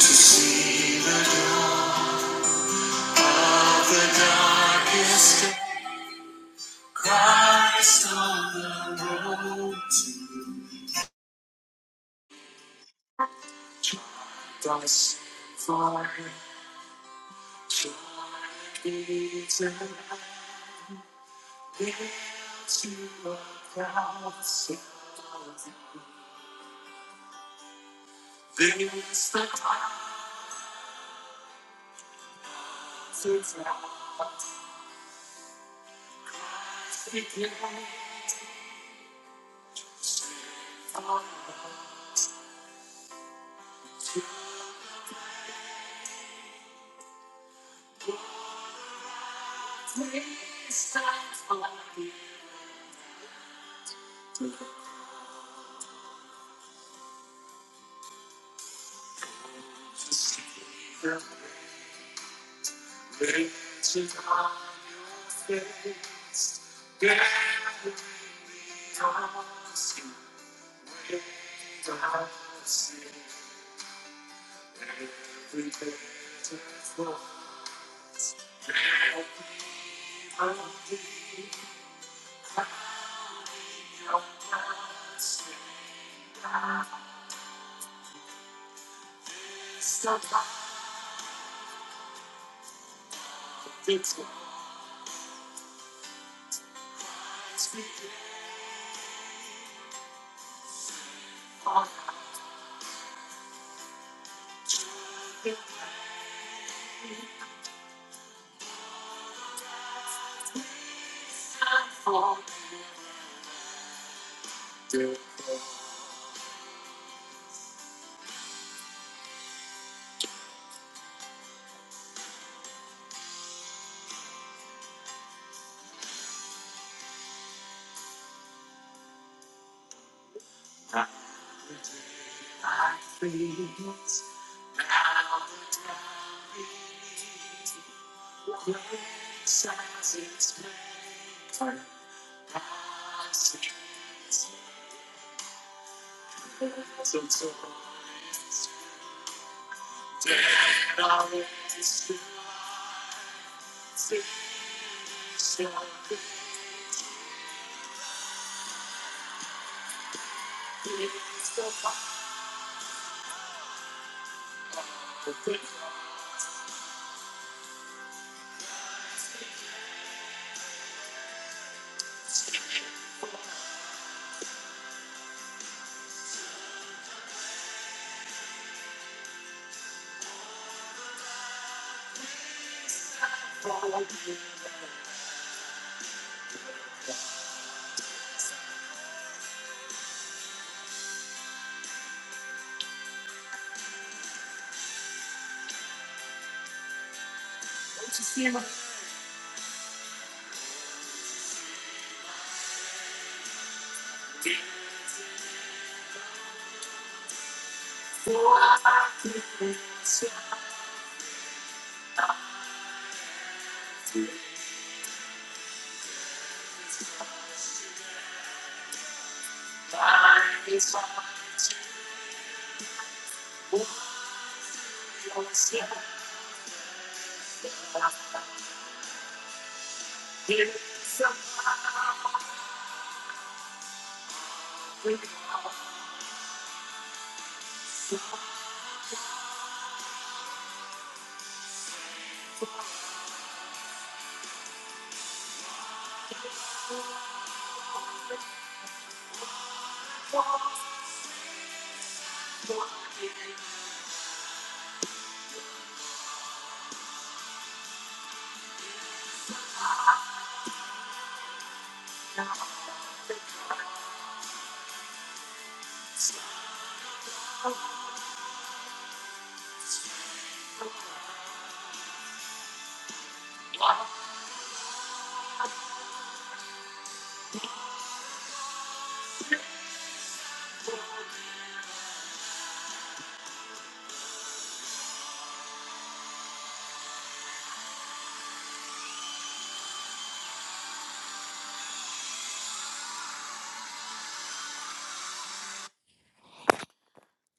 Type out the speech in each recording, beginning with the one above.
To see the dawn of the darkest day, Christ on the road to us, for joy beaten to a cross. of This the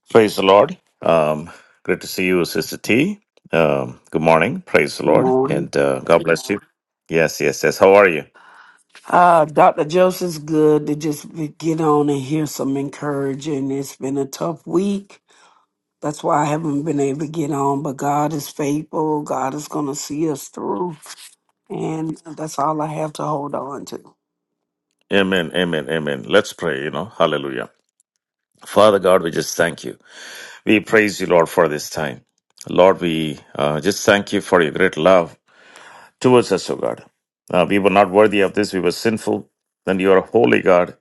Praise the Lord. Um, great to see you, Sister T. Um, good morning. Praise the Good Lord, morning. and uh, God bless you. Yes, yes, yes. How are you? Uh, Dr. Joseph's good to just be- get on and hear some encouraging. It's been a tough week. That's why I haven't been able to get on, but God is faithful. God is going to see us through. And that's all I have to hold on to. Amen, amen, amen. Let's pray. You know, Hallelujah. Father God, we just thank you. We praise you, Lord, for this time. Lord, we uh, just thank you for your great love towards us, O God. Uh, we were not worthy of this, we were sinful. Then you are a holy God.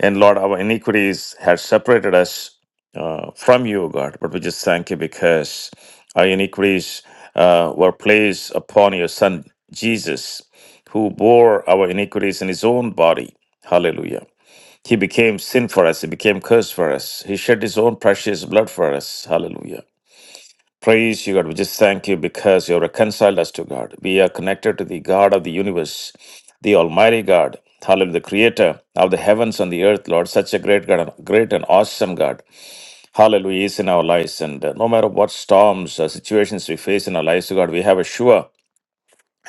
And Lord, our iniquities had separated us uh, from you, O God. But we just thank you because our iniquities uh, were placed upon your Son, Jesus, who bore our iniquities in his own body. Hallelujah. He became sin for us. He became curse for us. He shed his own precious blood for us. Hallelujah. Praise you, God. We just thank you because you have reconciled us to God. We are connected to the God of the universe, the Almighty God. Hallelujah, the creator of the heavens and the earth, Lord. Such a great God, and- great and awesome God. Hallelujah He is in our lives. And uh, no matter what storms or situations we face in our lives, oh God, we have a sure.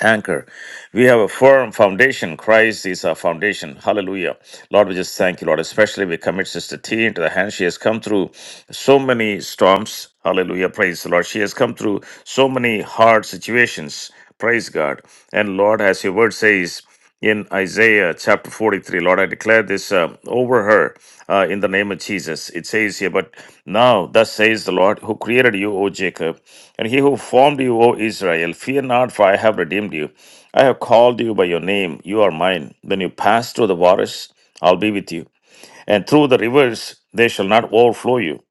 Anchor. We have a firm foundation. Christ is our foundation. Hallelujah. Lord, we just thank you, Lord. Especially we commit Sister T into the hand. She has come through so many storms. Hallelujah. Praise the Lord. She has come through so many hard situations. Praise God. And Lord, as your word says, in Isaiah chapter 43. Lord, I declare this uh, over her uh, in the name of Jesus. It says here, But now, thus says the Lord, who created you, O Jacob, and he who formed you, O Israel, fear not, for I have redeemed you. I have called you by your name. You are mine. When you pass through the waters, I'll be with you and through the rivers they shall not overflow you.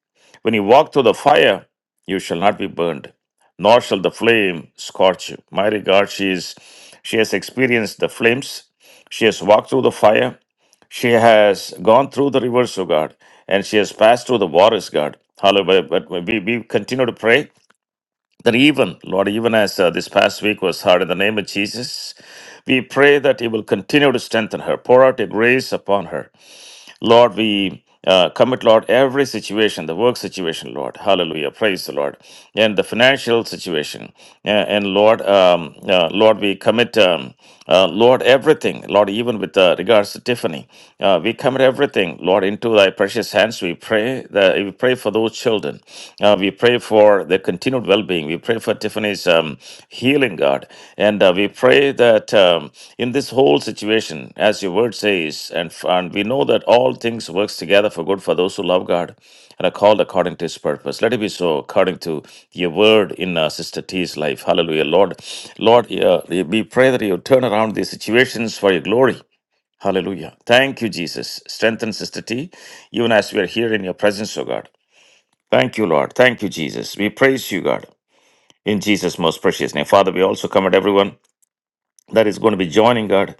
When you walk through the fire, you shall not be burned, nor shall the flame scorch you. My regard, she is she has experienced the flames, she has walked through the fire, she has gone through the rivers, O God, and she has passed through the waters, God. Hallelujah. But we, we continue to pray that even, Lord, even as uh, this past week was hard, in the name of Jesus, we pray that you will continue to strengthen her, pour out your grace upon her. Lord, we uh, commit, Lord, every situation, the work situation, Lord. Hallelujah. Praise the Lord. And the financial situation. A- And Lord, um, uh, Lord, we commit, um, uh, Lord, everything, Lord, even with uh, regards to Tiffany. Uh, we commit everything, Lord, into thy precious hands. We pray that we pray for those children. Uh, we pray for their continued well being being. We pray for Tiffany's um, healing, God. And uh, we pray that um, in this whole situation, as your word says, and, f- and we know that all things works together for good for those who love God and are called according to his purpose. Let it be so according to your word in uh, Sister T's life. Hallelujah, Lord. Lord, uh, we pray that you turn around these situations for your glory. Hallelujah. Thank you, Jesus. Strengthen Sister T, even as we are here in your presence, O God. Thank you, Lord. Thank you, Jesus. We praise you, God. In Jesus' most precious name. Father, we also commit everyone that is going to be joining, God.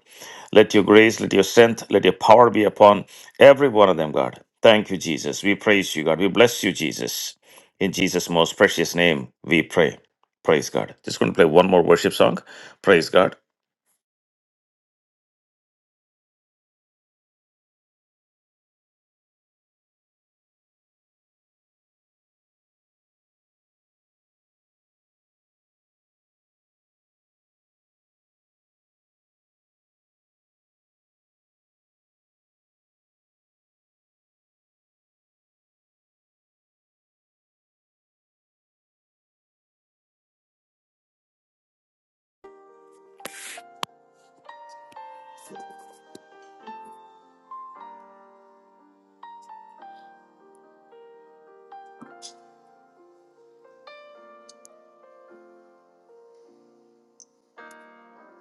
Let your grace, let your strength, let your power be upon every one of them, God. Thank you, Jesus. We praise you, God. We bless you, Jesus. In Jesus' most precious name, we pray. Praise God. Just going to play one more worship song. Praise God.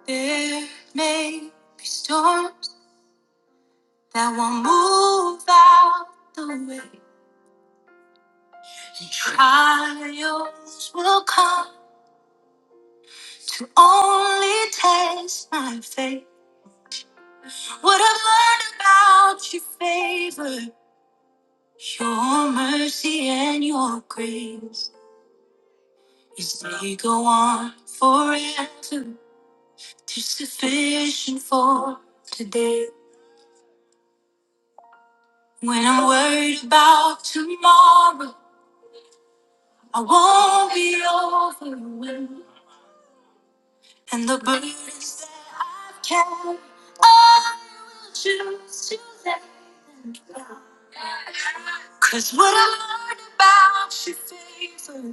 There may be storms that won't move out the way. And trials will come to only test my faith. What I've learned about your favor, your mercy and your grace is they go on forever, too sufficient for today. When I'm worried about tomorrow, I won't be overwhelmed, and the burdens that I have carried, I will choose to let them down. Cause what I learned about your favor.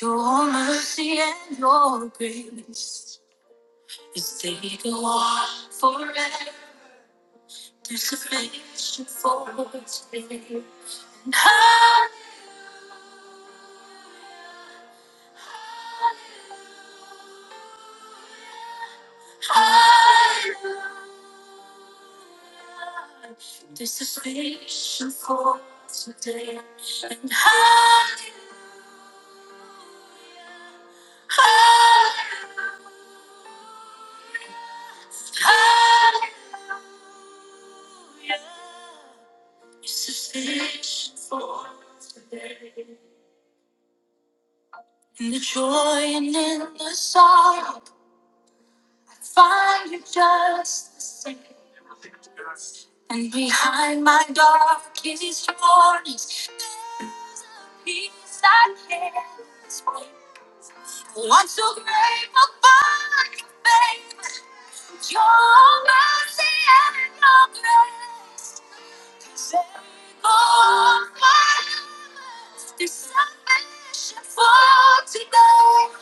Your mercy and your grace is they go on forever. There's sufficient for us. And hallelujah, hallelujah. This is sufficient for today. And hallelujah, hallelujah. sufficient for today. In the joy and in the sorrow, find you just the same. And behind my darkest warnings, there's a peace I can't explain. I'm so grateful for you, baby. Your mercy and your grace. Cause every moment is salvation for today.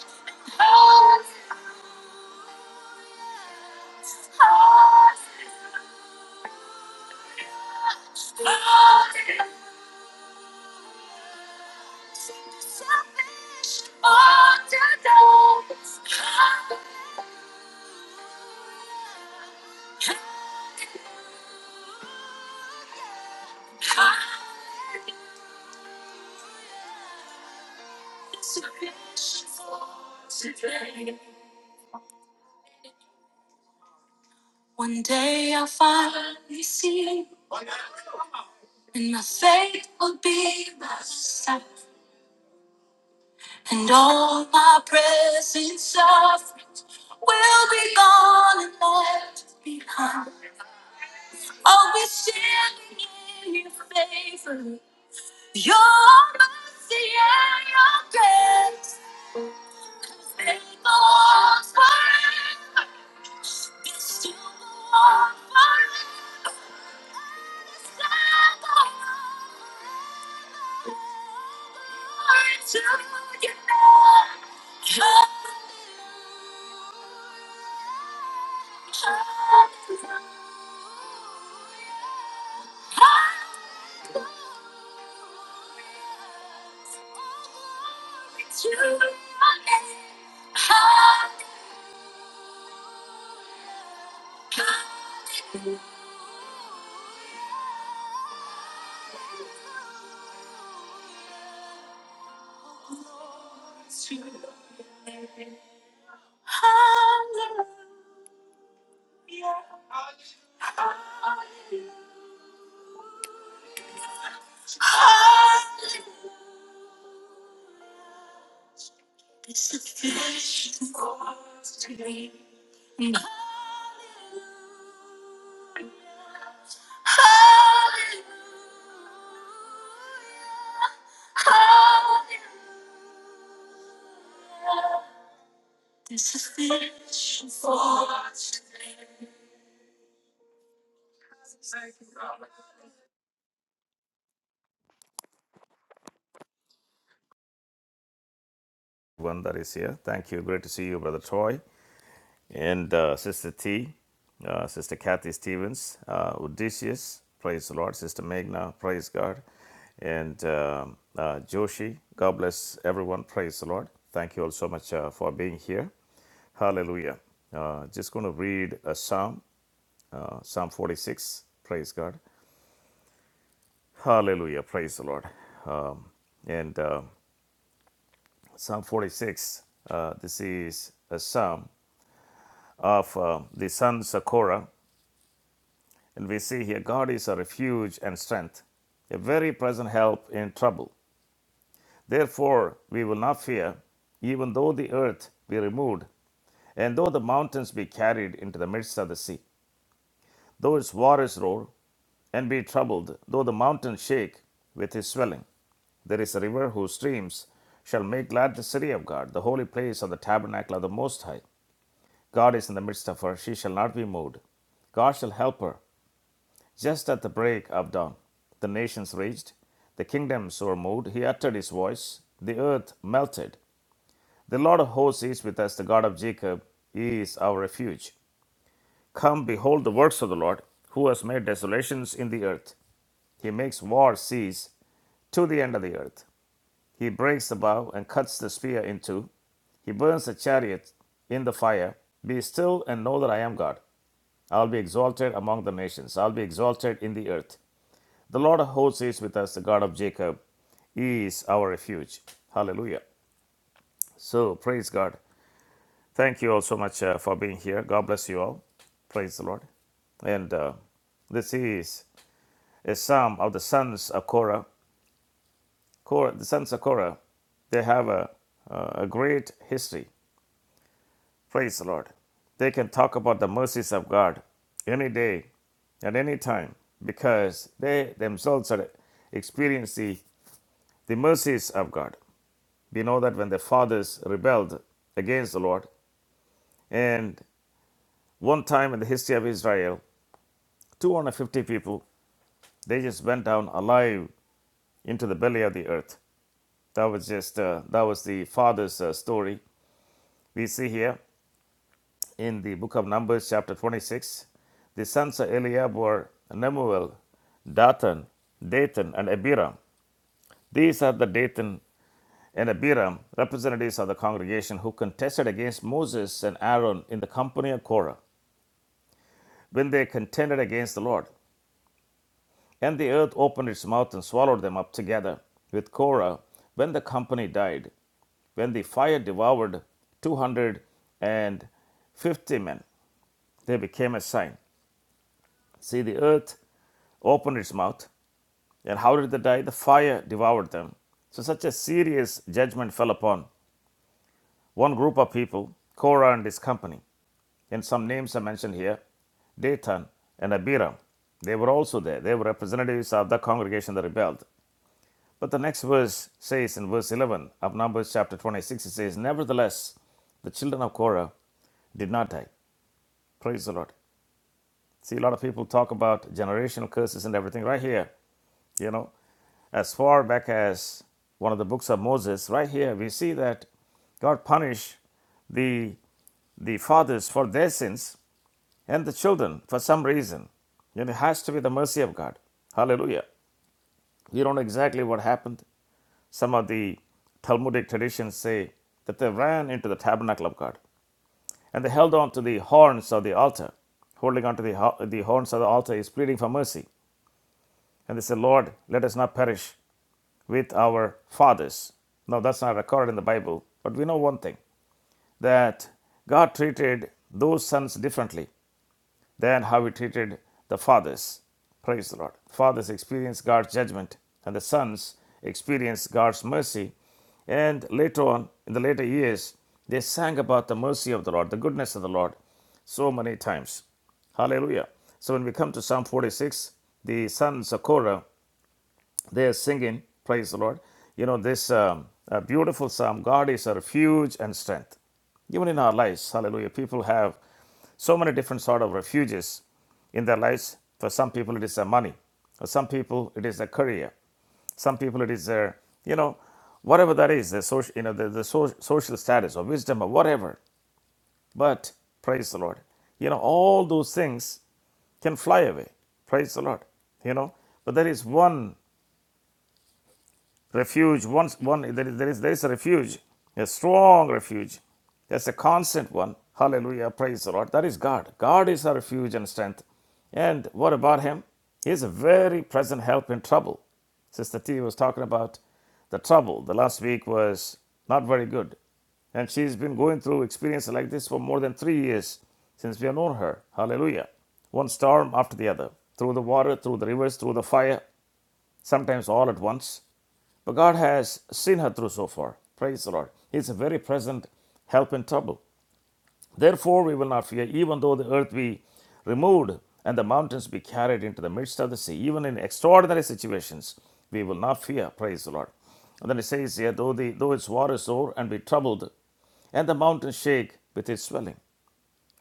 Oh, oh, oh, salvation for today. Hallelujah. One day I'll finally see, and my faith will be my sight, and all my present sufferings will be gone and left behind. I'll be standing in your favor, your mercy and your grace. Faithful forever, you're still born forever. Mm. One that is here. Thank you. Great to see you, Brother Troy. And uh, Sister T, uh, Sister Kathy Stevens, uh, Odysseus, praise the Lord. Sister Magna, praise God. And um uh, Joshi, God bless everyone, praise the Lord. Thank you all so much uh, for being here. Hallelujah. Uh, just going to read a psalm, uh, Psalm 46, praise God. Hallelujah, praise the Lord. Um, and uh, Psalm 46, uh, this is a psalm of uh, the sons of Korah And we see here God is a refuge and strength, a very present help in trouble. Therefore, we will not fear, even though the earth be removed, and though the mountains be carried into the midst of the sea, though its waters roar and be troubled, though the mountains shake with his swelling. There is a river whose streams shall make glad the city of God, the holy place of the tabernacle of the Most High. God is in the midst of her, she shall not be moved. God shall help her. Just at the break of dawn, the nations raged, the kingdoms were moved. He uttered his voice, the earth melted. The Lord of hosts is with us, the God of Jacob is our refuge. Come, behold the works of the Lord, who has made desolations in the earth. He makes war cease to the end of the earth. He breaks the bow and cuts the spear in two. He burns the chariot in the fire. Be still and know that I am God. I'll be exalted among the nations. I'll be exalted in the earth. The Lord of hosts is with us. The God of Jacob is our refuge. Hallelujah. So, praise God. Thank you all so much uh, for being here. God bless you all. Praise the Lord. And uh, this is a psalm of the sons of Korah. Korah the sons of Korah, they have a, uh, a great history. Praise the Lord. They can talk about the mercies of God any day, at any time, because they themselves are experience the, the mercies of God. We know that when their fathers rebelled against the Lord, and one time in the history of Israel, 250 people they just went down alive into the belly of the earth. That was just uh, that was the father's uh, story. We see here in the book of Numbers, chapter 26, the sons of Eliab were Nemuel, Dathan, Dathan, and Abiram. These are the Dathan and Abiram, representatives of the congregation who contested against Moses and Aaron in the company of Korah. when they contended against the Lord. And the earth opened its mouth and swallowed them up together with Korah when the company died, when the fire devoured 250 men. They became a sign. See, the earth opened its mouth, and how did they die? The fire devoured them. So, such a serious judgment fell upon one group of people, Korah and his company. And some names are mentioned here Dathan and Abiram. They were also there. They were representatives of the congregation that rebelled. But the next verse says in verse 11 of Numbers chapter 26, it says, Nevertheless, the children of Korah did not die. Praise the Lord. See, a lot of people talk about generational curses and everything right here, you know, as far back as one of the books of Moses, right here, we see that God punished the, the fathers for their sins and the children for some reason. And it has to be the mercy of God. Hallelujah. We don't know exactly what happened. Some of the Talmudic traditions say that they ran into the tabernacle of God and they held on to the horns of the altar. Holding on to the, the horns of the altar is pleading for mercy. And they said, Lord, let us not perish with our fathers. Now, that's not recorded in the Bible, but we know one thing that God treated those sons differently than how he treated the fathers. Praise the Lord. Fathers experience God's judgment, and the sons experience God's mercy. And later on, in the later years, they sang about the mercy of the Lord, the goodness of the Lord, so many times. Hallelujah. So when we come to Psalm 46, the sons of Korah they're singing, praise the Lord. You know, this um, uh, beautiful psalm God is a refuge and strength. Even in our lives, hallelujah, people have so many different sort of refuges in their lives. For some people, it is their money. For some people, it is their career. Some people, it is their, you know, whatever that is, the social, you know, the, the so- social status or wisdom or whatever. But praise the Lord, you know, all those things can fly away. Praise the Lord, you know. But there is one Refuge, once one there is, there is there is a refuge, a strong refuge. That's a constant one. Hallelujah. Praise the Lord. That is God. God is our refuge and strength. And what about him? He is a very present help in trouble. Sister T was talking about the trouble. The last week was not very good. And she's been going through experiences like this for more than three years since we have known her. Hallelujah. One storm after the other, through the water, through the rivers, through the fire, sometimes all at once. But God has seen her through so far. Praise the Lord. He's a very present help in trouble. Therefore, we will not fear, even though the earth be removed and the mountains be carried into the midst of the sea. Even in extraordinary situations, we will not fear. Praise the Lord. And then it says here, though, the, though its waters roar and be troubled, and the mountains shake with its swelling.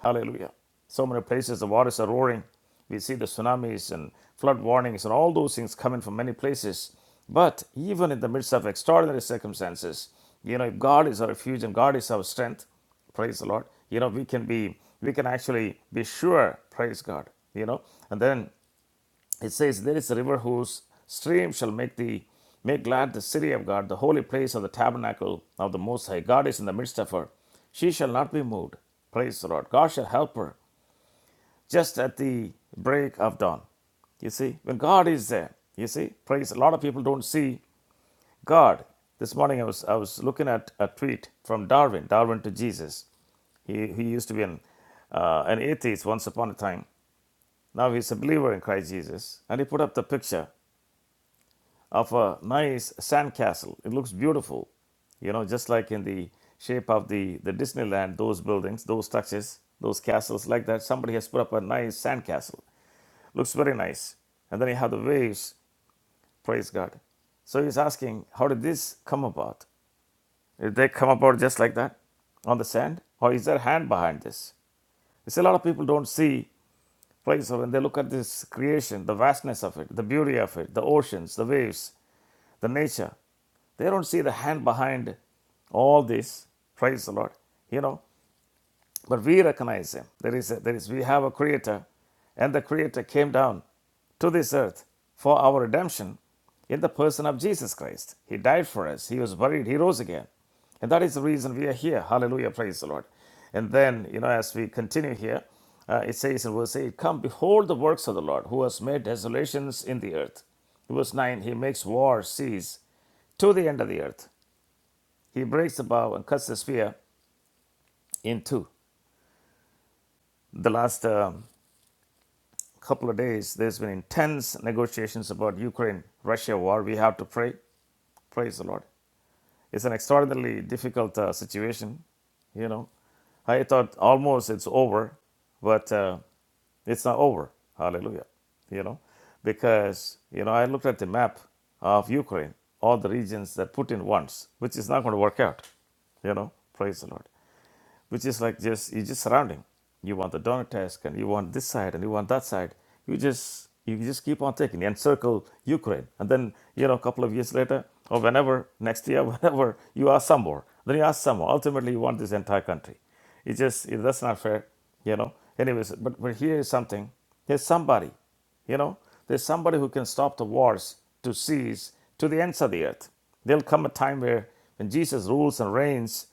Hallelujah. So many places the waters are roaring. We see the tsunamis and flood warnings and all those things coming from many places. But even in the midst of extraordinary circumstances, you know, if God is our refuge and God is our strength, praise the Lord, you know, we can be, we can actually be sure, praise God, you know. And then it says, There is a river whose stream shall make the make glad the city of God, the holy place of the tabernacle of the Most High. God is in the midst of her. She shall not be moved. Praise the Lord. God shall help her just at the break of dawn. You see, when God is there, you see, praise. A lot of people don't see God. This morning I was I was looking at a tweet from Darwin, Darwin to Jesus. He, he used to be an, uh, an atheist once upon a time. Now he's a believer in Christ Jesus. And he put up the picture of a nice sandcastle. It looks beautiful, you know, just like in the shape of the, the Disneyland, those buildings, those structures, those castles like that. Somebody has put up a nice sandcastle. Looks very nice. And then you have the waves, praise God. So he's asking, how did this come about? Did they come about just like that on the sand? Or is there hand behind this? You see, a lot of people don't see, praise God, when they look at this creation, the vastness of it, the beauty of it, the oceans, the waves, the nature. They don't see the hand behind all this. Praise the Lord. You know, but we recognize Him. There is, a, there is, we have a Creator, and the Creator came down to this earth for our redemption in the person of Jesus Christ. He died for us. He was buried. He rose again, and that is the reason we are here. Hallelujah. Praise the Lord. And then, you know, as we continue here, uh, it says in verse 8, Come, behold the works of the Lord, who has made desolations in the earth. Verse 9, He makes war cease to the end of the earth. He breaks the bow and cuts the spear in two. The last um, couple of days, there's been intense negotiations about Ukraine-Russia war. We have to pray. Praise the Lord. It's an extraordinarily difficult uh, situation. You know, I thought almost it's over, but uh, it's not over. Hallelujah. You know, because you know I looked at the map of Ukraine, all the regions that Putin wants, which is not going to work out. You know, praise the Lord. which is like just you just surrounding. You want the donor task, and you want this side, and you want that side. You just you just keep on taking encircle Ukraine, and then you know a couple of years later or whenever next year, whenever you ask some more, then you ask some more. Ultimately, you want this entire country. It just it, that's not fair, you know. Anyways, but but here is something. Here's somebody. You know, there's somebody who can stop the wars to cease to the ends of the earth. There'll come a time where when Jesus rules and reigns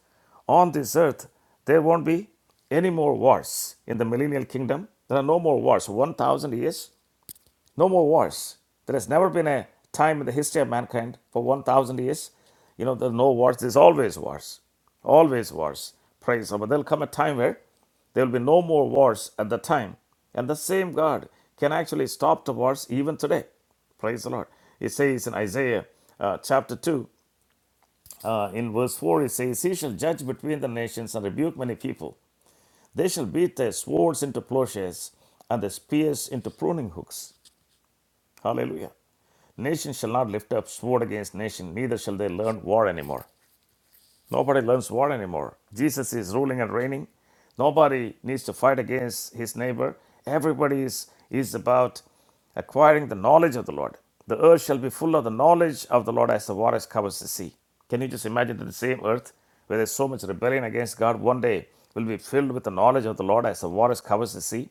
on this earth, there won't be any more wars. In the millennial kingdom, there are no more wars. 1,000 years, no more wars. There has never been a time in the history of mankind for 1,000 years. You know, there are no wars. There's always wars. Always wars. Praise Him. But there'll come a time where there will be no more wars at the time. And the same God can actually stop the wars even today. Praise the Lord. It says in Isaiah uh, chapter 2, uh, in verse 4, it says, He shall judge between the nations and rebuke many people. They shall beat their swords into plowshares and their spears into pruning hooks. Hallelujah. Nation shall not lift up sword against nation, neither shall they learn war anymore. Nobody learns war anymore. Jesus is ruling and reigning. Nobody needs to fight against his neighbor. Everybody is, is about acquiring the knowledge of the Lord. The earth shall be full of the knowledge of the Lord as the waters covers the sea. Can you just imagine that the same earth where there's so much rebellion against God one day will be filled with the knowledge of the Lord as the waters covers the sea?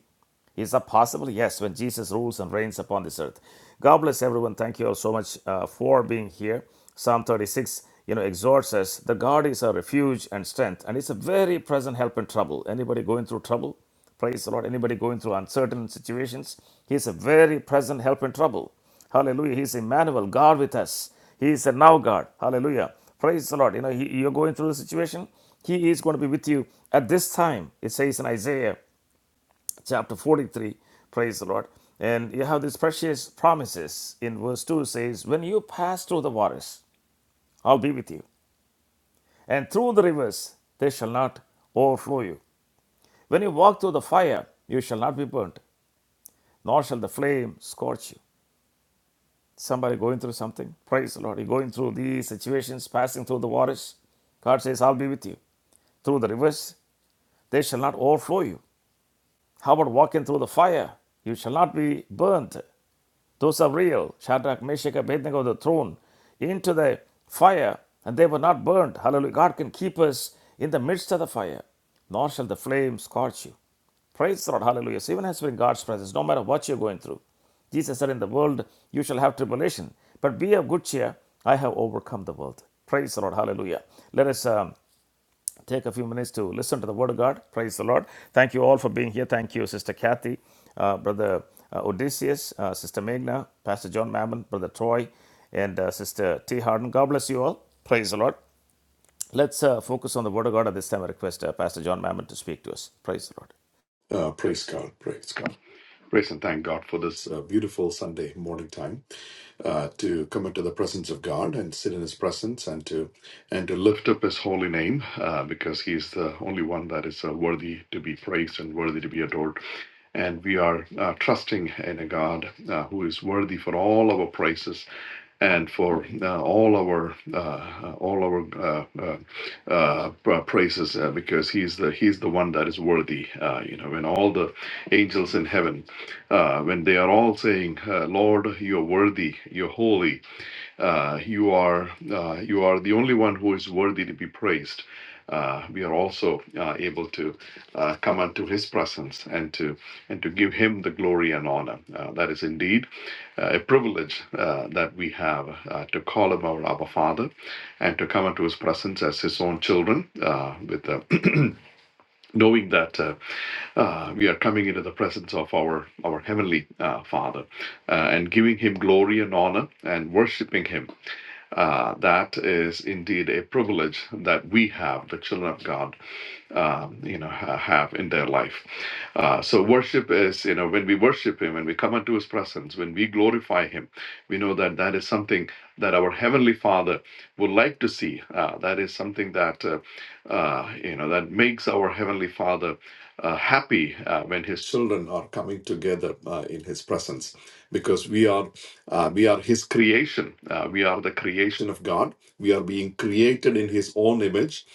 Is that possible? Yes, when Jesus rules and reigns upon this earth. God bless everyone. Thank you all so much uh, for being here. Psalm 36, you know, exhorts us that God is our refuge and strength, and it's a very present help in trouble. Anybody going through trouble? Praise the Lord. Anybody going through uncertain situations? He's a very present help in trouble. Hallelujah. He's Emmanuel, God with us. He is a now God. Hallelujah. Praise the Lord. You know, he, you're going through a situation. He is going to be with you at this time. It says in Isaiah chapter 43 praise the lord and you have these precious promises in verse 2 says when you pass through the waters i'll be with you and through the rivers they shall not overflow you when you walk through the fire you shall not be burnt nor shall the flame scorch you somebody going through something praise the lord you're going through these situations passing through the waters god says i'll be with you through the rivers they shall not overflow you how about walking through the fire you shall not be burnt those of real, Shadrach, Meshach, Abednego, the throne, into the fire, and they were not burned. Hallelujah. God can keep us in the midst of the fire, nor shall the flame scorch you. Praise the Lord. Hallelujah. So even as we're in God's presence, no matter what you're going through, Jesus said, In the world you shall have tribulation, but be of good cheer. I have overcome the world. Praise the Lord. Hallelujah. Let us um, take a few minutes to listen to the Word of God. Praise the Lord. Thank you all for being here. Thank you, Sister Kathy, uh, Brother uh, Odysseus, uh, Sister Magna, Pastor John Mammon, Brother Troy, and uh, Sister T. Harden. God bless you all. Praise the Lord. Let's uh, focus on the Word of God at this time. I request uh, Pastor John Mammon to speak to us. Praise the Lord. Uh, praise God, praise God. Praise and thank God for this uh, beautiful Sunday morning time uh, to come into the presence of God and sit in His presence and to and to lift up his holy name uh, because he is the only one that is uh, worthy to be praised and worthy to be adored. And we are uh, trusting in a God uh, who is worthy for all our praises and for uh, all our uh, uh, all our uh, uh, uh, uh, praises, uh, because He's the He's the one that is worthy. Uh, you know, when all the angels in heaven, uh, when they are all saying, uh, "Lord, You're worthy, You're holy," Uh, you are uh, you are the only one who is worthy to be praised. Uh, we are also uh, able to uh, come unto His presence and to and to give Him the glory and honor. Uh, that is indeed uh, a privilege uh, that we have uh, to call Him our Abba Father, and to come unto His presence as His own children, uh, with uh, knowing that uh, uh, we are coming into the presence of our our heavenly uh, Father uh, and giving Him glory and honor and worshiping Him uh, that is indeed a privilege that we have, the children of God, um, you know ha- have in their life uh, so worship is you know when we worship him when we come into his presence when we glorify him we know that that is something that our heavenly father would like to see uh, that is something that uh, uh, you know that makes our heavenly father uh, happy uh, when his children are coming together uh, in his presence because we are uh, we are his creation uh, we are the creation of god we are being created in his own image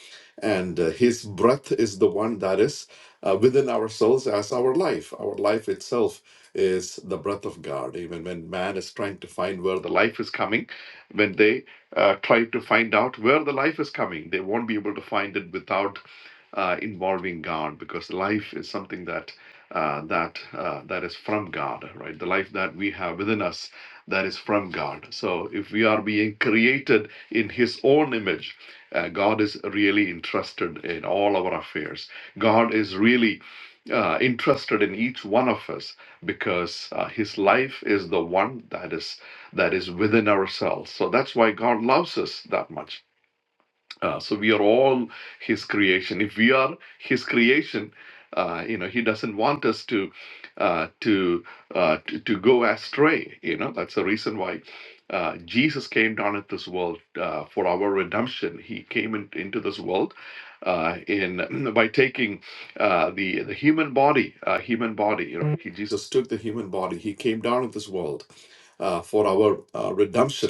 and uh, his breath is the one that is uh, within ourselves as our life our life itself is the breath of god even when man is trying to find where the life is coming when they uh, try to find out where the life is coming they won't be able to find it without uh, involving god because life is something that uh, that uh, that is from god right the life that we have within us that is from god so if we are being created in his own image uh, God is really interested in all our affairs. God is really uh, interested in each one of us because uh, His life is the one that is that is within ourselves. So that's why God loves us that much uh, so we are all His creation. If we are His creation, uh, you know, He doesn't want us to uh, to, uh, to to go astray. You know, that's the reason why. Uh, Jesus came down at this world uh, for our redemption. He came in, into this world uh, in by taking uh, the the human body, uh, human body. You know, he, Jesus took the human body. He came down at this world uh, for our uh, redemption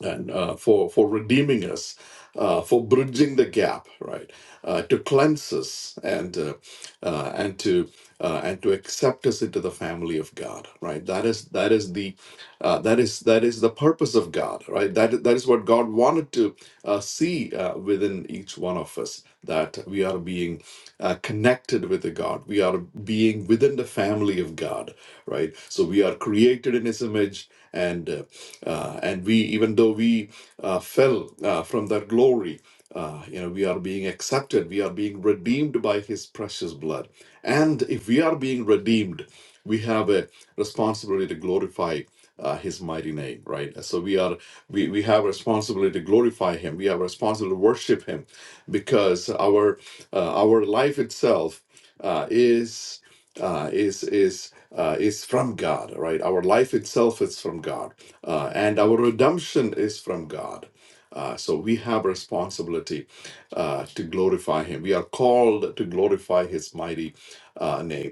and uh, for for redeeming us, uh, for bridging the gap, right? Uh, to cleanse us and uh, uh, and to uh, and to accept us into the family of God, right? That is that is the uh, that is that is the purpose of God, right? That that is what God wanted to uh, see uh, within each one of us that we are being uh, connected with the God, we are being within the family of God, right? So we are created in His image and. uh, uh, and we, even though we uh, fell uh, from that glory, uh, you know, we are being accepted, we are being redeemed by His precious blood. And if we are being redeemed, we have a responsibility to glorify uh, His mighty name, right? So we are, we, we have a responsibility to glorify Him. We have a responsibility to worship Him, because our uh, our life itself uh, is uh, is is uh, is from God, right? Our life itself is from God, uh, and our redemption is from God. Uh, so we have responsibility uh, to glorify Him. We are called to glorify His mighty uh, name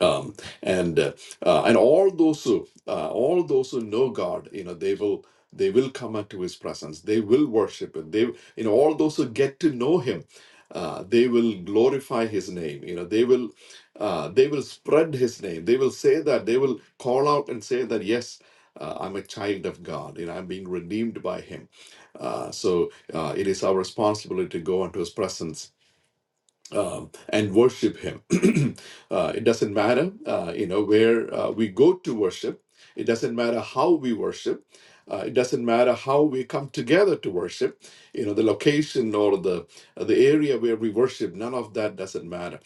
um, and uh, uh, and all those who uh, all those who know God, you know, they will they will come into His presence. They will worship Him. They, you know, all those who get to know Him, uh, they will glorify His name. You know, they will uh, they will spread His name. They will say that they will call out and say that yes. Uh, I'm a child of God, you know. I'm being redeemed by Him, uh, so uh, it is our responsibility to go into His presence um, and worship Him. uh, it doesn't matter, uh, you know, where uh, we go to worship. It doesn't matter how we worship. Uh, it doesn't matter how we come together to worship. You know, the location or the the area where we worship. None of that doesn't matter.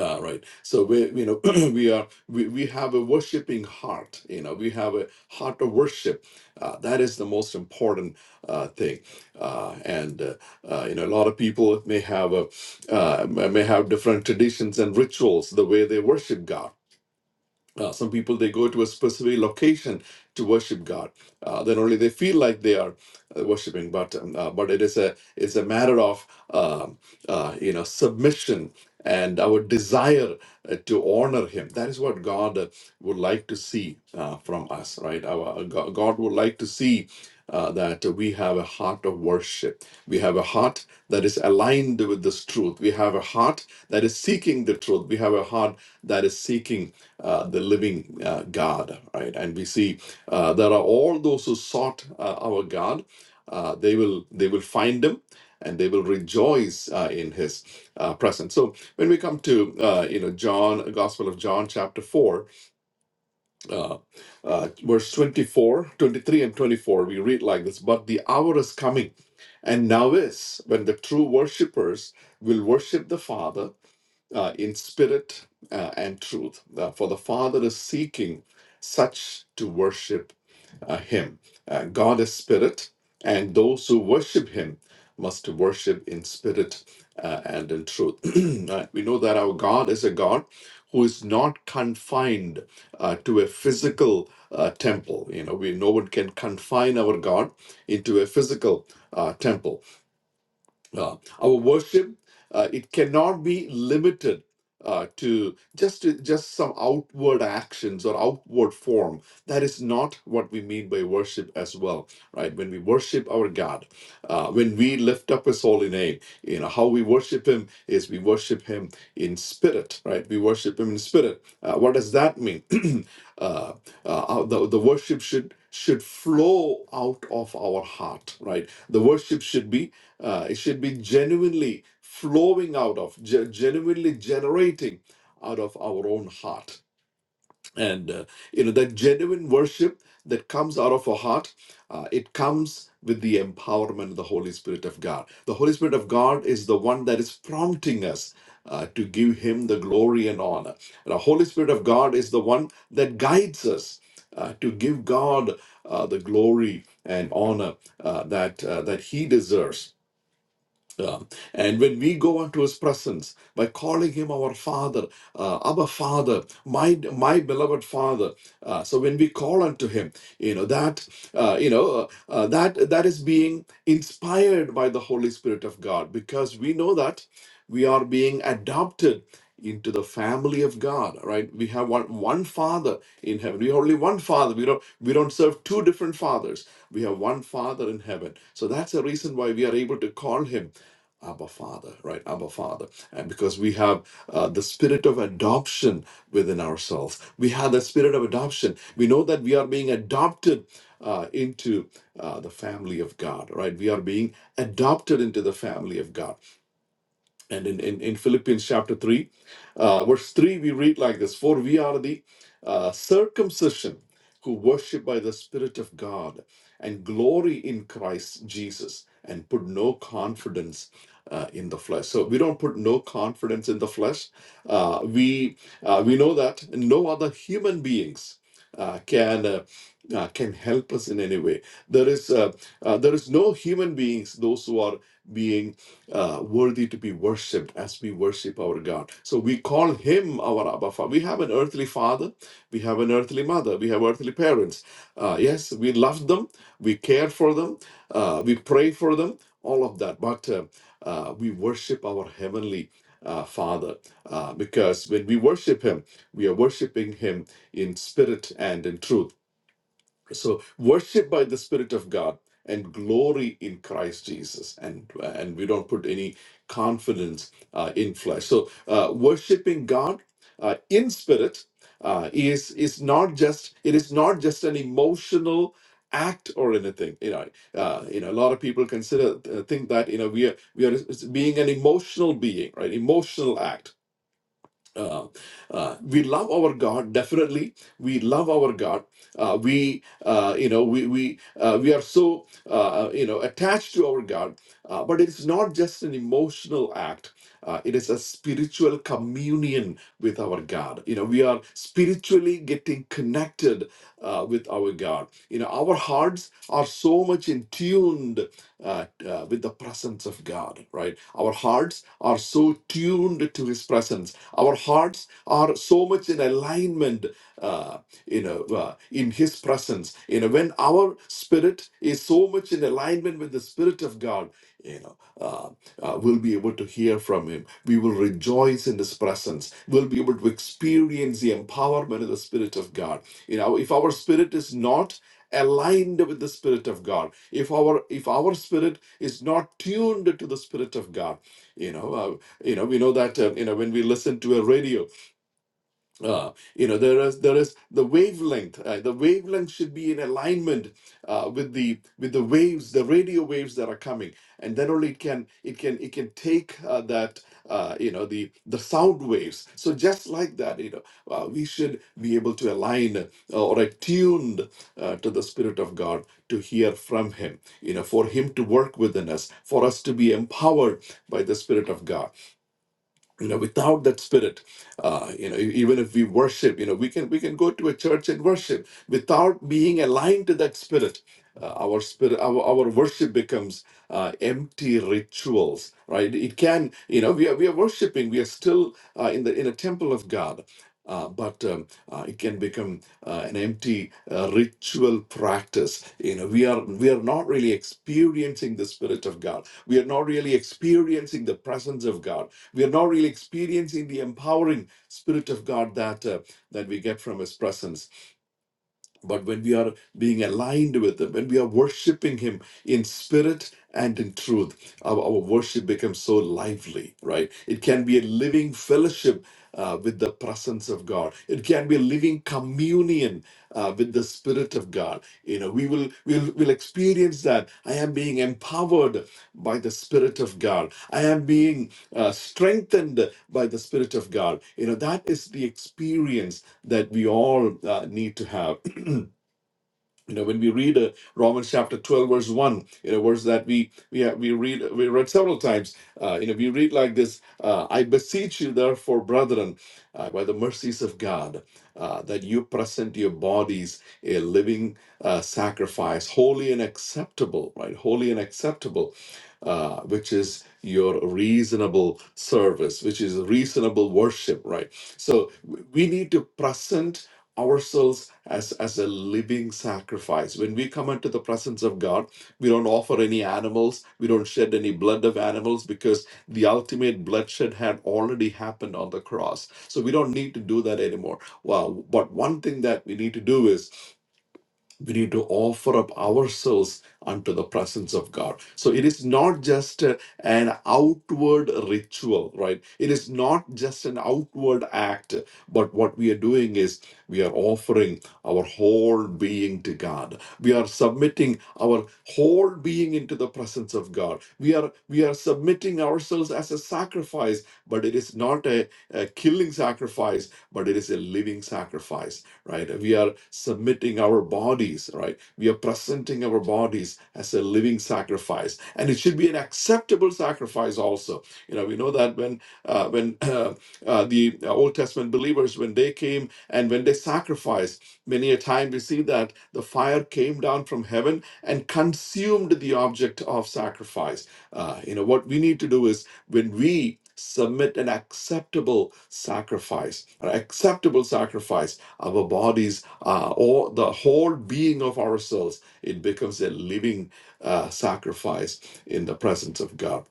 Ah, right. So we, you know, we are we, we have a worshiping heart. You know, we have a heart of worship. Uh, that is the most important uh, thing. Uh, and uh, uh, you know, a lot of people may have a uh, may may have different traditions and rituals the way they worship God uh, some people they go to a specific location to worship God. Uh, then only they feel like they are uh, worshiping, but um, uh, but it is a it's a matter of um uh, you know submission and our desire uh, to honor Him. That is what God uh, would like to see uh, from us, right? Our uh, Go- God would like to see. Uh, that we have a heart of worship. We have a heart that is aligned with this truth. We have a heart that is seeking the truth. We have a heart that is seeking uh, the living uh, God, right? And we see uh, there are all those who sought uh, our God. Uh, they will they will find him, and they will rejoice uh, in his uh, presence. So when we come to uh, you know John, Gospel of John, chapter four, uh, uh, verse 24, 23, and twenty four, we read like this: But the hour is coming, and now is when the true worshippers will worship the Father uh, in spirit uh, and truth. Uh, for the Father is seeking such to worship uh, Him. Uh, God is spirit, and those who worship Him must worship in spirit uh, and in truth. Uh, we know that our God is a God who is not confined uh, to a physical uh, temple. You know, we no one can confine our God into a physical uh, temple uh, our worship uh, it cannot be limited uh, to just to just some outward actions or outward form that is not what we mean by worship as well right when we worship our god uh, when we lift up his holy name you know how we worship him is we worship him in spirit right we worship him in spirit uh, what does that mean uh, uh, the, the worship should should flow out of our heart right the worship should be uh, it should be genuinely flowing out of, ge- genuinely generating out of our own heart. And, uh, you know, that genuine worship that comes out of our heart, uh, it comes with the empowerment of the Holy Spirit of God. The Holy Spirit of God is the one that is prompting us uh, to give Him the glory and honor. And the Holy Spirit of God is the one that guides us uh, to give God uh, the glory and honor uh, that, uh, that He deserves um, and when we go into His presence by calling Him our Father, uh, Abba Father, my my beloved Father. Uh, so when we call unto Him, you know that uh, you know uh, uh, that that is being inspired by the Holy Spirit of God because we know that we are being adopted into the family of God. Right? We have one one Father in heaven. We have only one Father. We don't we don't serve two different fathers. We have one Father in heaven. So that's the reason why we are able to call Him Abba Father, right? Abba Father. And because we have uh, the spirit of adoption within ourselves, we have the spirit of adoption. We know that we are being adopted uh, into uh, the family of God, right? We are being adopted into the family of God and in, in, in Philippians chapter 3, uh, verse 3, we read like this For we are the uh, circumcision who worship by the Spirit of God and glory in Christ Jesus and put no confidence uh, in the flesh. So we don't put no confidence in the flesh. Uh, we, uh, we know that no other human beings. Uh, can uh, uh, can help us in any way. There is uh, uh, there is no human beings those who are being uh, worthy to be worshipped as we worship our God. So we call him our Abba Father. We have an earthly father, we have an earthly mother, we have earthly parents. Uh, yes, we love them, we care for them, uh, we pray for them, all of that. But uh, uh, we worship our heavenly uh, Father uh, because when we worship him, we are worshiping him in spirit and in truth so worship by the spirit of god and glory in christ jesus and and we don't put any confidence uh, in flesh so uh, worshiping god uh, in spirit uh, is is not just it is not just an emotional act or anything you know uh, you know a lot of people consider uh, think that you know we are we are being an emotional being right emotional act uh, uh, we love our God definitely. We love our God. Uh, we, uh, you know, we we uh, we are so uh, uh, you know attached to our God. Uh, but it's not just an emotional act. Uh, it is a spiritual communion with our God. You know, we are spiritually getting connected uh, with our God. You know, our hearts are so much in tuned uh, uh, with the presence of God, right? Our hearts are so tuned to His presence our hearts are so much in alignment, uh, you know, uh, in His presence. You know, when our spirit is so much in alignment with the Spirit of God, you know, uh, uh, we'll be able to hear from Him. We will rejoice in His presence. We'll be able to experience the empowerment of the Spirit of God. You know, if our spirit is not aligned with the Spirit of God, if our if our spirit is not tuned to the Spirit of God, you know. uh, you know, we know that uh, you know when we listen to a radio, uh, you know there is there is the wavelength. Uh, the wavelength should be in alignment uh, with the with the waves, the radio waves that are coming, and then only it can it can it can take uh, that uh, you know the the sound waves. So just like that, you know, uh, we should be able to align uh, or attuned uh, to the spirit of God to hear from Him. You know, for Him to work within us, for us to be empowered by the spirit of God you know without that spirit uh, you know e- even if we worship you know we can we can go to a church and worship without being aligned to that spirit uh, our spirit our, our worship becomes uh, empty rituals right it can you know we are, we are worshiping we are still uh, in the in a temple of god uh, but um, uh, it can become uh, an empty uh, ritual practice. You know, we are we are not really experiencing the spirit of God. We are not really experiencing the presence of God we are not really experiencing the empowering spirit of God that uh, that we get from His presence. But when we are being aligned with Him, when we are worshiping Him in spirit and in truth, our, our worship becomes so lively, right? It can be a living fellowship uh, with the presence of God. It can be a living communion uh, with the Spirit of God. You know, we will will will experience that. I am being empowered by the Spirit of God. I am being uh, strengthened by the Spirit of God. You know, that is the experience that we all uh, need to have you know when we read uh, romans chapter 12 verse 1 you know verse that we we have, we read we read several times uh, you know we read like this uh, i beseech you therefore brethren uh, by the mercies of god uh, that you present your bodies a living uh, sacrifice holy and acceptable right holy and acceptable uh, which is your reasonable service which is reasonable worship right so w- we need to present ourselves as as a living sacrifice when we come into the presence of god we don't offer any animals we don't shed any blood of animals because the ultimate bloodshed had already happened on the cross so we don't need to do that anymore well but one thing that we need to do is we need to offer up ourselves unto the presence of God. So it is not just uh, an outward ritual, right? It is not just an outward act, but what we are doing is we are offering our whole being to God. We are submitting our whole being into the presence of God. We are we are submitting ourselves as a sacrifice, but it is not a, a killing sacrifice, but it is a living sacrifice right? We are submitting our bodies, right? We are presenting our bodies as a living sacrifice, and it should be an acceptable sacrifice also. You know, we know that when uh, when uh, uh, the Old Testament believers, when they came and when they sacrificed, many a time we see that the fire came down from heaven and consumed the object of sacrifice. Uh, you know, what we need to do is when we submit an acceptable sacrifice, an acceptable sacrifice, our bodies, uh, or the whole being of ourselves, it becomes a living uh, sacrifice in the presence of God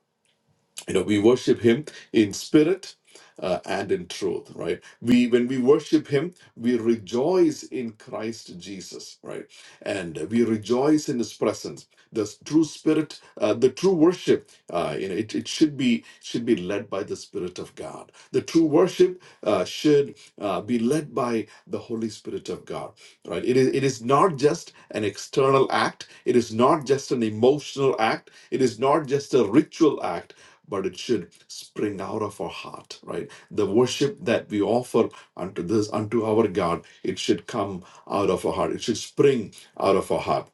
you know we worship him in spirit uh, and in truth right we when we worship him we rejoice in christ jesus right and we rejoice in his presence the true spirit uh, the true worship uh, you know it, it should be should be led by the spirit of god the true worship uh, should uh, be led by the holy spirit of god right it is it is not just an external act it is not just an emotional act it is not just a ritual act but it should spring out of our heart right the worship that we offer unto this unto our god it should come out of our heart it should spring out of our heart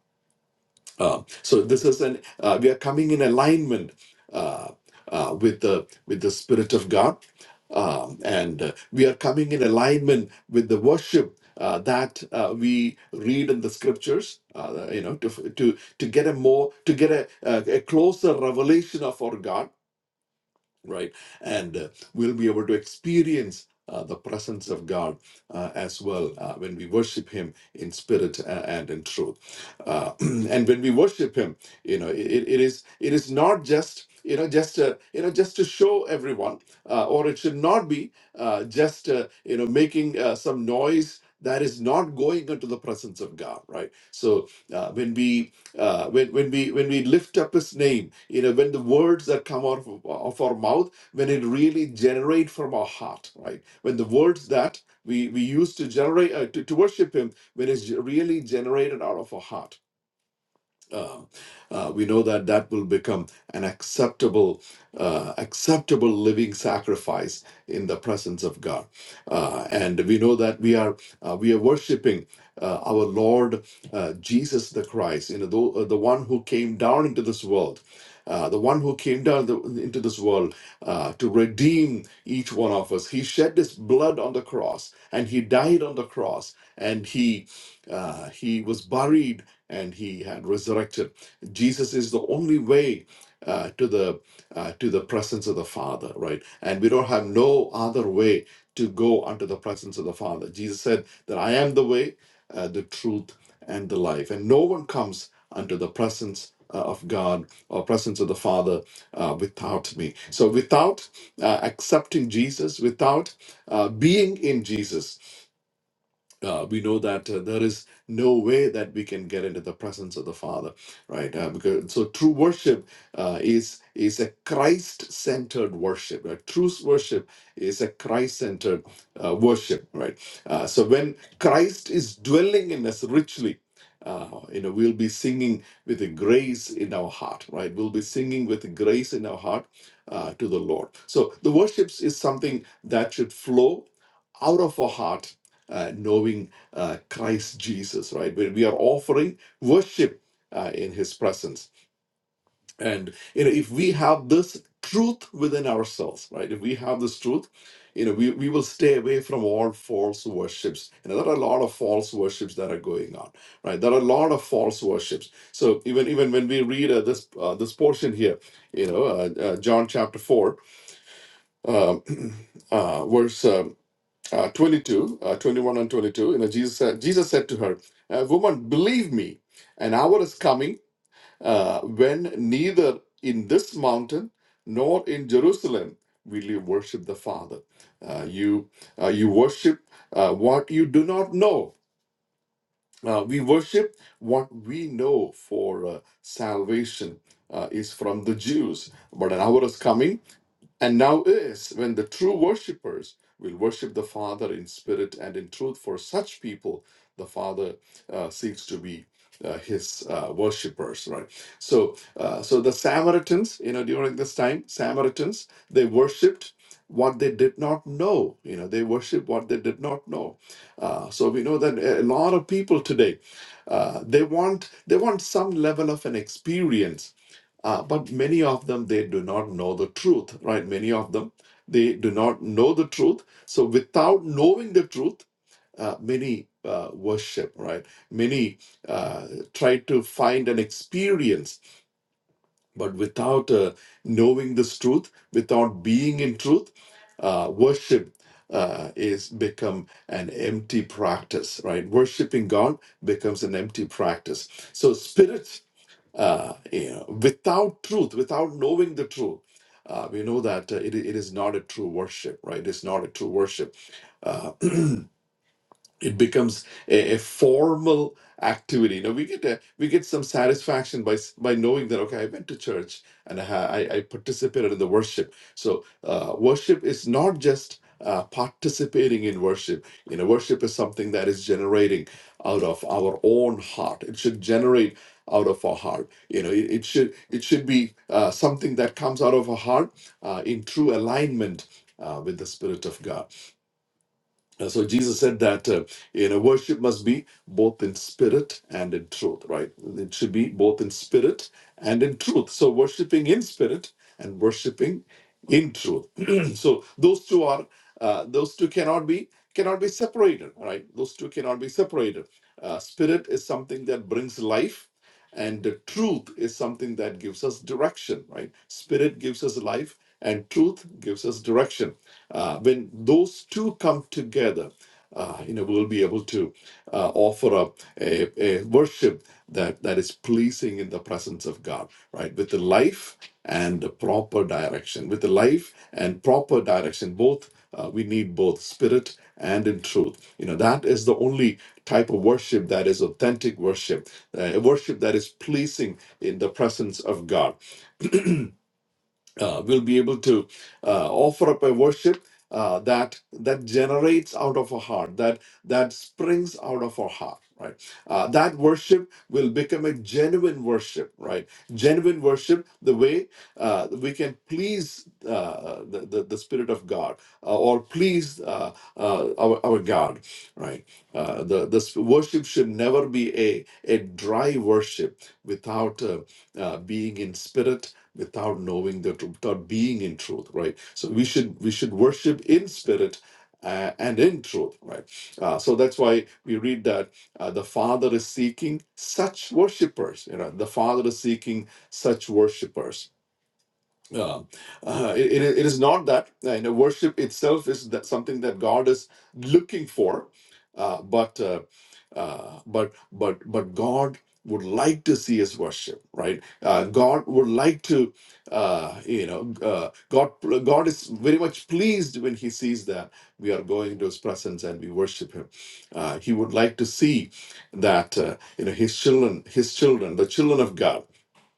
uh, so this is an uh, we are coming in alignment uh, uh, with the with the spirit of God, um, and uh, we are coming in alignment with the worship uh, that uh, we read in the scriptures. Uh, you know, to to to get a more to get a, a, a closer revelation of our God right? And uh, we'll be able to experience uh, the presence of God uh, as well uh, when we worship Him in spirit uh, and in truth. Uh, and when we worship Him, you know, it, it is it is not just you know just uh, you know just to show everyone, uh, or it should not be uh, just uh, you know making uh, some noise that is not going into the presence of God, right? So uh, when we uh, when when we when we lift up his name you know when the words that come out of, of our mouth when it really generate from our heart right when the words that we we use to generate uh, to, to worship him when it's really generated out of our heart um, uh, we know that that will become an acceptable, uh, acceptable living sacrifice in the presence of God, uh, and we know that we are uh, we are worshiping uh, our Lord uh, Jesus the Christ, you know, the, the one who came down into this world. Uh, the one who came down the, into this world uh, to redeem each one of us. He shed his blood on the cross and he died on the cross and he uh, he was buried and he had resurrected. Jesus is the only way uh, to the uh, to the presence of the Father, right? And we don't have no other way to go unto the presence of the Father. Jesus said that I am the way, uh, the truth, and the life, and no one comes unto the presence uh, of God or presence of the Father uh, without me. So without uh, accepting Jesus, without uh, being in Jesus uh, we know that uh, there is no way that we can get into the presence of the Father, right? Uh, because so true worship uh, is is a Christ-centered worship. Right? True worship is a Christ-centered uh, worship, right? Uh, so when Christ is dwelling in us richly. Uh, you know we'll be singing with a grace in our heart right we'll be singing with a grace in our heart uh, to the lord so the worship is something that should flow out of our heart uh, knowing uh, Christ Jesus, right? Where we are offering worship uh, in His presence. And you know, if we have this truth within ourselves, right? If we have this truth, you know, we, we will stay away from all false worships. You know, there are a lot of false worships that are going on, right? There are a lot of false worships. So even even when we read uh, this uh, this portion here, you know, uh, uh, John chapter four, um, uh, verse. um, uh, 22, uh, 21 and 22, you know, Jesus, said- Jesus said to her, uh, Woman, believe me, an hour is coming uh, when neither in this mountain nor in Jerusalem will you worship the Father. Uh, you, uh, you worship uh, what you do not know. Uh, we worship what we know for uh, salvation uh, is from the Jews. But an hour is coming and now is when the true worshippers will worship the Father in spirit and in truth. For such people, the Father uh, seeks to be uh, his uh, worshippers, right? So, uh, so the Samaritans, you know, during this time, Samaritans they worshipped what they did not know. You know, they worship what they did not know. Uh, so we know that a lot of people today uh, they want they want some level of an experience uh, but many of them, they do not know the truth, right? Many of them, they do not know the truth. So without knowing the truth, uh, many uh, worship, right? Many uh, try to find an experience, but without uh, knowing this truth, without being in truth, uh, worship uh, is become an empty practice, right? Worshiping God becomes an empty practice. So spirit uh, you know, without truth, without knowing the truth. Uh, we know that uh, it, it is not a true worship, right? It's not a true worship. Uh, it becomes a, a formal activity you know we get a, we get some satisfaction by s- by knowing that okay i went to church and i ha- i, I participated in the worship so uh, worship is not just uh, participating in worship you know worship is something that is generating out of our own heart it should generate out of our heart you know it, it should it should be uh, something that comes out of our heart uh, in true alignment uh, with the spirit of god and so Jesus said that uh, you know worship must be both in spirit and in truth, right? It should be both in spirit and in truth. So worshiping in spirit and worshiping in truth. so those two are uh, those two cannot be cannot be separated, right? Those two cannot be separated. Uh, spirit is something that brings life, and the truth is something that gives us direction, right? Spirit gives us life, and truth gives us direction uh, when those two come together, uh, you know, we'll be able to uh, offer up a, a worship that, that is pleasing in the presence of God, right? With the life and the proper direction. With the life and proper direction, both uh, we need both spirit and in truth. You know, that is the only type of worship that is authentic worship, uh, a worship that is pleasing in the presence of God uh, will be able to uh, offer up a worship uh, that that generates out of our heart, that that springs out of our heart, right? Uh, that worship will become a genuine worship, right? Genuine worship, the way uh, we can please uh, the, the the Spirit of God uh, or please uh, uh, our our God, right? Uh, the the worship should never be a a dry worship without uh, uh, being in spirit without knowing the truth, without being in truth, right? So we should we should worship in spirit uh, and in truth, right? Uh, so that's why we read that uh, the Father is seeking such worshipers. You know, the Father is seeking such worshipers uh, uh, it, it it is not that uh, you know worship itself is that something that God is looking for, uh, but uh, uh, but but but God would like to see His worship, right? Uh, God would like to, uh, you know, uh, God God is very much pleased when He sees that we are going to His presence and we worship Him. Uh, he would like to see that uh, you know His children, His children, the children of God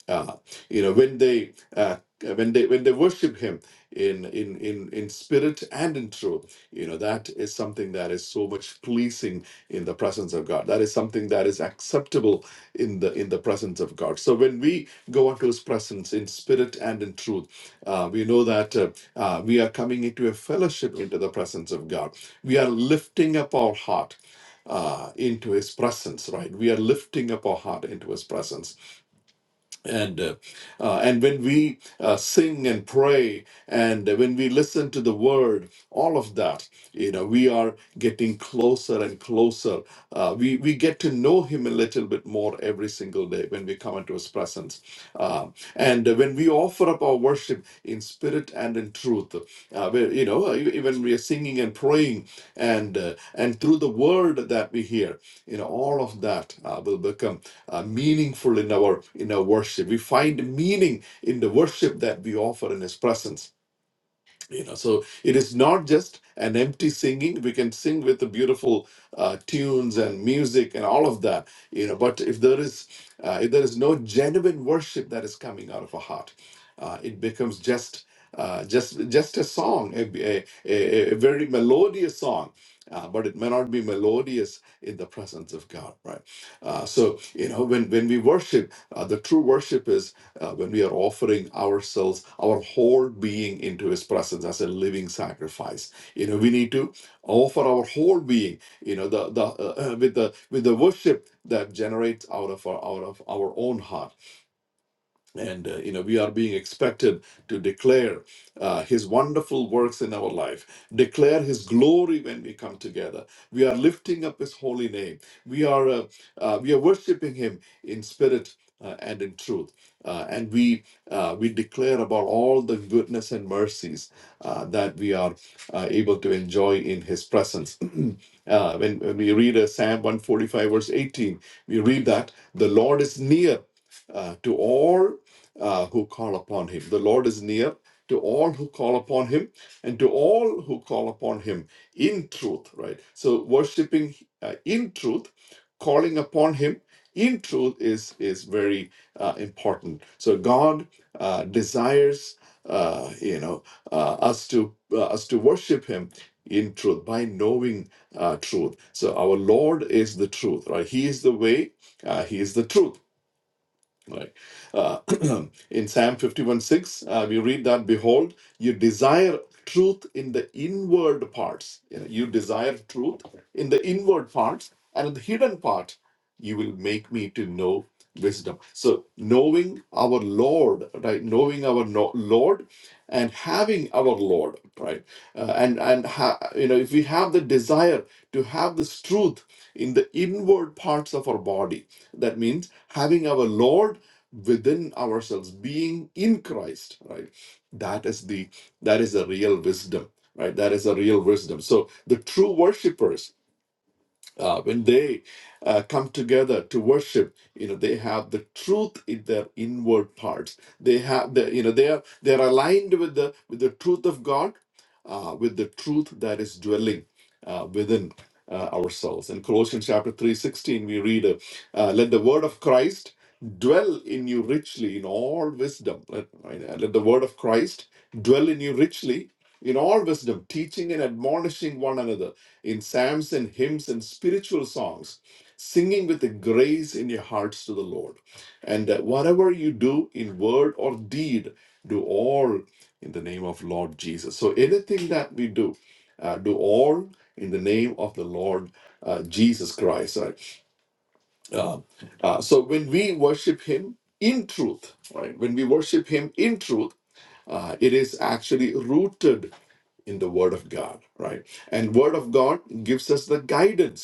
uh, you know when they uh, when they when they worship him in in in in spirit and in truth you know that is something that is so much pleasing in the presence of god that is something that is acceptable in the in the presence of god so when we go into his presence in spirit and in truth uh, we know that uh, uh, we are coming into a fellowship into the presence of god we are lifting up our heart uh, into his presence right we are lifting up our heart into his presence and uh, uh, and when we uh, sing and pray and when we listen to the word all of that you know we are getting closer and closer uh, we we get to know him a little bit more every single day when we come into his presence uh, and when we offer up our worship in spirit and in truth uh, where, you know uh, e- even we are singing and praying and uh, and through the word that we hear you know all of that uh, will become uh, meaningful in our in our worship. We find meaning in the worship that we offer in His presence you know so it is not just an empty singing we can sing with the beautiful uh, tunes and music and all of that you know but if there is uh, if there is no genuine worship that is coming out of a heart uh, it becomes just uh, just just a song a, a, a, a very melodious song uh, but it may not be melodious in the presence of god right uh, so you know when when we worship uh, the true worship uh, when we are offering ourselves, our whole being into His presence as a living sacrifice. You know, we need to offer our whole being. You know, the the uh, uh, with the with the worship that generates out of our out of our own heart and uh, you know we are being expected to declare uh, his wonderful works in our life declare his glory when we come together we are lifting up his holy name we are uh, uh, we are worshiping him in spirit uh, and in truth uh, and we uh, we declare about all the goodness and mercies uh, that we are uh, able to enjoy in his presence uh, when, when we read uh, psalm 145 verse 18 we read that the lord is near uh, to all uh, who call upon him. The Lord is near to all who call upon him and to all who call upon him in truth, right? So worshiping uh, in truth, calling upon him in truth is is very uh, important. So God uh, desires uh, you know uh, us to uh, us to worship him in truth by knowing uh, truth. So our Lord is the truth, right? He is the way, uh, he is the truth Right. Uh, in Psalm 51 6, uh, we read that, Behold, you desire truth in the inward parts. You, know, you desire truth in the inward parts, and in the hidden part, you will make me to know wisdom. So, knowing our Lord, right? Knowing our no- Lord and having our Lord, right? Uh, and, and ha- you know, if we have the desire to have this truth in the inward parts of our body, that means having our Lord within ourselves, being in Christ, right? That is the that is the real wisdom, right? That is the real wisdom. So the true worshipers uh, when they uh, come together to worship you know they have the truth in their inward parts they have the you know they are they are aligned with the with the truth of god uh, with the truth that is dwelling uh, within uh, ourselves in colossians chapter 3.16 we read uh, uh, let the word of christ dwell in you richly in all wisdom let, right, uh, let the word of christ dwell in you richly in all wisdom, teaching and admonishing one another in psalms and hymns and spiritual songs, singing with the grace in your hearts to the Lord. And uh, whatever you do in word or deed, do all in the name of Lord Jesus. So anything that we do, uh, do all in the name of the Lord uh, Jesus Christ. Right? Uh, uh, so when we worship Him in truth, right? When we worship Him in truth, uh, it is actually rooted in the word of god right and word of god gives us the guidance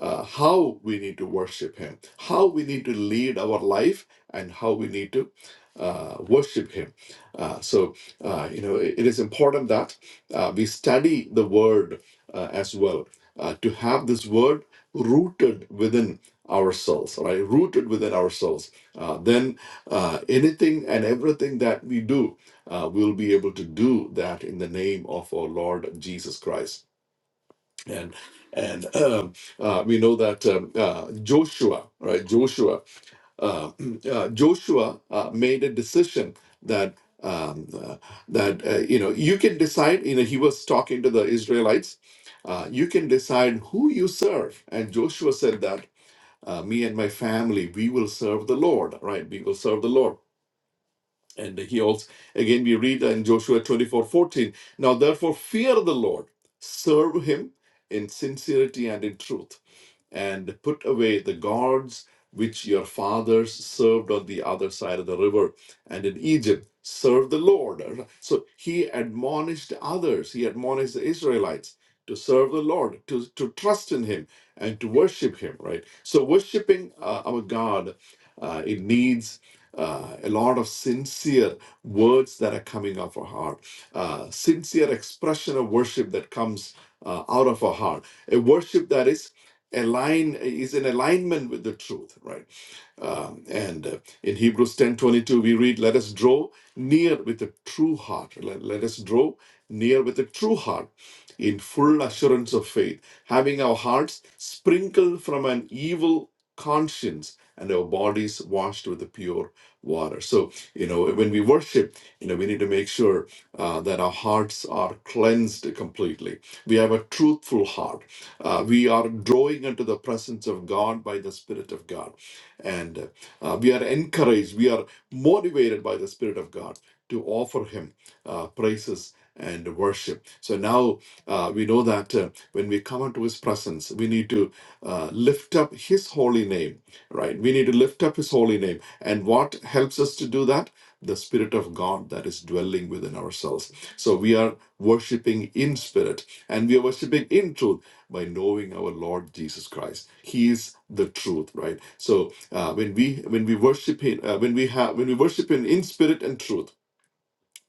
uh, how we need to worship Him, how we need to lead our life, and how we need to uh, worship Him. Uh, so, uh, you know, it it is important that uh, we study the Word uh, as well, uh, to have this Word rooted within ourselves, right? Rooted within ourselves. Uh, then uh, anything and everything that we do, uh, we'll be able to do that in the name of our Lord Jesus Christ and and um, uh, we know that um, uh, Joshua, right? Joshua, uh, uh, Joshua uh, made a decision that um, uh, that uh, you know you can decide. You know, he was talking to the Israelites. Uh, you can decide who you serve, and Joshua said that uh, me and my family we will serve the Lord, right? We will serve the Lord and he also, again, we read in Joshua 24 14. now therefore fear the Lord, serve him in sincerity and in truth and put away the gods which your fathers served on the other side of the river and in Egypt serve the Lord. So he admonished others, he admonished the Israelites to serve the Lord, to, to trust in him and to worship him, right? So worshiping uh, our God, uh, it needs uh, a lot of sincere words that are coming off our heart, uh, sincere expression of worship that comes uh, out of our heart, a worship that is align is in alignment with the truth right um, and uh, in Hebrews 10:22 we read, "Let us draw near with a true heart. Let, let us draw near with a true heart in full assurance of faith, having our hearts sprinkled from an evil conscience and our bodies washed with the pure water." So, you know, when we worship, you know, we need to make sure uh, that our hearts are cleansed completely. We have a truthful heart. Uh, we are drawing into the presence of God by the Spirit of God. And uh, we are encouraged, we are motivated by the Spirit of God to offer Him uh, praises and worship. So now uh, we know that uh, when we come into His presence, we need to uh, lift up His holy name, right? We need to lift up His holy name. And what helps us to do that? The Spirit of God that is dwelling within ourselves. So we are worshiping in spirit and we are worshiping in truth by knowing our Lord Jesus Christ. He is the truth, right? So uh, when we when we worship Him, uh, when we have when we worship Him in spirit and truth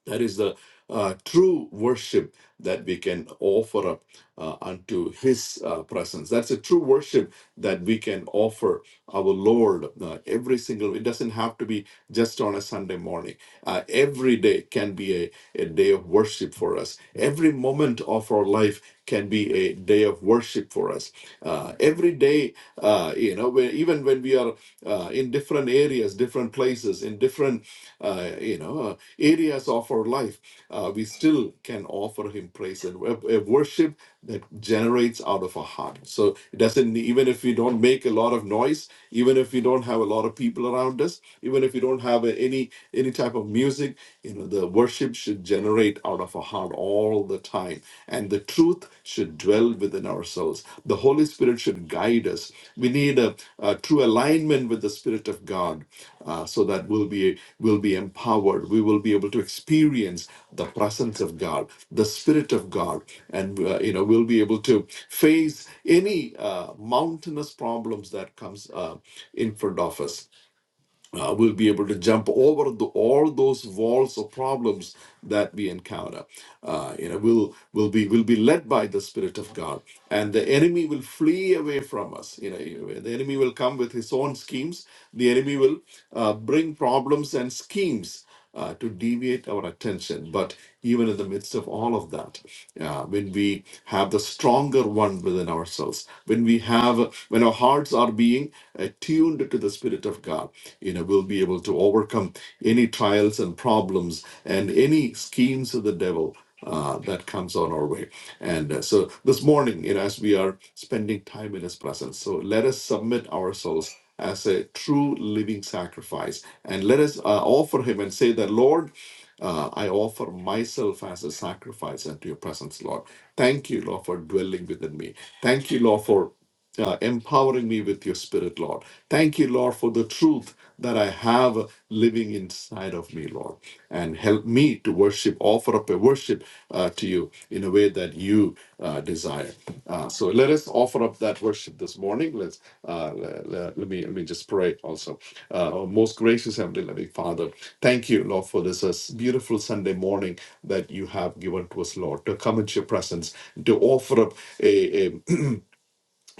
that is the uh, true worship that we can offer up uh, unto His uh, presence. That's a true worship that we can offer our Lord uh, every single. It doesn't have to be just on a Sunday morning. Uh, every day can be a, a day of worship for us. Every moment of our life can be a day of worship for us. Uh, every day, uh, you know, where, even when we are uh, uh, in different areas, different places, in different uh, you know uh, areas of our life, uh, we still can offer Him praise and wo- a worship that generates out of our heart. So it doesn't even if we don't make a lot of noise, even if we don't have a lot of people around us, even if we don't have a- any any type of music, you know, the worship should generate out of our heart all the time time, and the truth should dwell within ourselves. The Holy Spirit should guide us. We need a, a true alignment with the Spirit of God, uh, so that we'll be we will be empowered. We will be able to experience the presence of God, the Spirit of God, and uh, you know we'll be able to face any uh, mountainous problems that comes uh, in front of us uh, we'll be able to jump over the, all those walls of problems that we encounter. Uh, you know, we'll will be will be led by the Spirit of God, and the enemy will flee away from us. You know, you- the enemy will come with his own schemes. The enemy will uh, bring problems and schemes uh, to deviate our attention. But even in the midst of all of that, uh, when we have the stronger one within ourselves, when we have, when our hearts are being attuned to the Spirit of God, you know, we'll be able to overcome any trials and problems and any schemes of the devil uh, that comes on our way. And uh, so this morning, you know, as we are spending time in His presence, so let us submit ourselves as a true living sacrifice. And let us uh, offer him and say that, Lord, uh, I offer myself as a sacrifice unto your presence, Lord. Thank you, Lord, for dwelling within me. Thank you, Lord, for uh, empowering me with your spirit, Lord. Thank you, Lord, for the truth that I have living inside of me, Lord. And help me to worship, offer up a worship uh, to you in a way that you uh, desire. Uh, so let us offer up that worship this morning. Let's uh, le- le- let, me let me just pray also. Uh, our most gracious Heavenly Loving Father, thank you, Lord, for this uh, beautiful Sunday morning that you have given to us, Lord, to come into your presence, to offer up a. a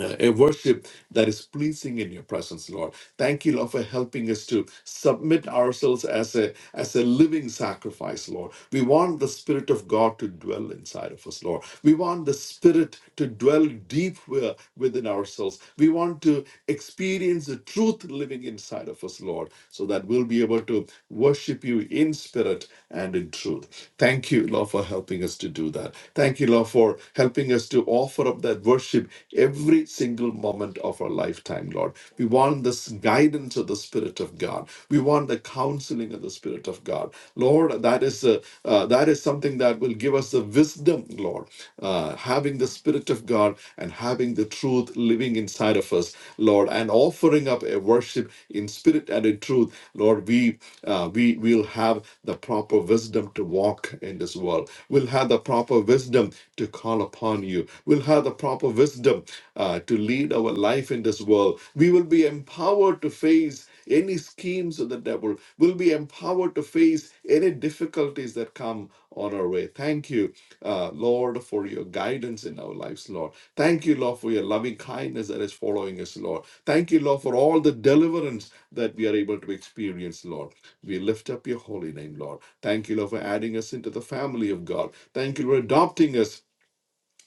uh, a worship that is pleasing in your presence lord thank you lord for helping us to submit ourselves as a as a living sacrifice lord we want the spirit of god to dwell inside of us lord we want the spirit to dwell deep wi- within ourselves we want to experience the truth living inside of us lord so that we'll be able to worship you in spirit and in truth thank you lord for helping us to do that thank you lord for helping us to offer up that worship worship every single moment of our lifetime, Lord. We want this guidance of the Spirit of God. We want the counseling of the Spirit of God, Lord. That is a, uh, that is something that will give us the wisdom, Lord. Uh, having the Spirit of God and having the truth living inside of us, Lord, and offering up a worship in spirit and in truth, Lord. We uh, we will have the proper wisdom to walk in this world. We'll have the proper wisdom to call upon you you. We'll have the proper wisdom uh, to lead our life in this world. We will be empowered to face any schemes of the devil. We'll be empowered to face any difficulties that come on our way. Thank you, uh, Lord, for your guidance in our lives, Lord. Thank you, Lord, for your loving kindness that is following us, Lord. Thank you, Lord, for all the deliverance that we are able to experience, Lord. We lift up your holy name, Lord. Thank you, Lord, for adding us into the family of God. Thank you for adopting us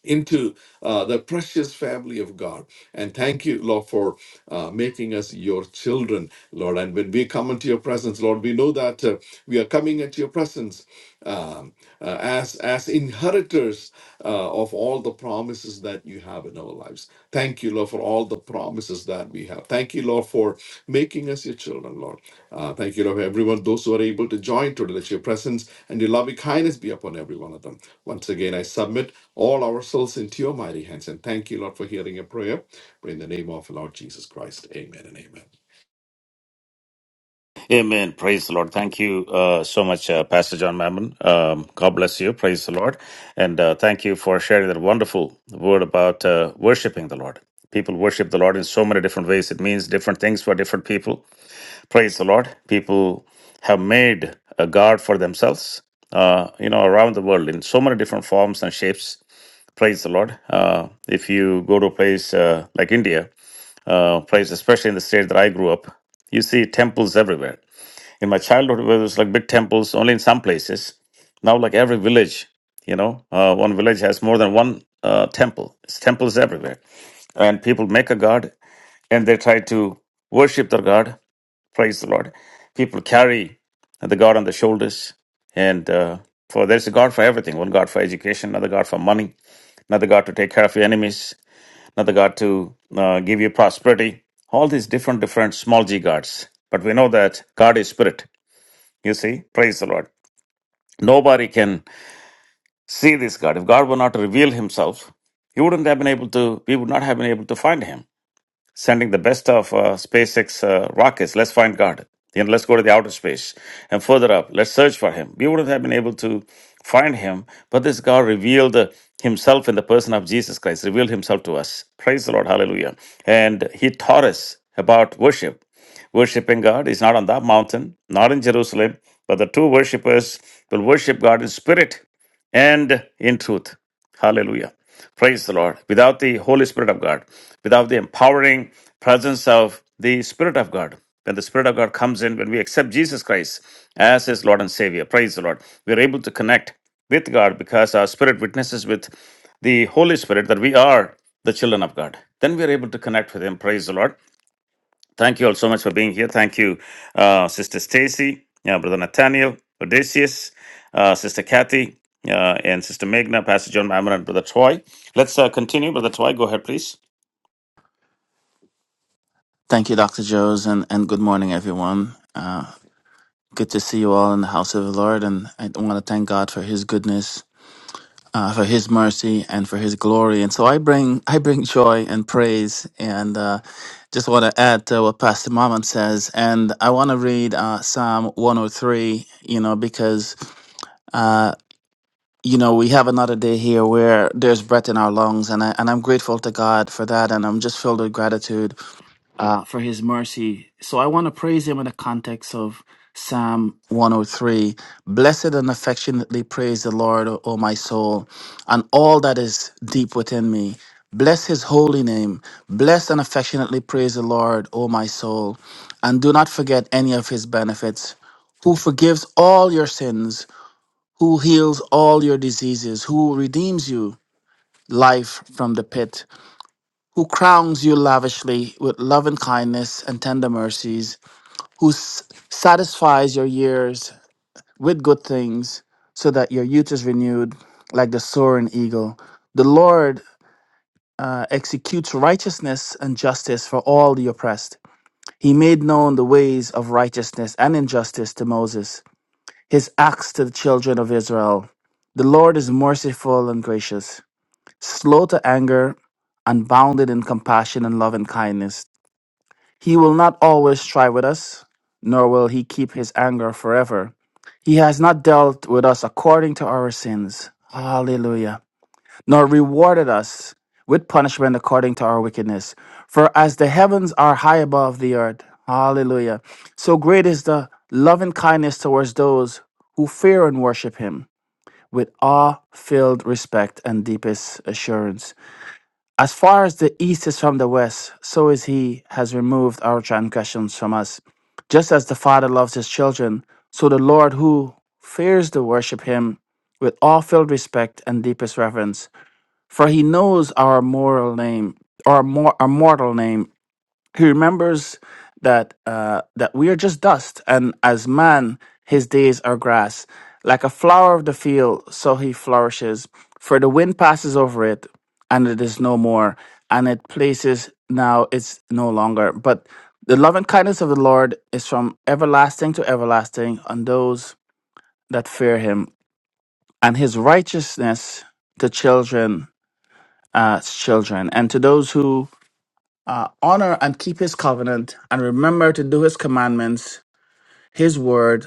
into uh, the precious family of God. And thank you, Lord, for uh, making us your children, Lord. And when we come into your presence, Lord, we know that uh, we are coming into your presence um, uh, as as inheritors uh, of all the promises that you have in our lives. Thank you you, Lord, for all the promises that we have. Thank you, Lord, for making us your children, Lord. Uh, thank you, Lord, for everyone, those who are able to join today. Let your presence and your loving kindness be upon every one of them. Once again, I submit all ourselves into your mighty hands. And thank you, Lord, for hearing a prayer. Pray in the name of the Lord Jesus Christ. Amen and amen. Amen. Praise the Lord. Thank you uh, so much, uh, Pastor John Mammon. Um, God bless you. Praise the Lord. And uh, thank you for sharing that wonderful word about uh, worshiping the Lord. People worship the Lord in so many different ways. It means different things for different people. Praise the Lord. People have made a God for themselves, uh, you know, around the world in so many different forms and shapes. Praise the Lord. Uh, if you go to a place uh, like India, uh, place especially in the state that I grew up, you see temples everywhere in my childhood where there's like big temples only in some places now like every village you know uh, one village has more than one uh, temple it's temples everywhere and people make a god and they try to worship their god praise the lord people carry the god on their shoulders and uh, for there's a god for everything one god for education another god for money another god to take care of your enemies another god to uh, give you prosperity all these different different small g gods but we know that god is spirit you see, praise the Lord. Nobody can see this God. If God were not to reveal himself, he wouldn't have been able to, we would not have been able to find him sending the best of uh, SpaceX uh, rockets. Let's find God. You know, let's go to the outer space and further up. Let's search for Him. We wouldn't have been able to find Him, but this God revealed uh, Himself in the person of Jesus Christ, revealed Himself to us. Praise the Lord. Hallelujah. And He taught us about worship. Worshipping God is not on that mountain, not in Jerusalem, but the true worshipers will worship God in spirit and in truth. Hallelujah. Praise the Lord. Without the Holy Spirit of God, without the empowering presence of the Spirit of God, when the Spirit of God comes in, when we accept Jesus Christ as His Lord and Savior, praise the Lord, we are able to connect with God because our Spirit witnesses with the Holy Spirit that we are the children of God. Then we are able to connect with Him, praise the Lord. Thank you all so much for being here. Thank you, uh, Sister Stacy, uh, Brother Nathaniel, Odysseus, uh, Sister Kathy, uh, and Sister Meghna, Pastor John Mammon, and Brother Troy. Let's uh, continue. Brother Troy, go ahead, please. Thank you, Dr. Joes, and, and good morning, everyone. Uh, good to see you all in the house of the Lord, and I want to thank God for His goodness, uh, for His mercy, and for His glory. And so I bring I bring joy and praise, and uh, just want to add to what Pastor Mammon says, and I want to read uh, Psalm 103, you know, because. Uh, you know, we have another day here where there's breath in our lungs, and I and I'm grateful to God for that, and I'm just filled with gratitude uh, for his mercy. So I want to praise him in the context of Psalm 103. Blessed and affectionately praise the Lord, O o my soul, and all that is deep within me. Bless his holy name. Bless and affectionately praise the Lord, O my soul, and do not forget any of his benefits who forgives all your sins, who heals all your diseases, who redeems you life from the pit, who crowns you lavishly with love and kindness and tender mercies, who s- satisfies your years with good things, so that your youth is renewed like the soaring eagle. The Lord uh, executes righteousness and justice for all the oppressed. He made known the ways of righteousness and injustice to Moses, his acts to the children of Israel. The Lord is merciful and gracious, slow to anger, and bounded in compassion and love and kindness. He will not always strive with us, nor will he keep his anger forever. He has not dealt with us according to our sins. Hallelujah. Nor rewarded us with punishment according to our wickedness. For as the heavens are high above the earth, hallelujah, so great is the love and kindness towards those who fear and worship him with awe filled respect and deepest assurance. As far as the east is from the west, so is he has removed our transgressions from us. Just as the Father loves his children, so the Lord who fears to worship him with all filled respect and deepest reverence, for he knows our moral name, our, mor- our mortal name, he remembers that uh, that we are just dust, and as man, his days are grass, like a flower of the field, so he flourishes. For the wind passes over it, and it is no more, and it places now it's no longer. But the love and kindness of the Lord is from everlasting to everlasting on those that fear Him, and His righteousness to children, uh, children, and to those who uh, honor and keep his covenant and remember to do his commandments. His word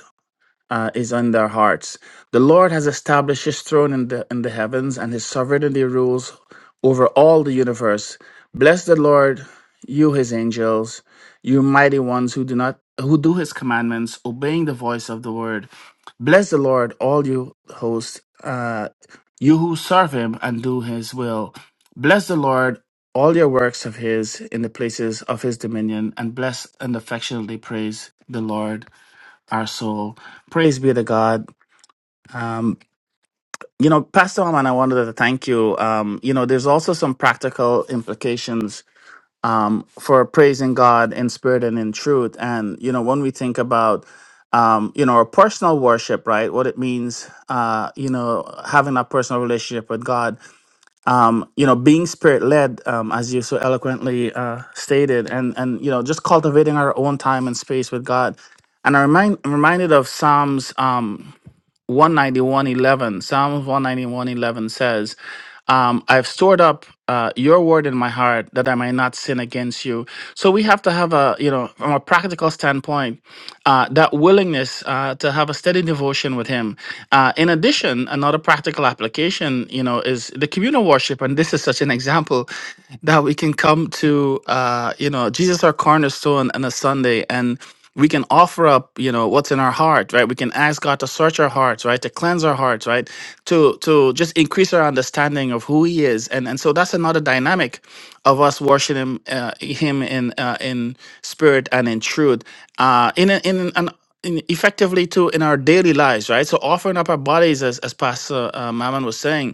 uh, is in their hearts. The Lord has established his throne in the, in the heavens and his sovereignty rules over all the universe. Bless the Lord, you his angels, you mighty ones who do not who do his commandments, obeying the voice of the word. Bless the Lord, all you hosts, uh, you who serve him and do his will. Bless the Lord, all your works of his in the places of his dominion, and bless and affectionately praise the Lord, our soul. Praise be to God. Um, you know, Pastor Oman, I wanted to thank you. Um, you know, there's also some practical implications um, for praising God in spirit and in truth. And, you know, when we think about, um, you know, our personal worship, right, what it means, uh, you know, having a personal relationship with God, um, you know, being spirit led, um, as you so eloquently uh, stated, and, and, you know, just cultivating our own time and space with God. And I'm remind, I'm reminded of Psalms. Um, 191.11, Psalm 191.11 says, um, I've stored up uh, your word in my heart that I might not sin against you. So we have to have a, you know, from a practical standpoint, uh, that willingness uh, to have a steady devotion with Him. Uh, in addition, another practical application, you know, is the communal worship. And this is such an example that we can come to, uh, you know, Jesus our cornerstone on a Sunday. And we can offer up you know what's in our heart right we can ask god to search our hearts right to cleanse our hearts right to to just increase our understanding of who he is and and so that's another dynamic of us worshiping uh, him in uh, in spirit and in truth uh in a, in an in effectively too in our daily lives right so offering up our bodies as as pastor uh, mammon was saying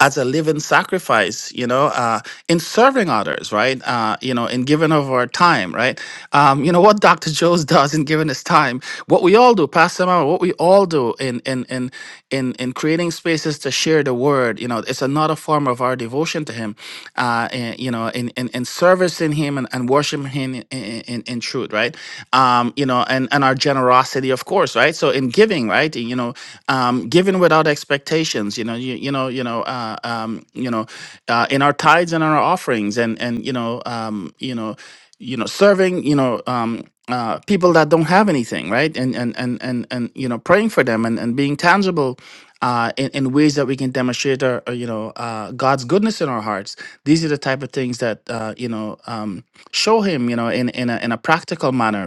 as a living sacrifice, you know, uh, in serving others, right? Uh, you know, in giving of our time, right? Um, you know, what Dr. Jones does in giving his time, what we all do, Pastor Mama, what we all do in in in in in creating spaces to share the word, you know, it's another form of our devotion to him. Uh, and, you know, in in, in servicing him and, and worshiping him in, in, in in truth, right? Um, you know, and, and and and our generosity of course right so in giving right you know um giving without expectations you know you, you know you know uh, um you know uh, in our tithes and our offerings and and you know um you know you know serving you know um uh, people that don't have anything right and and and and, and you know praying for them and, and being tangible uh, in, in ways that we can demonstrate our, uh, you know, uh, God's goodness in our hearts. These are the type of things that, uh, you know, um, show Him, you know, in, in, a, in a practical manner,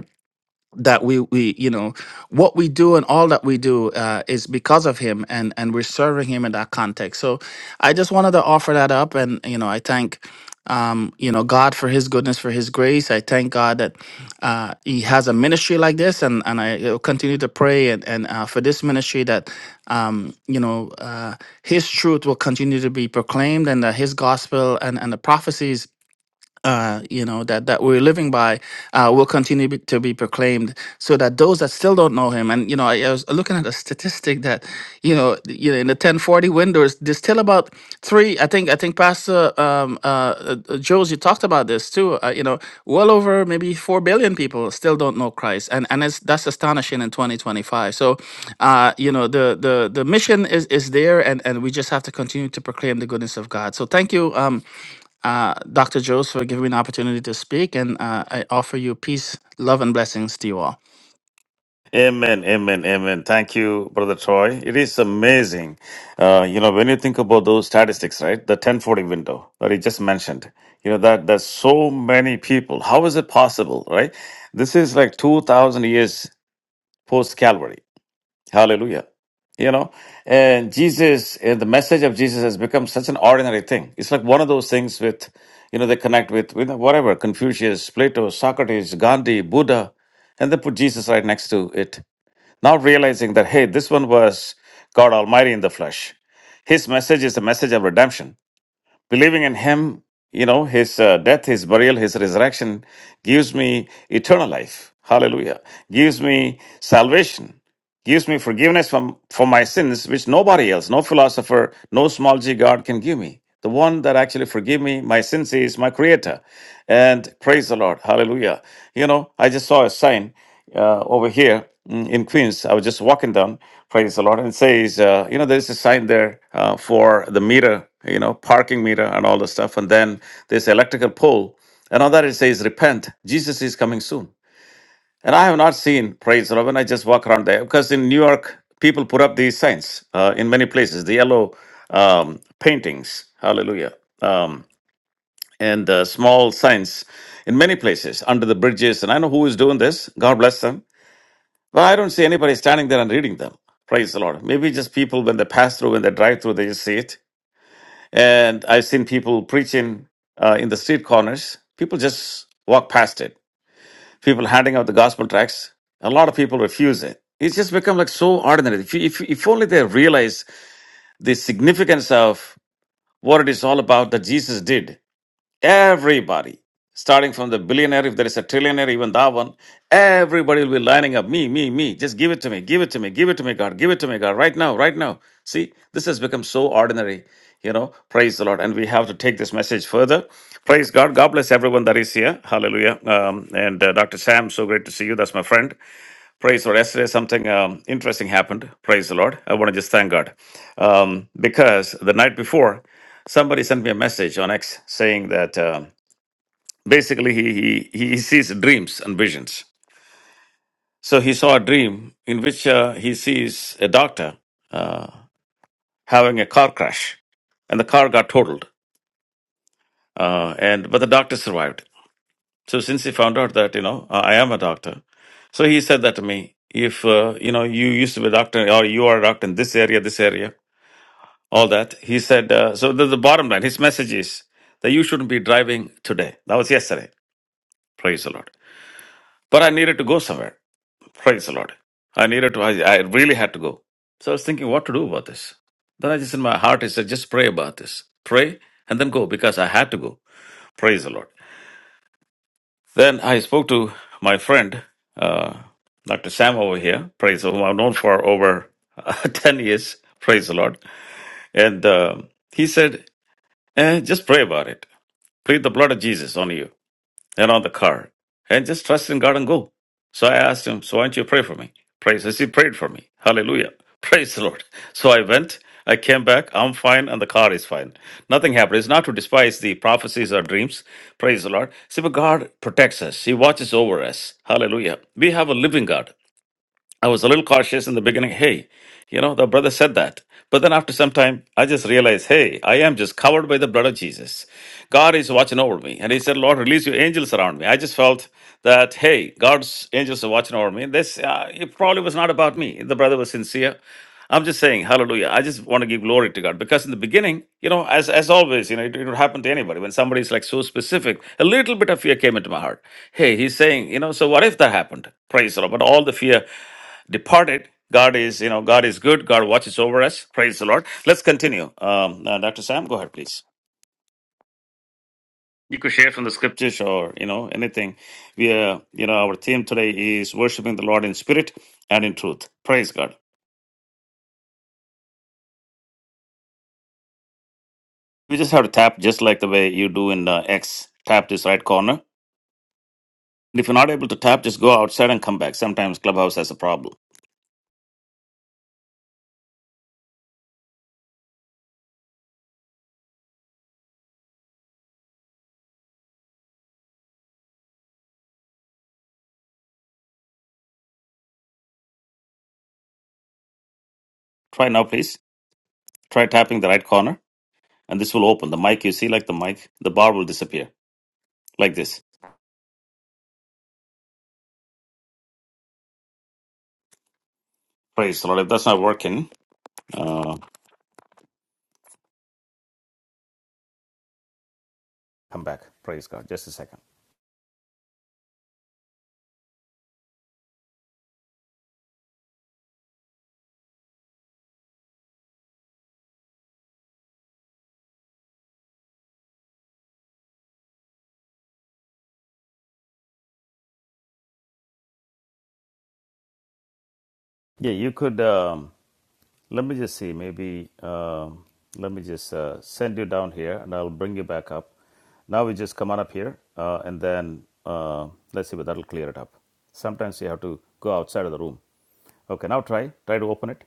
that we we you know what we do and all that we do uh, is because of him and and we're serving him in that context so i just wanted to offer that up and you know i thank um you know god for his goodness for his grace i thank god that uh he has a ministry like this and and i uh, continue to pray and and uh, for this ministry that um you know uh his truth will continue to be proclaimed and that his gospel and and the prophecies uh, you know that that we're living by uh, will continue be, to be proclaimed, so that those that still don't know him, and you know, I, I was looking at a statistic that you know, th- you know, in the ten forty windows, there's still about three. I think I think Pastor um, uh, uh, uh, Jules, you talked about this too. Uh, you know, well over maybe four billion people still don't know Christ, and and it's, that's astonishing in twenty twenty five. So, uh, you know, the the the mission is is there, and and we just have to continue to proclaim the goodness of God. So, thank you. Um, uh, Dr. Jones, for giving me an opportunity to speak, and uh, I offer you peace, love, and blessings to you all. Amen, amen, amen. Thank you, Brother Troy. It is amazing. Uh, you know, when you think about those statistics, right? The 1040 window that he just mentioned, you know, that there's so many people. How is it possible, right? This is like 2,000 years post Calvary. Hallelujah. You know, and Jesus, and the message of Jesus has become such an ordinary thing. It's like one of those things with, you know, they connect with, with whatever Confucius, Plato, Socrates, Gandhi, Buddha, and they put Jesus right next to it, not realizing that, hey, this one was God Almighty in the flesh. His message is the message of redemption. Believing in Him, you know, His uh, death, His burial, His resurrection gives me eternal life. Hallelujah. Gives me salvation gives me forgiveness from, for my sins, which nobody else, no philosopher, no small g God can give me. The one that actually forgive me my sins is my Creator. And praise the Lord. Hallelujah. You know, I just saw a sign uh, over here mm, in Queens. I was just walking down, praise the Lord, and it says, uh, you know, there's a sign there uh, for the meter, you know, parking meter and all the stuff. And then this electrical pole. And on that it says, repent. Jesus is coming soon. And I have not seen, praise the Lord, when I just walk around there, because in New York, people put up these signs uh, in many places, the yellow um, paintings, hallelujah, um, and uh, small signs in many places under the bridges. And I know who is doing this. God bless them. But I don't see anybody standing there and reading them. Praise the Lord. Maybe just people, when they pass through, when they drive through, they just see it. And I've seen people preaching uh, in the street corners. People just walk past it people handing out the gospel tracts. A lot of people refuse it. It's just become like so ordinary. If, you, if, if only they realize the significance of what it is all about that Jesus did. Everybody, starting from the billionaire, if there is a trillionaire, even that one, everybody will be lining up. Me, me, me. Just give it to me. Give it to me. Give it to me, God. Give it to me, God. Right now, right now. See, this has become so ordinary. You know, praise the Lord. And we have to take this message further. Praise God. God bless everyone that is here. Hallelujah. Um, and uh, Dr. Sam, so great to see you. That's my friend. Praise the Lord. Yesterday, something um, interesting happened. Praise the Lord. I want to just thank God. Um, because the night before, somebody sent me a message on X saying that um basically he, he, he sees dreams and visions. So he saw a dream in which uh, he sees a doctor uh, having a car crash, and the car got totaled. Uh, and but the doctor survived So since he found out that you know uh, I am a doctor, so he said that to me. If uh, you know you used to be a doctor or you are a doctor in this area, this area, all that he said. Uh, so the, the bottom line, his message is that you shouldn't be driving today. That was yesterday. Praise the Lord. But I needed to go somewhere. Praise the Lord. I needed to. I, I really had to go. So I was thinking what to do about this. Then I just in my heart I said just pray about this. Pray and then go because I had to go. Praise the Lord. Then I spoke to my friend, uh, Dr. Sam over here, praise the Lord, whom I've known for over uh, 10 years, praise the Lord. And um he said, eh, just pray about it. Plead the blood of Jesus on you. And on the card. And just trust in God and go. So I asked him, So why don't you pray for me? Praise. He prayed for me. Hallelujah. Praise the Lord. So I went, I came back, I'm fine, and the car is fine. Nothing happened. It's not to despise the prophecies or dreams. Praise the Lord. See, but God protects us, He watches over us. Hallelujah. We have a living God. I was a little cautious in the beginning. Hey, you know, the brother said that. But then after some time, I just realized, hey, I am just covered by the blood of Jesus. God is watching over me. And he said, Lord, release your angels around me. I just felt that, hey, God's angels are watching over me. This, uh, it probably was not about me. The brother was sincere. I'm just saying, hallelujah. I just want to give glory to God because in the beginning, you know, as, as always, you know, it, it would happen to anybody when somebody's like so specific, a little bit of fear came into my heart. Hey, he's saying, you know, so what if that happened? Praise the Lord. But all the fear departed. God is, you know, God is good. God watches over us. Praise the Lord. Let's continue. Um, uh, Dr. Sam, go ahead, please. You could share from the scriptures or, you know, anything. We, uh, you know, our theme today is worshiping the Lord in spirit and in truth. Praise God. You just have to tap just like the way you do in uh, X. Tap this right corner. And if you're not able to tap, just go outside and come back. Sometimes Clubhouse has a problem. Try now, please. Try tapping the right corner, and this will open. The mic you see, like the mic, the bar will disappear, like this. Praise the Lord. If that's not working, Uh, Come back. Praise God. Just a second. Yeah, you could. Um, let me just see. Maybe um, let me just uh, send you down here, and I'll bring you back up. Now we just come on up here, uh, and then uh, let's see if that'll clear it up. Sometimes you have to go outside of the room. Okay, now try try to open it.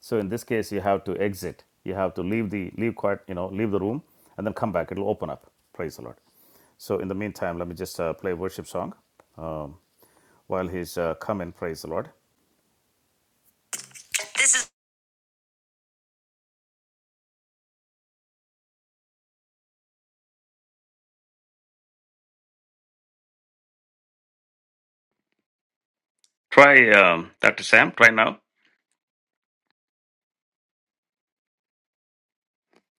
So in this case, you have to exit. You have to leave the leave quiet. You know, leave the room, and then come back. It'll open up. Praise the Lord. So in the meantime, let me just uh, play a worship song um, while he's uh, coming. Praise the Lord. Try, um, Dr. Sam, try now.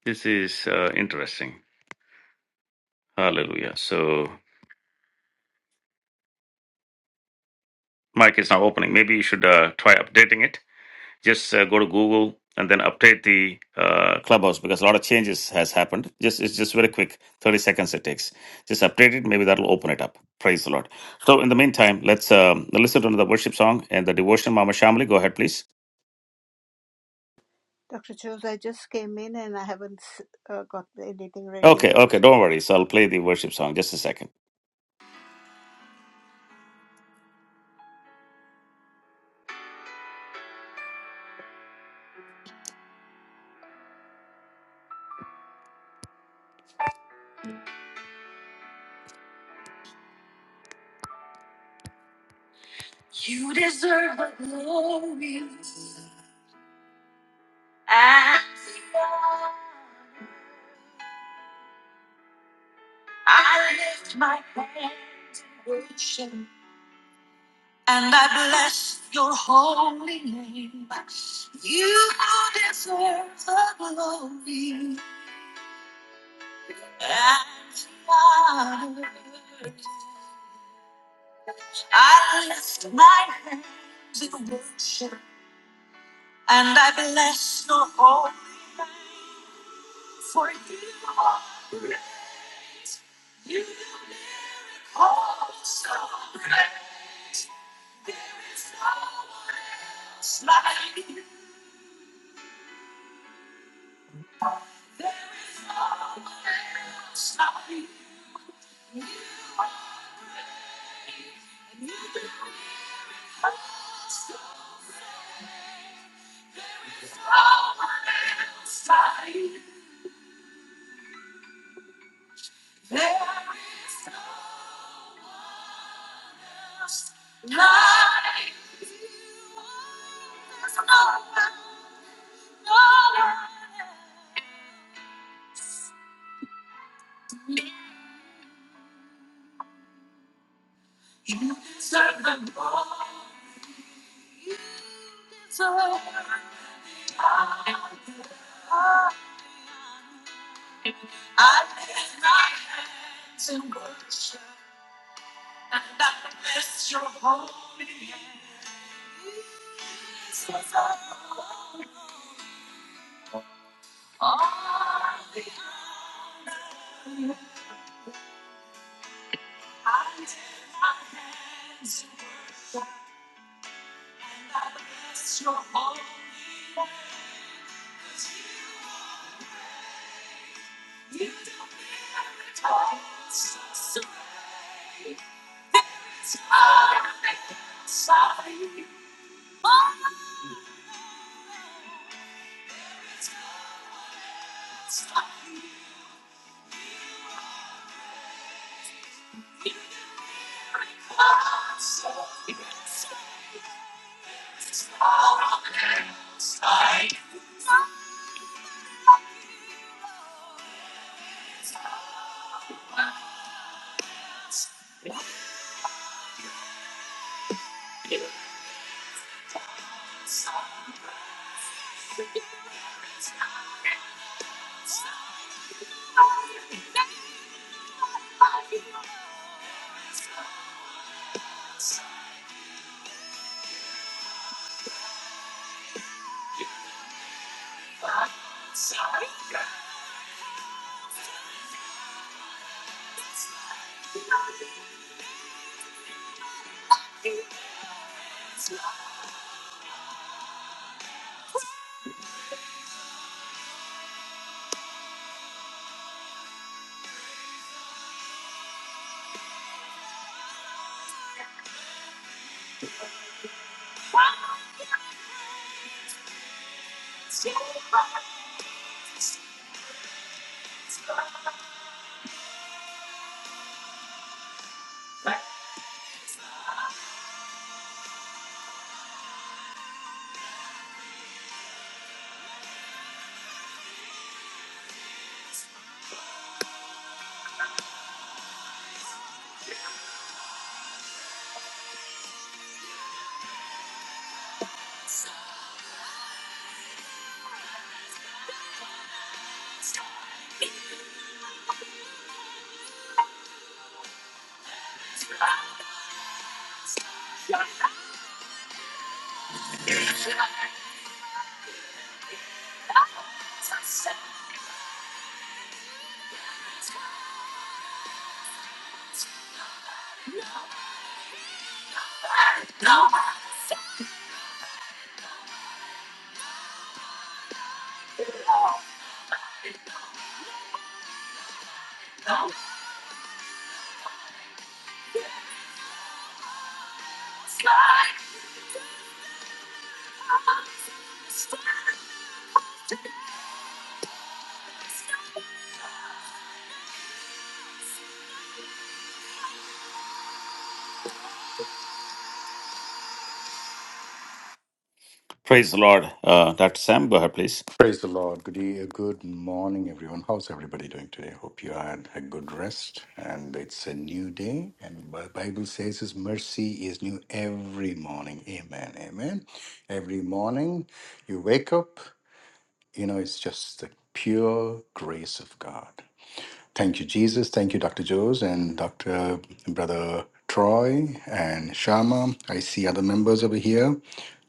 This is uh, interesting. Hallelujah. So, mic is now opening. Maybe you should uh, try updating it. Just uh, go to Google and then update the uh, clubhouse because a lot of changes has happened. Just It's just very quick, 30 seconds it takes. Just update it. Maybe that'll open it up. Praise the Lord. So, in the meantime, let's um, listen to another worship song and the devotion. Mama Shamli, go ahead, please. Dr. Jones, I just came in and I haven't uh, got anything ready Okay, yet. okay, don't worry. So, I'll play the worship song. Just a second. You deserve the glory. And so I lift my hand in worship. And I bless your holy name. You deserve the glory and the honor. I lift my hands in worship. And I bless your holy name. I bless your holy Praise the Lord. Uh, Dr. Sam, go ahead, please. Praise the Lord. Good, e- good morning, everyone. How's everybody doing today? Hope you had a good rest and it's a new day. And the Bible says His mercy is new every morning. Amen. Amen. Every morning you wake up, you know, it's just the pure grace of God. Thank you, Jesus. Thank you, Dr. Joes and Dr. Brother Troy and Sharma. I see other members over here,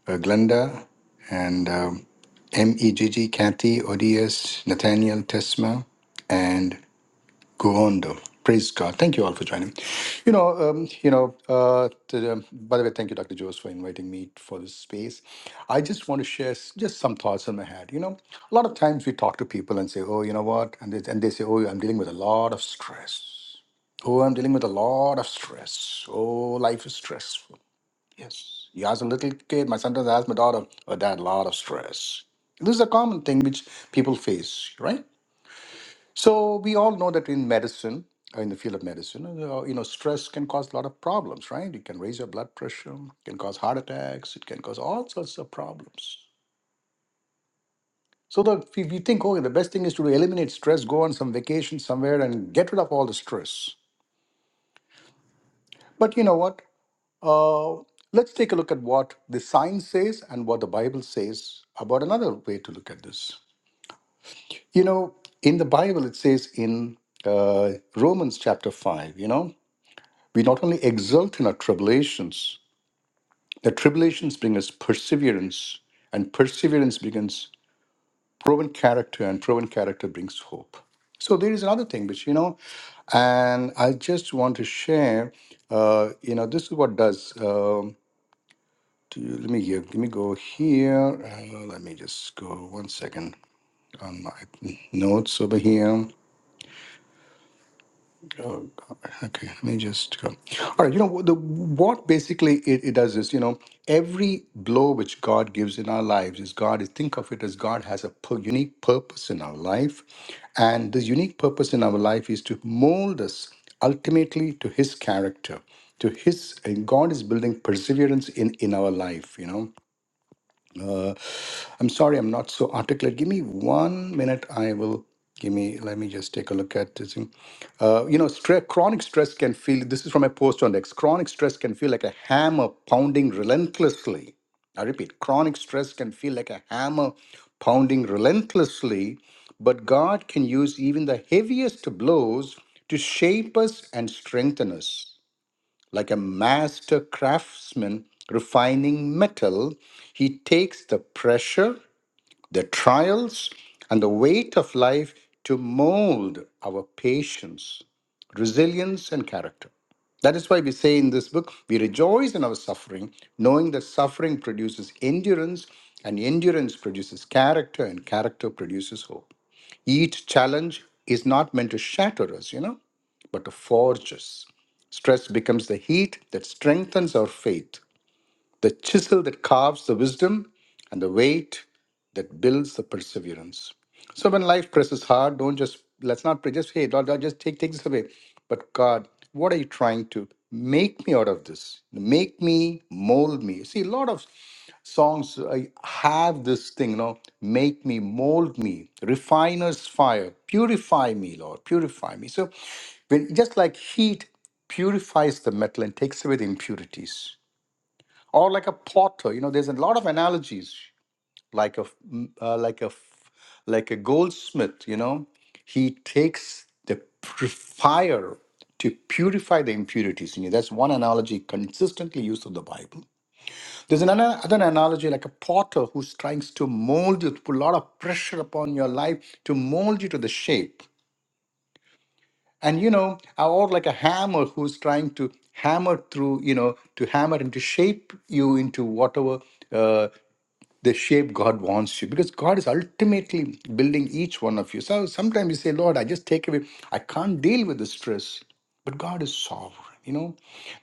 uh, Glenda and um, MEGG, Kathy, ODS, Nathaniel, Tesma, and Go on, Gondo. Praise God. Thank you all for joining. You know, um, you know. Uh, to, um, by the way, thank you, Dr. Jose, for inviting me for this space. I just want to share s- just some thoughts in my head. You know, a lot of times we talk to people and say, "Oh, you know what," and they, and they say, "Oh, I'm dealing with a lot of stress. Oh, I'm dealing with a lot of stress. Oh, life is stressful." Yes. You ask a little kid. My son does ask my daughter, "Oh, dad, a lot of stress." This is a common thing which people face, right? So we all know that in medicine, uh, in the field of medicine, uh, uh, you know, stress can cause a lot of problems, right? It can raise your blood pressure, can cause heart attacks, it can cause all sorts of problems. So the, if you think, okay, the best thing is to eliminate stress, go on some vacation somewhere and get rid of all the stress. But you know what? Uh, let's take a look at what the science says and what the Bible says about another way to look at this. You know, in the Bible, it says in uh, Romans chapter 5, you know, We not only exult in our tribulations, the tribulations bring us perseverance, and perseverance brings proven character, and proven character brings hope. So there is another thing which, you know, and I just want to share, uh, you know, this is what does, um, to, let me here, let me go here, uh, let me just go one second on my notes over here. Oh, God. okay, let me just go. All right, you know, what the, what basically it, it does is, you know, every blow which God gives in our lives is God, think of it as God has a pu- unique purpose in our life. And this unique purpose in our life is to mold us ultimately to His character to his and god is building perseverance in in our life you know Uh, I'm sorry, I'm not so articulate. Give me one minute. I will give me. Let me just take a look at this thing. Uh, you know, stre- chronic stress can feel. This is from a post on X. Chronic stress can feel like a hammer pounding relentlessly. I repeat, chronic stress can feel like a hammer pounding relentlessly, but God can use even the heaviest blows to shape us and strengthen us. Like a master craftsman refining metal, he takes the pressure the trials and the weight of life to mold our patience, resilience, and character. That is why we say in this book, we rejoice in our suffering, knowing that suffering produces endurance, and endurance produces character, and character produces hope. Each challenge is not meant to shatter us, you know, but to forge us. Stress becomes the heat that strengthens our faith the chisel that carves the wisdom, and the weight that builds the perseverance. So when life presses hard, don't just let's not pray. Just hey, Lord, Lord, just take take this away. But God, what are you trying to make me out of this? Make me, mold me. See, a lot of songs uh, have this thing, you know, make me, mold me, refiner's fire, purify me, Lord, purify me. So when just like heat purifies the metal and takes away the impurities or like a potter you know there's a lot of analogies like a f- m- uh, like a f- like a goldsmith you know he takes the pr- fire to purify the impurities in you that's one analogy consistently used in the bible there's another other analogy like a potter who's trying to mold you to put a lot of pressure upon your life to mold you to the shape and you know or like a hammer who's trying to hammer through you know to hammer and to shape you into whatever uh, the shape God wants you because God is ultimately building each one of you. So sometimes you say, Lord, I just take away, I can't deal with the stress. But God is sovereign, you know.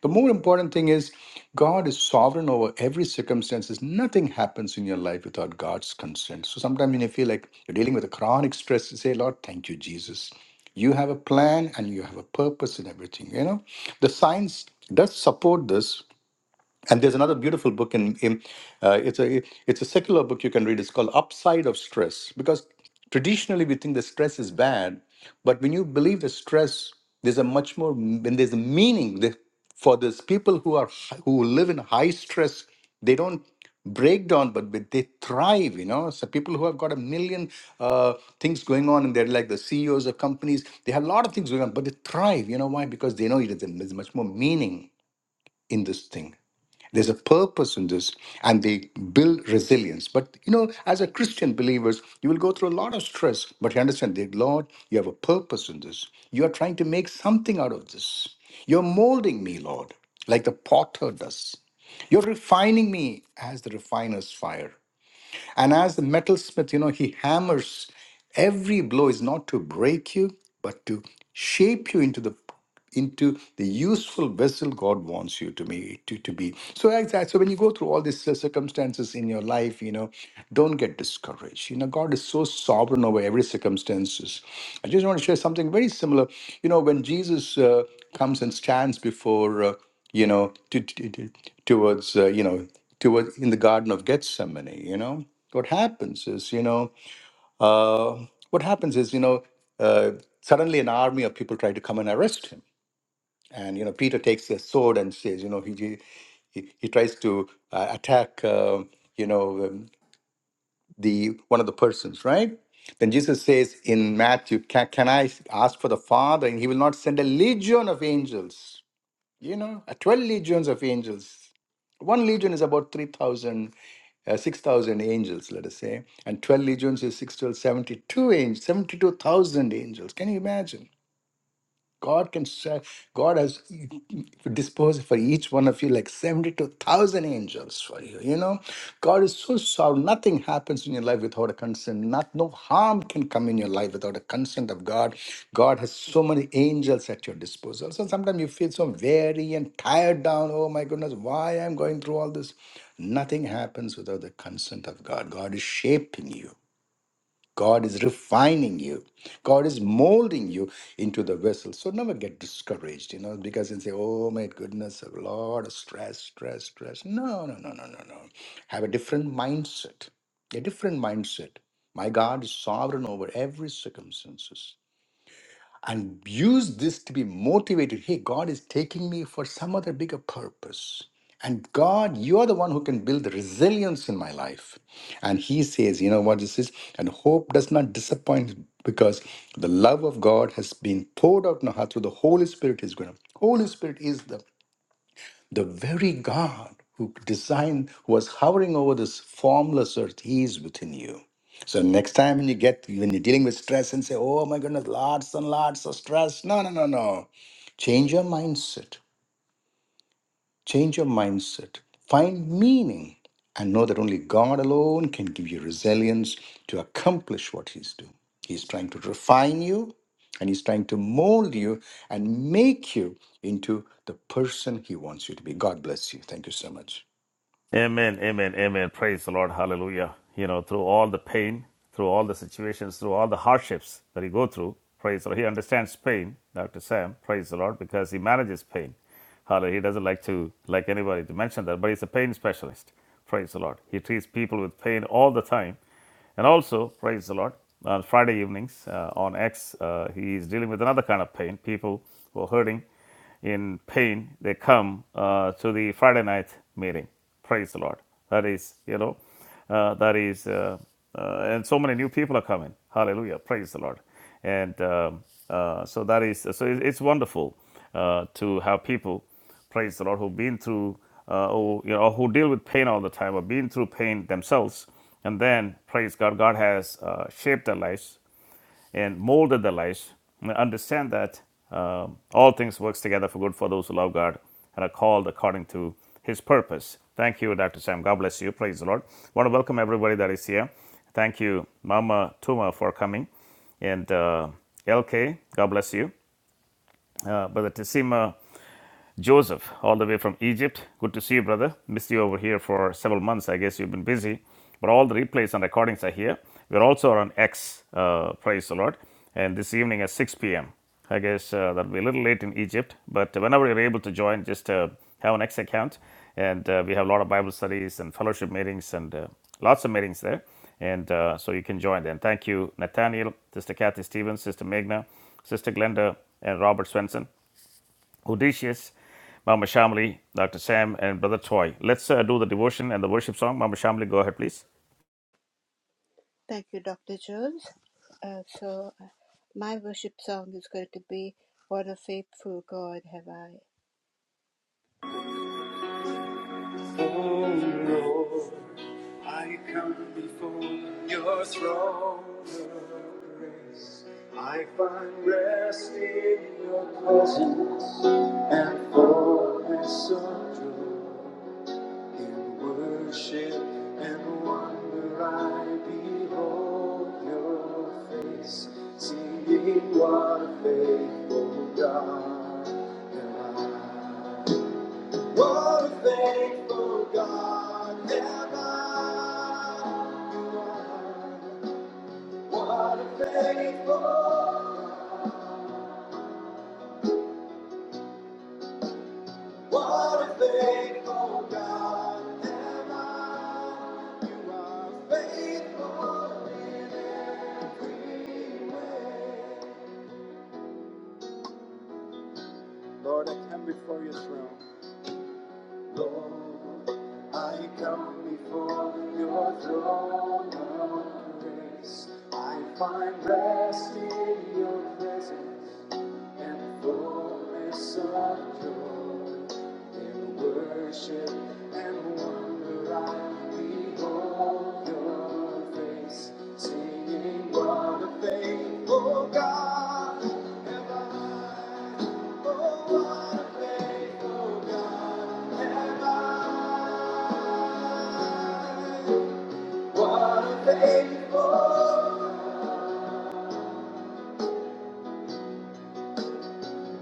The more important thing is God is sovereign over every circumstances. Nothing happens in your life without God's consent. So sometimes when you feel like you're dealing with a chronic stress, you say, Lord, thank you, Jesus. You have a plan and you have a purpose in everything, you know. The science does support this and there's another beautiful book in, in uh, it's a it's a secular book you can read. It's called Upside of Stress because traditionally we think that stress is bad, but when you believe the stress, there's a much more when there's a meaning the- for this people who are hi- who live in high stress. They don't break down, but but they thrive. You know, so people who have got a million uh, things going on, and they're like the CEOs of companies. They have a lot of things going on, but they thrive. You know why? Because they know it is- there's much more meaning in this thing there's a purpose in this, and they build resilience. But you know, as a Christian believers, you will go through a lot of stress, but you understand that Lord, you have a purpose in this. You are trying to make something out of this. You're molding me, Lord, like the potter does. You're refining me as the refiner's fire. And as the metalsmith, you know, he hammers Every blow is not to break you, but to shape you into the into the useful vessel God wants you to be to, to be. So as I- so when you go through all these uh, circumstances in your life, you know, don't get discouraged. You know, God is so sovereign over every circumstances. I just want to share something very similar. You know, when Jesus uh, comes and stands before uh, you know to, to, to- towards uh, you know towards in the Garden of Gethsemane, you know what happens is you know uh, what happens is, you know, uh, suddenly an army of people try to come and arrest him. And, you know, Peter takes his sword and says, you know, he, he, he he tries to uh, attack, uh, you know, um, the one of the persons, right? Then Jesus says in Matthew, can, can I ask for the Father and he will not send a legion of angels? You know, uh, 12 legions of angels. One legion is about 3,000, uh, 6,000 angels, let us say. And 12 legions is 6, twelve, seventy-two angels, 72,000 angels. Can you imagine? God can sa- God has disposed for each one of you like seventy two thousand angels for you. You know, God is so sovereign. Nothing happens in your life without a consent. Not no harm can come in your life without a consent of God. God has so many angels at your disposal. So sometimes you feel so weary and tired down. Oh my goodness, why I'm going through all this? Nothing happens without the consent of God. God is shaping you. God is refining you. God is molding you into the vessel. So never get discouraged, you know, because you say, oh my goodness, a lot of stress, stress, stress. No, no, no, no, no, no. Have a different mindset. A different mindset. My God is sovereign over every circumstances and use this to be motivated. Hey, God is taking me for some other bigger purpose. And God, you're the one who can build the resilience in my life. And he says, you know what this is? And hope does not disappoint because the love of God has been poured out now through the Holy Spirit is going to. Holy Spirit is the the very God who designed, who was hovering over this formless earth, He is within you. So next time when you get when you're dealing with stress and say, "Oh my goodness, lots and lots of stress," no, no, no, no, change your mindset Change your mindset, find meaning, and know that only God alone can give you resilience to accomplish what He's doing. He's trying to refine you and He's trying to mold you and make you into the person He wants you to be. God bless you. Thank you so much. Amen, amen, amen. Praise the Lord. Hallelujah. You know, through all the pain, through all the situations, through all the hardships that he go through, praise the Lord. He understands pain, Dr. Sam, praise the Lord, because he manages pain. Hallelujah. He doesn't like to like anybody to mention that, but he's a pain specialist. Praise the Lord. He treats people with pain all the time. And also, praise the Lord, on Friday evenings uh, on X, uh, he is dealing with another kind of pain. People who are hurting in pain, they come uh, to the Friday night meeting. Praise the Lord. That is, you know, uh, that is, uh, uh, and so many new people are coming. Hallelujah. Praise the Lord. And um, uh, so that is, so it's wonderful uh, to have people praise the Lord, who've been through, uh, or, you know, who deal with pain all the time, or been through pain themselves, and then praise God, God has uh, shaped their lives and molded their lives. And understand that um, all things works together for good for those who love God and are called according to His purpose. Thank you, Dr. Sam. God bless you. Praise the Lord. I want to welcome everybody that is here. Thank you, Mama Tuma, for coming and uh, LK, God bless you. Uh, Brother Tissima Joseph, all the way from Egypt. Good to see you, brother. Missed you over here for several months. I guess you've been busy, but all the replays and recordings are here. We're also on X, uh, praise the Lord. And this evening at 6 p.m. I guess uh, that'll be a little late in Egypt, but whenever you're able to join, just uh, have an X account. And uh, we have a lot of Bible studies and fellowship meetings and uh, lots of meetings there. And uh, so you can join then. Thank you, Nathaniel, Sister Kathy Stevens, Sister Megna, Sister Glenda, and Robert Swenson. Odysseus, Mama Shamli, Dr. Sam, and Brother Toy. Let's uh, do the devotion and the worship song. Mama Shamli, go ahead, please. Thank you, Dr. Jones. Uh, so, uh, my worship song is going to be What a Faithful God Have I. Oh Lord, I come before your throne of grace. I find rest in your presence and fullness of joy. In worship and wonder I behold your face, singing what a faithful God am I. What a faithful God am I. You are. What a faithful, what a faithful God am I. You are faithful. in every Lord, I come before your throne. Lord, I come before your throne of grace. I find rest in your presence. and fullness of joy. In worship and wonder I behold your face, singing, What a faithful God have I. Oh, what a faithful God have I. What a faithful God.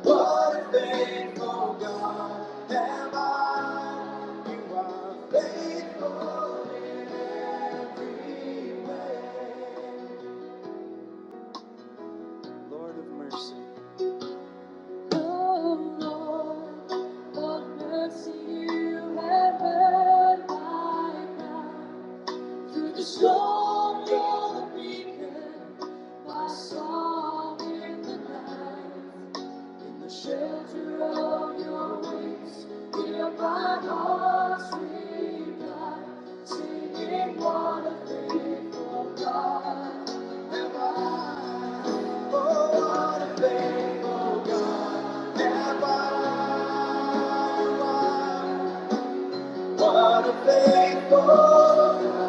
What a faithful God am I? You are faithful in every way. Lord of mercy. Oh Lord of mercy, you have heard my cry. Through the storm, you're the beacon, my song in the night. In The shelter of your wings, here my heart's reply, singing what a faithful God am I. Oh, what a faithful God am I. You are. What a faithful God.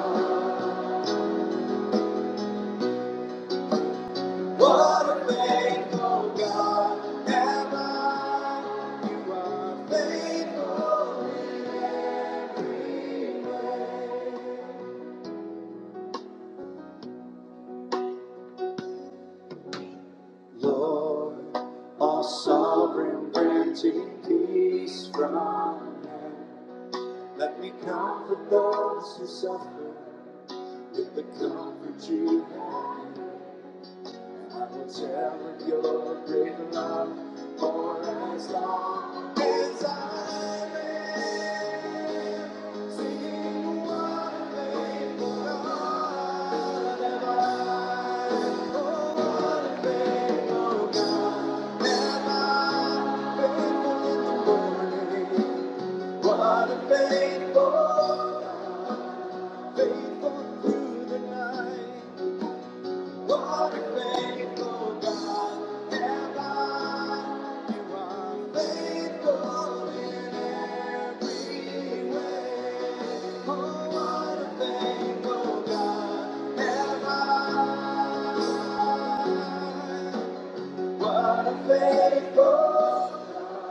What a faithful God am I. You are faithful in every way. Lord, all sovereign granting peace from heaven. Let me comfort those who suffer with the comfort you have. I will share with your great love for as long as I live. Sing what a faithful God have I. Oh, what a faithful God have I. Faithful in the morning, what a faithful God, faithful through the night. What a faithful God am You are faithful in every way. Oh, what a faithful God am What a faithful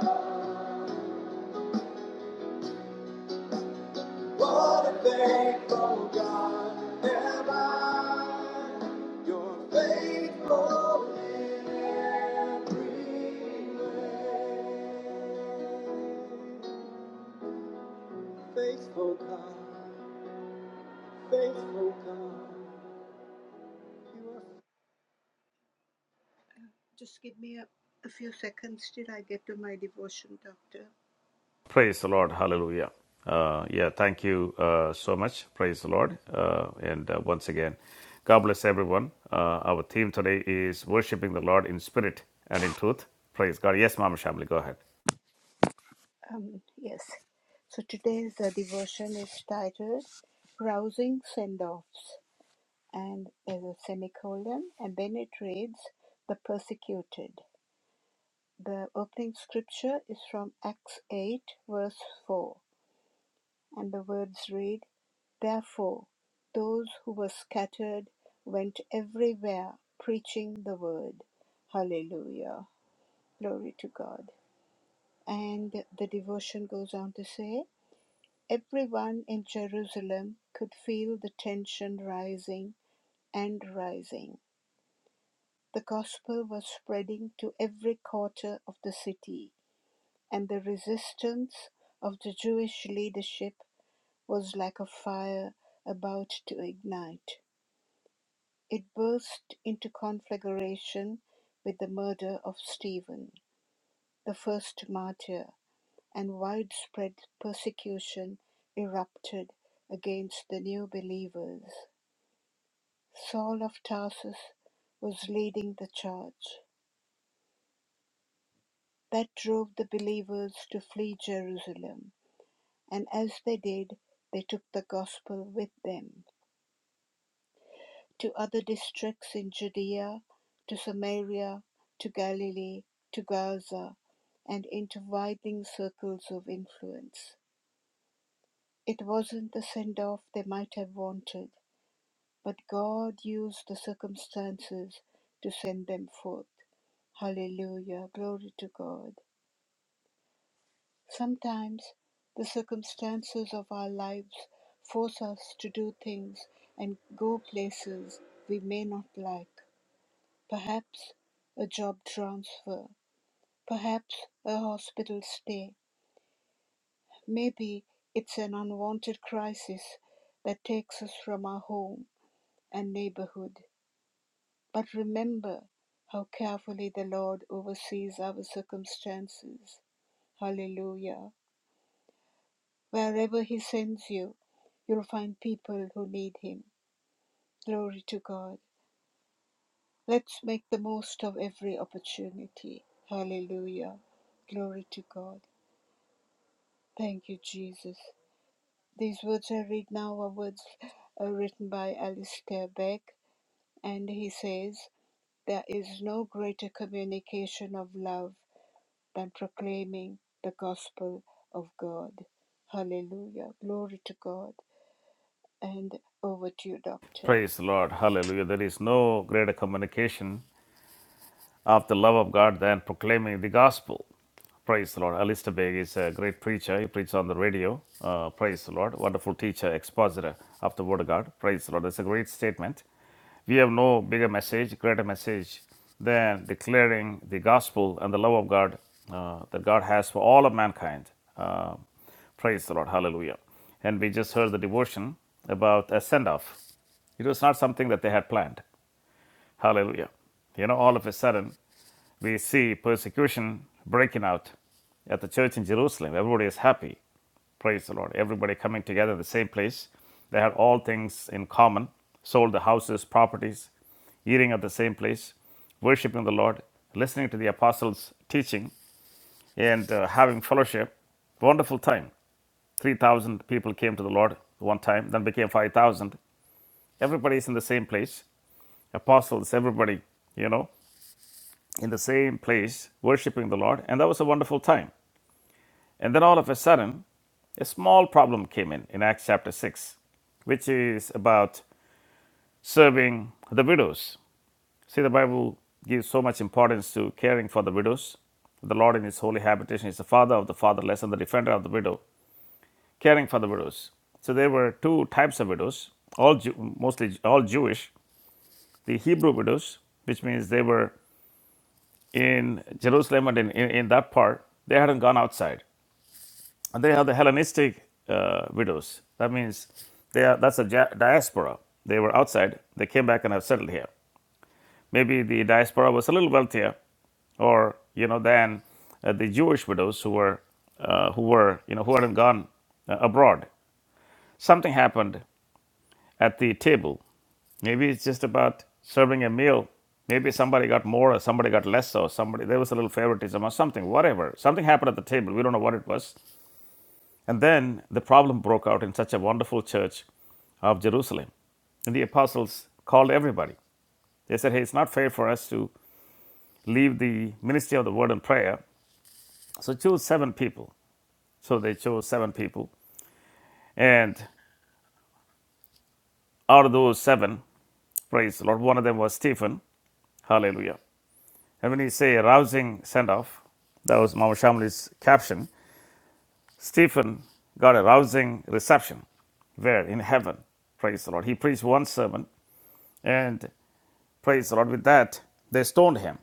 God. What a faithful God, am I! you're faithful in every way. Faithful God, faithful God, you are. Just give me a, a few seconds till I get to my devotion, Doctor. Praise the Lord. Hallelujah. Uh, yeah, thank you uh, so much. Praise the Lord. Uh, and uh, once again, God bless everyone. Uh, our theme today is worshiping the Lord in spirit and in truth. Praise God. Yes, Mama Shamli, go ahead. Um, yes. So today's uh, devotion is titled Rousing Send Offs. and there's a semicolon, and then it reads the persecuted. The opening scripture is from Acts 8, verse 4, and the words read, Therefore, those who were scattered went everywhere preaching the word. Hallelujah. Glory to God. And the devotion goes on to say, Everyone in Jerusalem could feel the tension rising and rising. The gospel was spreading to every quarter of the city, and the resistance of the Jewish leadership was like a fire about to ignite. It burst into conflagration with the murder of Stephen, the first martyr, and widespread persecution erupted against the new believers. Saul of Tarsus was leading the charge. That drove the believers to flee Jerusalem, and as they did, they took the gospel with them to other districts in Judea, to Samaria, to Galilee, to Gaza, and into widening circles of influence. It wasn't the send off they might have wanted, but God used the circumstances to send them forth. Hallelujah. Glory to God. Sometimes the circumstances of our lives force us to do things and go places we may not like. Perhaps a job transfer, perhaps a hospital stay. Maybe it's an unwanted crisis that takes us from our home and neighborhood. But remember how carefully the Lord oversees our circumstances. Hallelujah. Wherever He sends you, you'll find people who need Him. Glory to God. Let's make the most of every opportunity. Hallelujah. Glory to God. Thank you, Jesus. These words I read now are words uh, written by Alistair Beck, and he says, There is no greater communication of love than proclaiming the gospel of God. Hallelujah. Glory to God. And over to you, Doctor. Praise the Lord. Hallelujah. There is no greater communication of the love of God than proclaiming the gospel. Praise the Lord. Alistair Begg is a great preacher. He preaches on the radio. Uh, praise the Lord. Wonderful teacher, expositor of the Word of God. Praise the Lord. That's a great statement. We have no bigger message, greater message than declaring the gospel and the love of God uh, that God has for all of mankind. Uh, praise the Lord. Hallelujah. And we just heard the devotion about a send off. It was not something that they had planned. Hallelujah. You know, all of a sudden, we see persecution breaking out at the church in Jerusalem. Everybody is happy. Praise the Lord. Everybody coming together at the same place. They had all things in common, sold the houses, properties, eating at the same place, worshiping the Lord, listening to the apostles' teaching, and uh, having fellowship. Wonderful time. 3,000 people came to the Lord one time, then became 5,000. Everybody is in the same place. Apostles, everybody, you know in the same place worshiping the Lord, and that was a wonderful time. And then all of a sudden, a small problem came in in Acts chapter 6, which is about serving the widows. See, the Bible gives so much importance to caring for the widows. The Lord in His holy habitation is the father of the fatherless and the defender of the widow, caring for the widows. So there were two types of widows, all Jew, mostly all Jewish. The Hebrew widows, which means they were in Jerusalem and in, in, in that part, they hadn't gone outside. and they have the Hellenistic uh, widows. That means they are, that's a ja- diaspora. They were outside. They came back and have settled here. Maybe the diaspora was a little wealthier, or you know, than uh, the Jewish widows who were uh, who were you know who hadn't gone uh, abroad. Something happened at the table. Maybe it's just about serving a meal. Maybe somebody got more, or somebody got less, or somebody there was a little favoritism or something. Whatever, something happened at the table. We don't know what it was, and then the problem broke out in such a wonderful church of Jerusalem. And the apostles called everybody. They said, Hey, it's not fair for us to leave the ministry of the word and prayer. So choose seven people. So they chose seven people. And out of those seven, praise the Lord, one of them was Stephen. Hallelujah. And when you say a rousing send off, that was Mama Shamli's caption. Stephen got a rousing reception where in heaven praise the lord he preached one sermon and Praise the Lord. With that, they stoned him.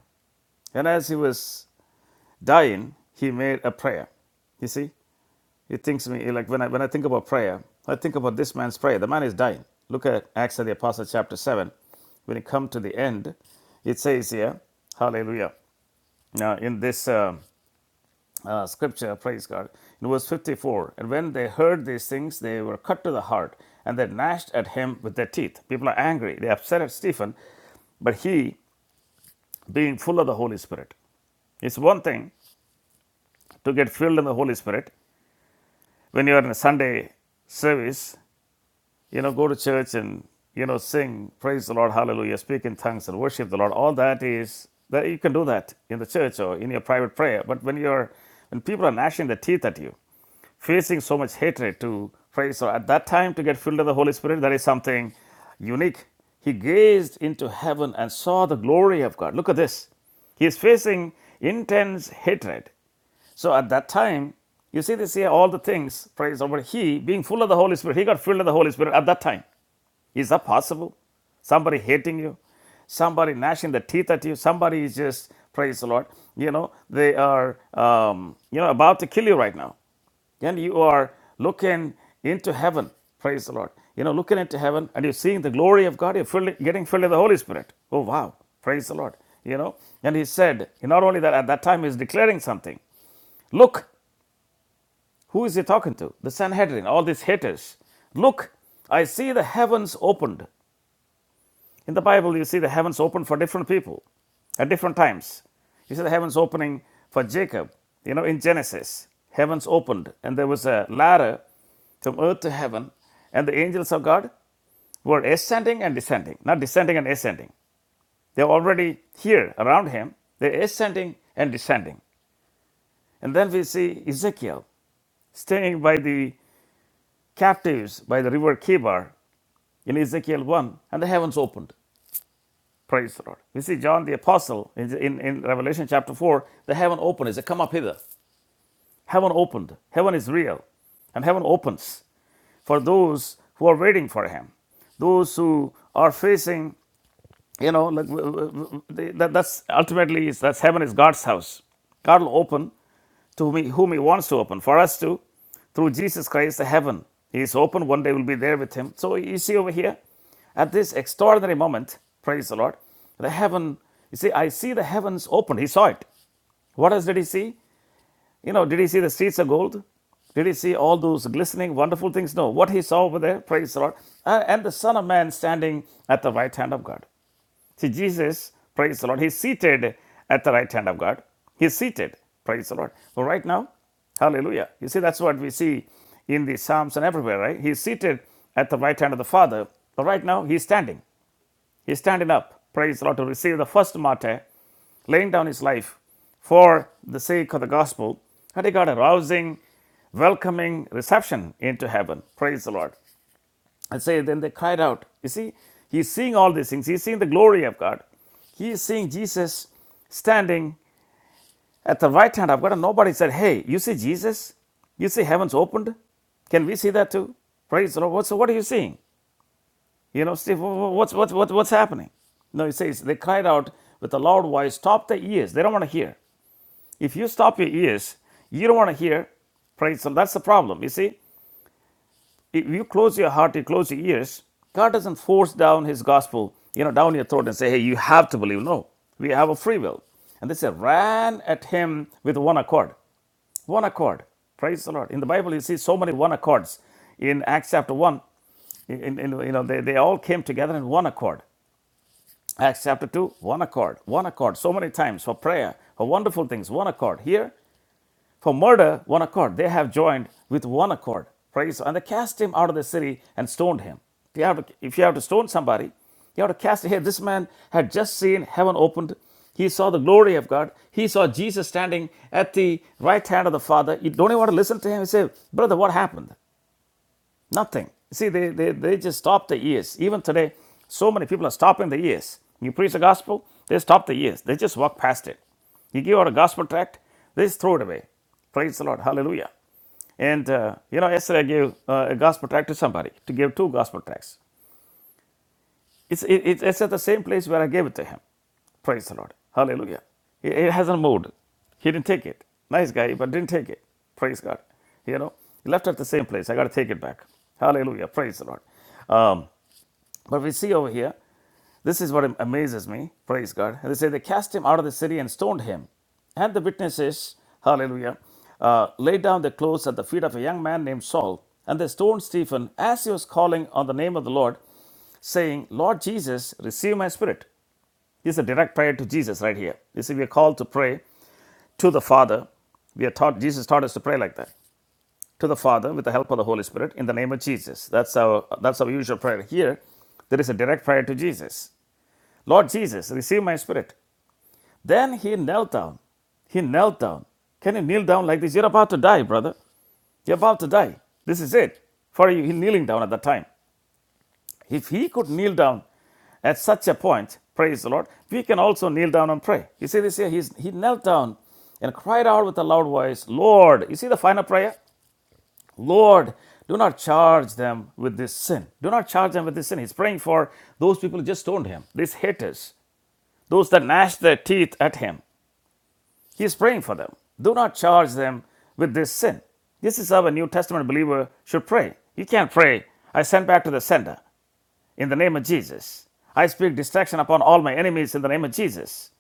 And as he was dying, he made a prayer. You see, it thinks me like when I when I think about prayer, I think about this man's prayer. The man is dying. Look at Acts of the Apostles, chapter seven. When you come to the end, it says here, Hallelujah. Now in this um uh, scripture, praise God, in verse fifty-four, and when they heard these things, they were cut to the heart, and they gnashed at him with their teeth. People are angry. They are upset at Stephen, but he, being full of the Holy Spirit, It's one thing to get filled in the Holy Spirit when you are in a Sunday service, you know, go to church and, you know, sing, praise the Lord, hallelujah, speak in tongues and worship the Lord. All that is, that you can do that in the church or in your private prayer. But when you're, when people are gnashing their teeth at you, facing so much hatred to praise or at that time to get filled with the Holy Spirit, that is something unique. He gazed into heaven and saw the glory of God. Look at this. He is facing intense hatred So at that time, you see this here, all the things, praise over he being full of the Holy Spirit, he got filled of the Holy Spirit at that time. Is that possible? Somebody hating you, somebody gnashing the teeth at you, somebody is just, praise the Lord, you know, they are, um, you know, about to kill you right now and you are looking into heaven praise the lord you know looking into heaven and you're seeing the glory of god you're filled, getting filled with the holy spirit oh wow praise the lord you know and he said not only that at that time he's declaring something look who is he talking to? The Sanhedrin, all these haters. Look, I see the heavens opened. In the Bible, you see the heavens opened for different people at different times. You see the heavens opening for Jacob, you know, in Genesis. Heavens opened, and there was a ladder from earth to heaven, and the angels of God were ascending and descending, not descending and ascending. They're already here around him, they're ascending and descending. And then we see Ezekiel staying by the captives by the river Kibar in Ezekiel 1, and the heavens opened. Praise the Lord. We see John the Apostle in, in, in Revelation chapter 4, the heaven opened. He said, Come up hither. Heaven opened. Heaven is real, and heaven opens for those who are waiting for Him, those who are facing, you know, like, that's ultimately that's heaven is God's house. God will open to me, whom He wants to open. For us to, through Jesus Christ, the heaven is open. One day we'll be there with Him. So you see over here, at this extraordinary moment, praise the Lord, the heaven, you see, I see the heavens open. He saw it. What else did He see? You know, did He see the streets of gold? Did He see all those glistening, wonderful things? No. What He saw over there, praise the Lord, uh, and the Son of Man standing at the right hand of God. See, Jesus, praise the Lord, He's seated at the right hand of God. He's seated, praise the Lord. So, right now, hallelujah. You see, that's what we see in the Psalms and everywhere, right? He's seated at the right hand of the Father, but right now, He's standing. He's standing up, praise the Lord, to receive the first martyr, laying down his life for the sake of the gospel. And he got a rousing welcoming reception into heaven. Praise the Lord. And say, then they cried out. You see, he's seeing all these things. He's seeing the glory of God. He is seeing Jesus standing at the right hand of God. And nobody said, Hey, you see Jesus? You see heavens opened? Can we see that too? Praise the Lord. So what are you seeing? You know, Steve, what's, what's, what's, what's happening? No, it says, they cried out with a loud voice, Stop the ears. They don't want to hear. If you stop your ears, you don't want to hear. Praise the Lord. That's the problem. You see, If you close your heart, you close your ears, God doesn't force down His gospel, you know, down your throat and say, hey, you have to believe. No, we have a free will. And they say, ran at him with one accord. One accord. Praise the Lord. In the Bible, you see so many one accords. In Acts chapter 1, in, in, you know, they, they all came together in one accord. Acts chapter 2, one accord, one accord, so many times for prayer, for wonderful things, one accord. Here, for murder, one accord. They have joined with one accord. Praise. And they cast him out of the city and stoned him. If you have to, if you have to stone somebody, you have to cast it. Hey, this man had just seen heaven opened. He saw the glory of God. He saw Jesus standing at the right hand of the Father. You don't even want to listen to him. You say, Brother, what happened? Nothing. See, they, they, they just stop the ears. Even today, so many people are stopping the ears. You preach the gospel, they stop the ears. They just walk past it. You give out a gospel tract, they just throw it away. Praise the Lord. Hallelujah. And, uh, you know, yesterday I gave uh, a gospel tract to somebody, to give two gospel tracts. It's, it, it's at the same place where I gave it to him. Praise the Lord. Hallelujah. It, it hasn't moved. He didn't take it. Nice guy, but didn't take it. Praise God. You know, he left it at the same place. I got to take it back. Hallelujah. Praise the Lord. Um, but we see over here, this is what am- amazes me. Praise God. And they say they cast him out of the city and stoned him. And the witnesses, hallelujah, uh, laid down their clothes at the feet of a young man named Saul. And they stoned Stephen as he was calling on the name of the Lord saying, Lord Jesus, receive my spirit. This is a direct prayer to Jesus right here. This will be a call to pray to the Father. We are taught Jesus taught us to pray like that. To the Father with the help of the Holy Spirit in the name of Jesus. That's our that's our usual prayer here. There is a direct prayer to Jesus. Lord Jesus, receive my spirit. Then he knelt down. He knelt down. Can you kneel down like this? You're about to die, brother. You're about to die. This is it. For you, he kneeling down at that time. If he could kneel down at such a point, praise the Lord, we can also kneel down and pray. You see this here? He's, he knelt down and cried out with a loud voice, Lord. You see the final prayer? Lord, do not charge them with this sin. Do not charge them with this sin. He's praying for those people who just stoned him, these haters, those that gnashed their teeth at him. He's praying for them. Do not charge them with this sin. This is how a New Testament believer should pray. You can't pray, I send back to the sender in the name of Jesus. I speak distraction upon all my enemies in the name of Jesus.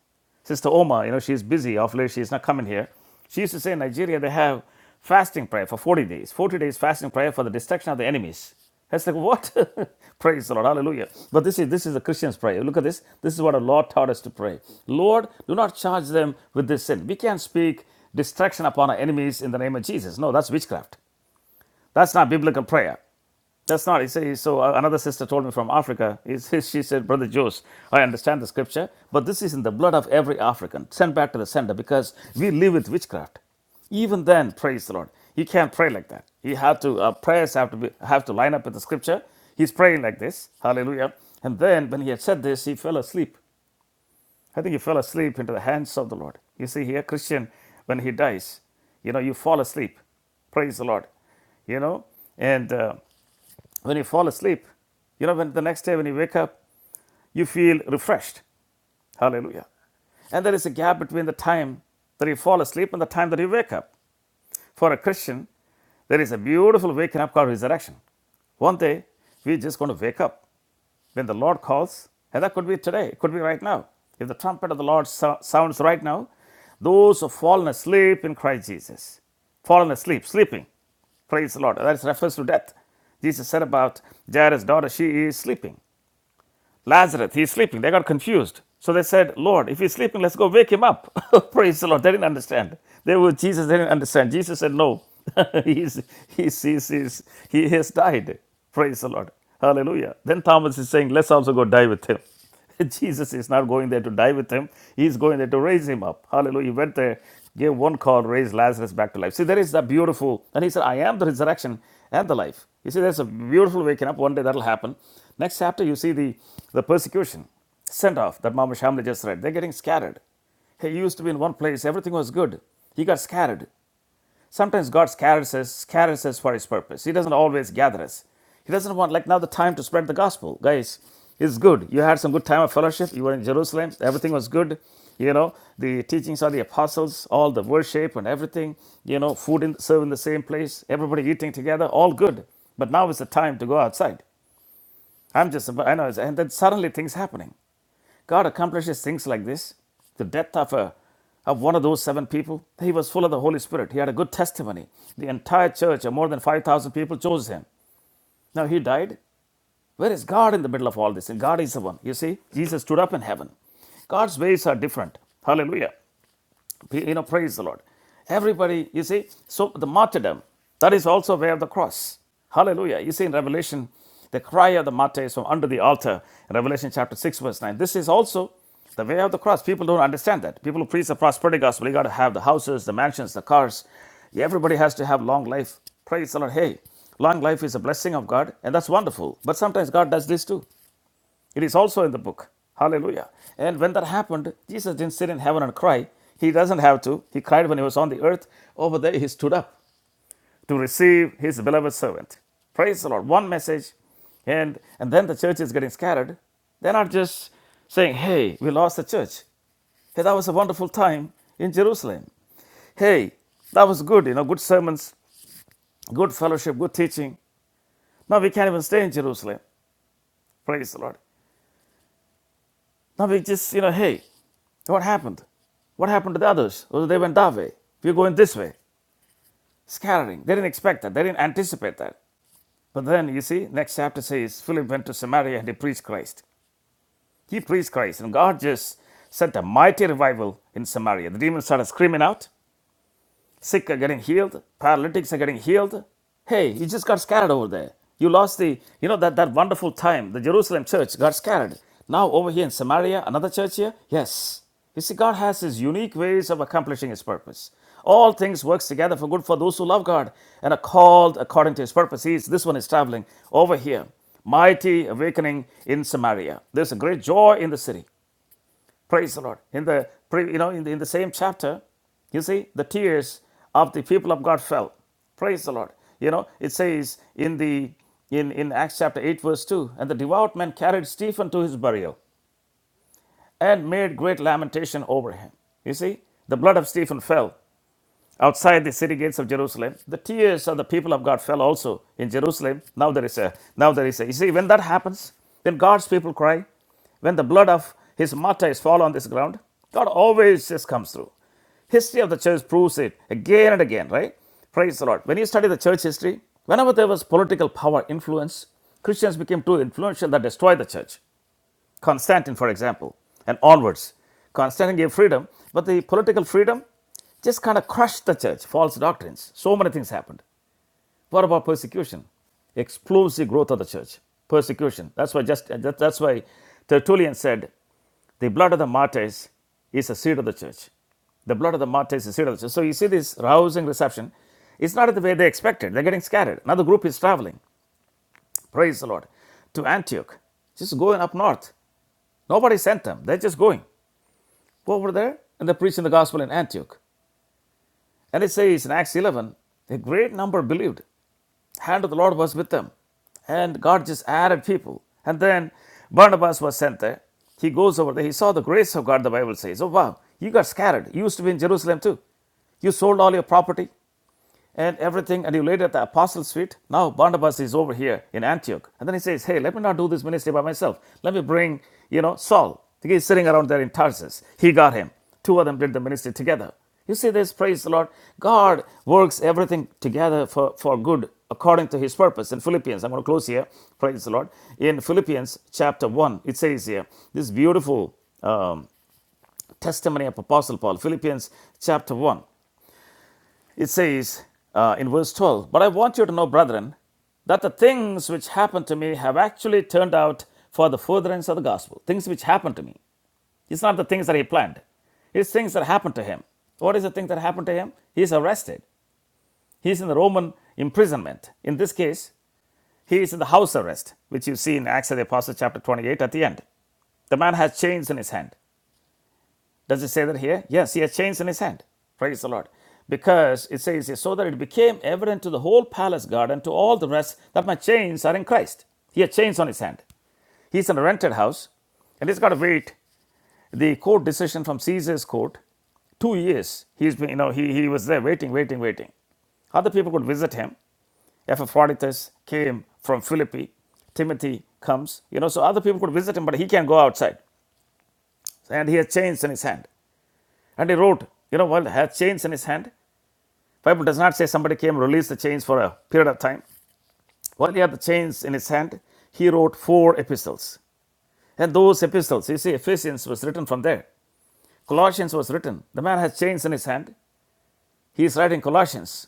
Sister Oma, you know, she's busy. Off late, she's not coming here. She used to say in Nigeria they have fasting prayer for 40 days, 40 days fasting prayer for the destruction of the enemies. That's like what? Praise the Lord, Hallelujah! But this is this is a Christian's prayer. Look at this. This is what our Lord taught us to pray. Lord, do not charge them with this sin. We can't speak distraction upon our enemies in the name of Jesus. No, that's witchcraft. That's not biblical prayer. That's not. He said, so uh, another sister told me from Africa. He she said, Brother Jose, I understand the scripture, but this is in the blood of every African. Send back to the sender because we live with witchcraft. Even then, praise the Lord. You can't pray like that. You have to uh, prayers have to be, have to line up with the scripture. He's praying like this. Hallelujah. And then when he had said this, he fell asleep. I think he fell asleep into the hands of the Lord. You see here, Christian, when he dies, you know, you fall asleep. Praise the Lord you know and uh, when you fall asleep, you know, when the next day when you wake up, you feel refreshed. Hallelujah. And there is a gap between the time that you fall asleep and the time that you wake up. For a Christian, there is a beautiful waking up called resurrection. One day, we're just going to wake up. When the Lord calls, and that could be today, it could be right now. If the trumpet of the Lord so- sounds right now, those who have fallen asleep in Christ Jesus, fallen asleep, sleeping, praise the Lord. That refers to death. Jesus said about Jairus' daughter, she is sleeping. Lazarus, he's sleeping. They got confused. So they said, Lord, if he's sleeping, let's go wake him up. Praise the Lord. They didn't understand. They were Jesus, they didn't understand. Jesus said, No. he's, he's, he's, he's, he has died. Praise the Lord. Hallelujah. Then Thomas is saying, Let's also go die with him. Jesus is not going there to die with him. He's going there to raise him up. Hallelujah. He went there, gave one call, raised Lazarus back to life. See, there is that beautiful. And he said, I am the resurrection and the life. You see, there's a beautiful waking up. One day that'll happen. Next chapter, you see the, the persecution sent off that Mama Shamla just read. They're getting scattered. He used to be in one place, everything was good. He got scattered. Sometimes God scatters us, scatters us for His purpose. He doesn't always gather us. He doesn't want, like now, the time to spread the gospel. Guys, it's good. You had some good time of fellowship. You were in Jerusalem. Everything was good. You know, the teachings of the apostles, all the worship and everything, you know, food in, served in the same place, everybody eating together, all good. But now is the time to go outside. I'm just, I know, it's- and then suddenly things happening. God accomplishes things like this. The death of a of one of those seven people, he was full of the Holy Spirit. He had a good testimony. The entire church, of more than 5,000 people, chose him. Now he died. Where is God in the middle of all this? And God is the one. You see, Jesus stood up in heaven. God's ways are different. Hallelujah. You know, praise the Lord. Everybody, you see, so the martyrdom, that is also way of the cross. Hallelujah. You see in Revelation, the cry of the martyrs from under the altar, Revelation chapter 6, verse 9. This is also the way of the cross. People don't understand that. People who preach the prosperity gospel, you got to have the houses, the mansions, the cars. Everybody has to have long life. Praise the Lord. Hey, long life is a blessing of God, and that's wonderful. But sometimes God does this too. It is also in the book. Hallelujah. And when that happened, Jesus didn't sit in heaven and cry. He doesn't have to. He cried when he was on the earth. Over there, he stood up to receive his beloved servant. Praise the Lord. One message. And, and then the church is getting scattered. They're not just saying, hey, we lost the church. Hey, that was a wonderful time in Jerusalem. Hey, that was good, you know, good sermons, good fellowship, good teaching. Now we can't even stay in Jerusalem. Praise the Lord. Now we just, you know, hey, What happened? What happened to the others? Well, they went that way. We're going this way. Scattering. They didn't expect that. They didn't anticipate that. But then, you see, next chapter says Philip went to Samaria and he preached Christ. He preached Christ. And God just sent a mighty revival in Samaria. The demons started screaming out. Sick are getting healed. Paralytics are getting healed. Hey, you just got scattered over there. You lost the, you know, that, that wonderful time. The Jerusalem church got scattered. Now over here in Samaria, another church here? Yes. You see, God has his unique ways of accomplishing his purpose. All things works together for good for those who love God and are called according to his purpose. He is, this one is traveling over here. Mighty awakening in Samaria. There's a great joy in the city. Praise the Lord. In the you know in the, in the same chapter, you see the tears of the people of God fell. Praise the Lord. You know it says in the in in Acts chapter eight verse two, and the devout men carried Stephen to his burial and made great lamentation over him. You see the blood of Stephen fell outside the city gates of Jerusalem. The tears of the people of God fell also in Jerusalem. Now there is a now there is a you see when that happens, then God's people cry. When the blood of his martyrs fall on this ground, God always just comes through. History of the church proves it again and again, right? Praise the Lord. When you study the church history, whenever there was political power influence, Christians became too influential that destroyed the church. Constantine, for example, and onwards. Constantine gave freedom, but the political freedom just kind of crushed the church, false doctrines. So many things happened. What about persecution? Explosive growth of the church, persecution. That's why just that, that's why Tertullian said the blood of the martyrs is a seed of the church. The blood of the martyrs is the seed of the church. So you see this rousing reception. It's not the way they expected. They're getting scattered. Another group is traveling. Praise the Lord to Antioch. Just going up north. Nobody sent them. They're just going. Go over there and they're preaching the gospel in Antioch. And it says in Acts 11, a great number believed. Hand of the Lord was with them. And God just added people. And then Barnabas was sent there. He goes over there. He saw the grace of God, the Bible says. Oh, wow. You got scattered. You used to be in Jerusalem too. You sold all your property and everything, and you laid at the apostles' feet. Now Barnabas is over here in Antioch. And then he says, Hey, let me not do this ministry by myself. Let me bring, you know, Saul. He's sitting around there in Tarsus. He got him. Two of them did the ministry together. You see this, praise the Lord. God works everything together for, for good according to his purpose. In Philippians, I'm going to close here, praise the Lord. In Philippians chapter 1, it says here, this beautiful um, testimony of Apostle Paul, Philippians chapter 1. It says uh, in verse 12, But I want you to know, brethren, that the things which happened to me have actually turned out for the furtherance of the gospel. Things which happened to me. It's not the things that he planned, it's things that happened to him. What is the thing that happened to him? He is arrested. He is in the Roman imprisonment. In this case, he is in the house arrest, which you see in Acts of the Apostles, chapter 28, at the end. The man has chains in his hand. Does it say that here? Yes, he has chains in his hand. Praise the Lord. Because it says here, so that it became evident to the whole palace guard and to all the rest that my chains are in Christ. He had chains on his hand. He's in a rented house and he's got to wait the court decision from Caesar's court. Two years. He's been, you know, he, he was there waiting, waiting, waiting. Other people could visit him. Epaphroditus came from Philippi. Timothy comes, you know, so other people could visit him, but he can't go outside. And he had chains in his hand. And he wrote, you know, while he had chains in his hand, Bible does not say somebody came and released the chains for a period of time. While he had the chains in his hand, he wrote four epistles. And those epistles, you see, Ephesians was written from there. Colossians was written. The man has chains in his hand. He is writing Colossians.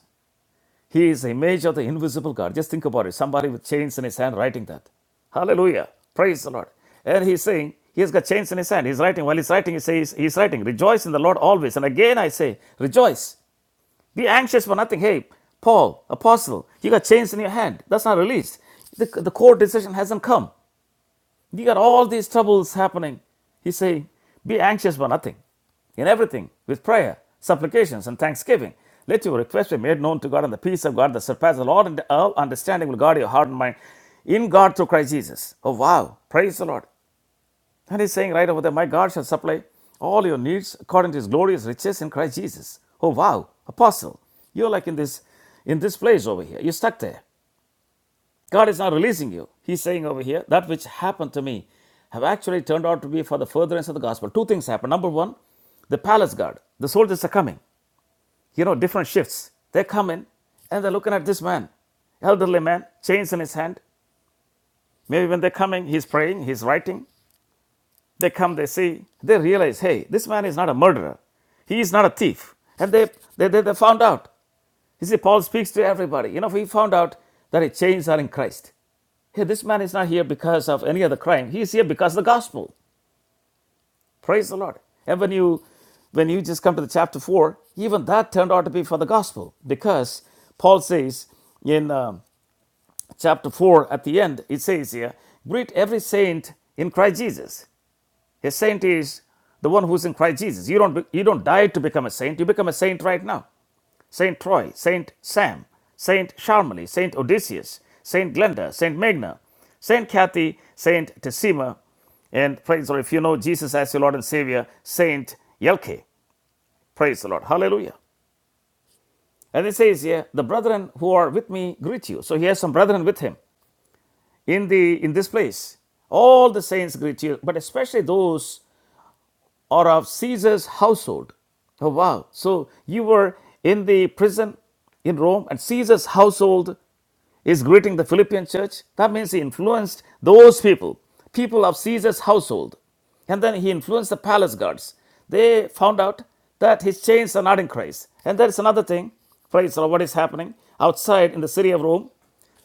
He is the image of the invisible God. Just think about it. Somebody with chains in his hand writing that. Hallelujah. Praise the Lord. And he's saying, he's got chains in his hand. He's writing. While he's writing, he says, he's writing, rejoice in the Lord always. And again I say, rejoice. Be anxious for nothing. Hey, Paul, apostle, you got chains in your hand. That's not released. The, the court decision hasn't come. You got all these troubles happening. He's saying, be anxious for nothing. In everything, with prayer, supplications, and thanksgiving, let your request be made known to God, and the peace of God that surpasses all, all understanding will guard your heart and mind in God through Christ Jesus. Oh, wow. Praise the Lord. And he's saying right over there, My God shall supply all your needs according to his glorious riches in Christ Jesus. Oh wow, apostle, you're like in this in this place over here. You're stuck there. God is not releasing you. He's saying over here, that which happened to me have actually turned out to be for the furtherance of the gospel. Two things happen. Number one, the palace guard, the soldiers are coming. You know, different shifts. They're coming and they're looking at this man elderly man, chains in his hand. Maybe when they're coming, he's praying, he's writing. They come, they see, they realize, hey, this man is not a murderer. He is not a thief. And they, they, they, they found out. You see, Paul speaks to everybody. You know, he found out that his chains are in Christ. Hey, this man is not here because of any other crime. He is here because of the gospel. Praise the Lord. And when you when you just come to the chapter 4, even that turned out to be for the gospel because Paul says in um, chapter 4 at the end, it says here, greet every saint in Christ Jesus. A saint is the one who's in Christ Jesus. You don't, you don't die to become a saint. You become a saint right now. Saint Troy, Saint Sam, Saint Charmely, Saint Odysseus, Saint Glenda, Saint Magna, Saint Kathy, Saint Tessima, and praise the Lord. If you know Jesus as your Lord and Savior, Saint Yelke. Praise the Lord. Hallelujah. And it says here, the brethren who are with me greet you. So he has some brethren with him in the in this place. All the saints greet you, but especially those or of Caesar's household. Oh, wow. So you were in the prison in Rome, and Caesar's household is greeting the Philippian church. That means he influenced those people, people of Caesar's household. And then he influenced the palace guards. They found out that his chains are not in Christ. And there is another thing, praise the Lord, what is happening outside in the city of Rome.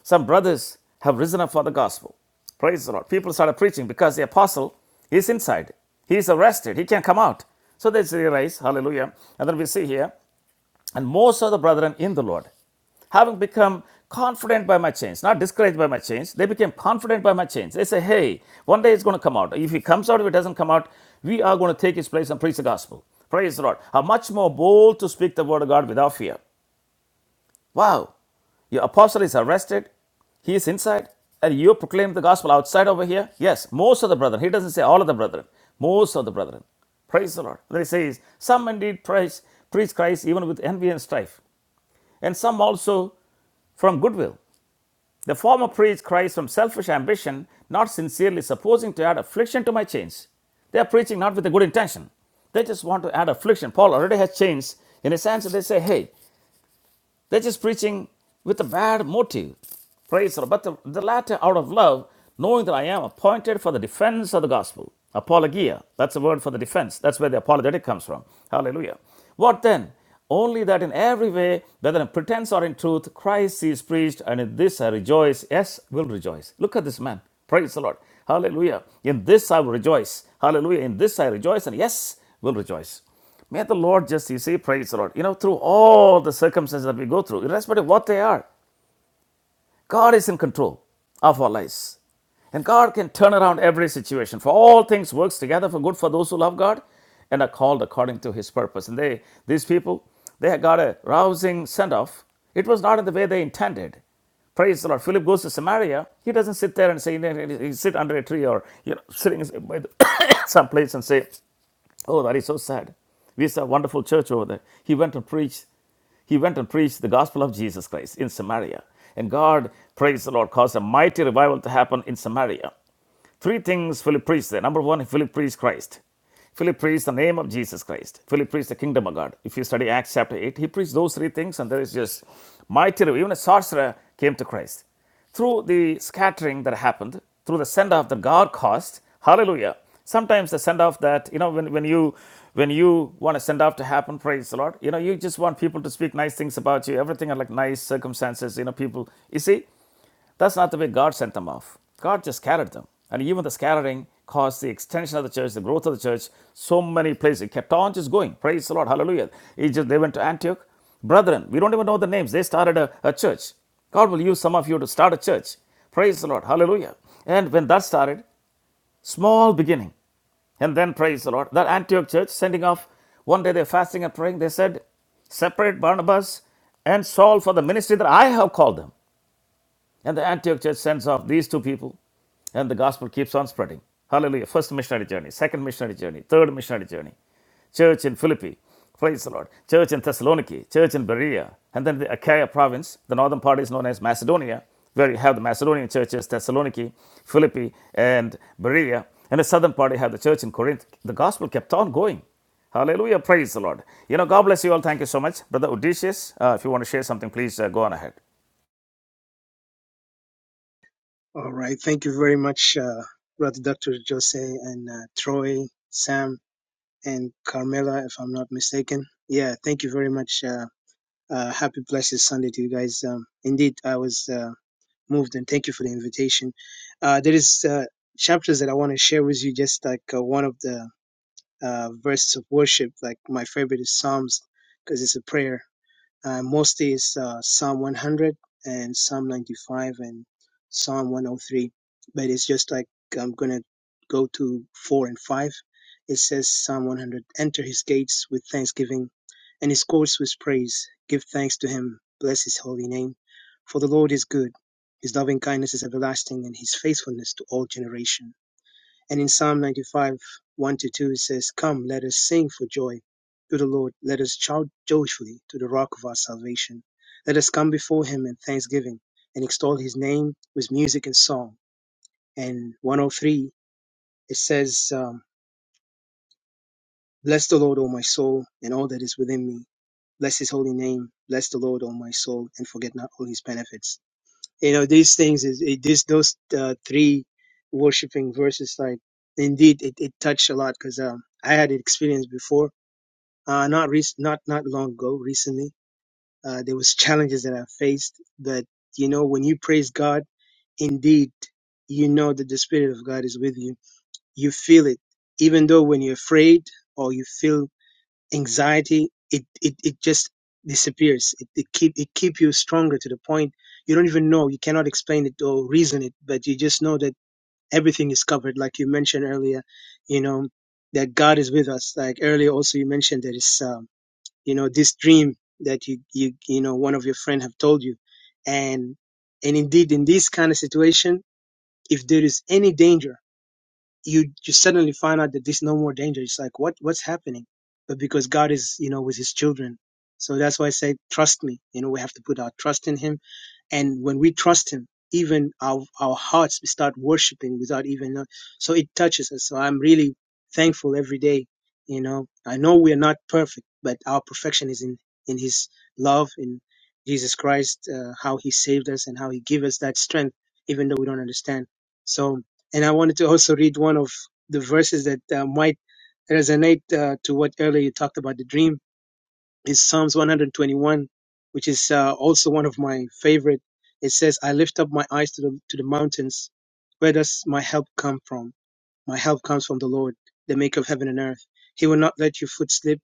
Some brothers have risen up for the gospel. Praise the Lord. People started preaching because the apostle is inside. He is arrested. He can't come out. So they say, rise, hallelujah. And then we see here, and most of the brethren in the Lord having become confident by my change, not discouraged by my change. They became confident by my change. They say, hey, one day it's going to come out. If it comes out, if it doesn't come out, we are going to take its place and preach the gospel. Praise the Lord. Are much more bold to speak the word of God without fear. Wow. Your apostle is arrested. He is inside. And you proclaim the gospel outside over here? Yes, most of the brethren. He doesn't say all of the brethren. Most of the brethren. Praise the Lord. Then he says, Some indeed praise, preach Christ even with envy and strife, and some also from goodwill. The former preach Christ from selfish ambition, not sincerely supposing to add affliction to my chains. They are preaching not with a good intention. They just want to add affliction. Paul already has chains in his hands, and they say, Hey, they're just preaching with a bad motive. Praise the Lord. But the, the latter out of love, knowing that I am appointed for the defense of the gospel. Apologia. That's the word for the defense. That's where the apologetic comes from. Hallelujah. What then? Only that in every way, whether in pretense or in truth, Christ is preached, and in this I rejoice. Yes, will rejoice. Look at this man. Praise the Lord. Hallelujah. In this I will rejoice. Hallelujah. In this I rejoice, and yes, will rejoice. May the Lord just, you see, praise the Lord. You know, through all the circumstances that we go through, irrespective of what they are, God is in control of our lives. And God can turn around every situation. For all things works together for good for those who love God and are called according to his purpose. And they, these people, they had got a rousing send-off. It was not in the way they intended. Praise the Lord. Philip goes to Samaria. He doesn't sit there and say, he sit under a tree or you know, sitting by the, some place and say, Oh, that is so sad. We saw a wonderful church over there. He went and preached. He went and preached the gospel of Jesus Christ in Samaria, and God, praise the Lord, caused a mighty revival to happen in Samaria. Three things Philip preached there. Number one, Philip preached Christ. Philip preached the name of Jesus Christ. Philip preached the kingdom of God. If you study Acts chapter 8, he preached those three things, and there is just mighty, even a sorcerer came to Christ. Through the scattering that happened, through the send off that God caused, hallelujah. Sometimes the send off that, you know, when, when you when you want a send off to happen, praise the Lord, you know, you just want people to speak nice things about you, everything are like nice circumstances, you know, people. You see, that's not the way God sent them off. God just scattered them. And even the scattering caused the extension of the church, the growth of the church, so many places. It kept on just going. Praise the Lord. Hallelujah. It just, they went to Antioch. Brethren, we don't even know the names. They started a, a church. God will use some of you to start a church. Praise the Lord. Hallelujah. And when that started, small beginning. And then, praise the Lord, that Antioch church sending off, one day they're fasting and praying. They said, Separate Barnabas and Saul for the ministry that I have called them. And the Antioch church sends off these two people, and the gospel keeps on spreading. Hallelujah. First missionary journey, second missionary journey, third missionary journey. Church in Philippi, praise the Lord. Church in Thessaloniki, church in Berea, and then the Achaia province. The northern part is known as Macedonia, where you have the Macedonian churches, Thessaloniki, Philippi, and Berea. And the southern part, you have the church in Corinth. The gospel kept on going. Hallelujah. Praise the Lord. You know, God bless you all. Thank you so much. Brother Odysseus, uh, if you want to share something, please uh, go on ahead. All right. Thank you very much, uh, Brother Dr. Jose and uh, Troy, Sam, and Carmela, if I'm not mistaken. Yeah, thank you very much. Uh, uh, happy, blessed Sunday to you guys. Um, indeed, I was uh, moved, and thank you for the invitation. Uh, there is uh, chapters that I want to share with you, just like uh, one of the uh, verses of worship. Like my favorite is Psalms, because it's a prayer uh, mostly it's uh, Psalm 100 and Psalm 95 and Psalm 103. But it's just like I'm going to go to 4 and 5. It says, Psalm 100 Enter his gates with thanksgiving and his courts with praise. Give thanks to him. Bless his holy name. For the Lord is good. His loving kindness is everlasting and his faithfulness to all generations. And in Psalm 95, 1 to 2, it says, Come, let us sing for joy to the Lord. Let us shout joyfully to the rock of our salvation. Let us come before him in thanksgiving and extol his name with music and song. And 103, it says, um, Bless the Lord, O my soul, and all that is within me. Bless his holy name. Bless the Lord, O my soul, and forget not all his benefits you know these things is it, this those uh, three worshiping verses like indeed it, it touched a lot because um, I had experience before uh, not rec- not not long ago recently uh, there was challenges that I faced but you know when you praise God indeed you know that the spirit of God is with you you feel it even though when you're afraid or you feel anxiety it it, it just disappears it, it keep it keep you stronger to the point you don't even know you cannot explain it or reason it but you just know that everything is covered like you mentioned earlier you know that god is with us like earlier also you mentioned that it's um, you know this dream that you you you know one of your friend have told you and and indeed in this kind of situation if there is any danger you just suddenly find out that there's no more danger. It's like what what's happening? But because God is, you know, with his children. So that's why I say trust me. You know, we have to put our trust in him and when we trust Him, even our, our hearts, we start worshiping without even know. So it touches us. So I'm really thankful every day. You know, I know we are not perfect, but our perfection is in, in His love, in Jesus Christ, uh, how He saved us and how He gave us that strength, even though we don't understand. So, and I wanted to also read one of the verses that uh, might resonate uh, to what earlier you talked about the dream is Psalms 121, which is uh, also one of my favorite. It says, I lift up my eyes to the, to the mountains. Where does my help come from? My help comes from the Lord, the maker of heaven and earth. He will not let your foot slip.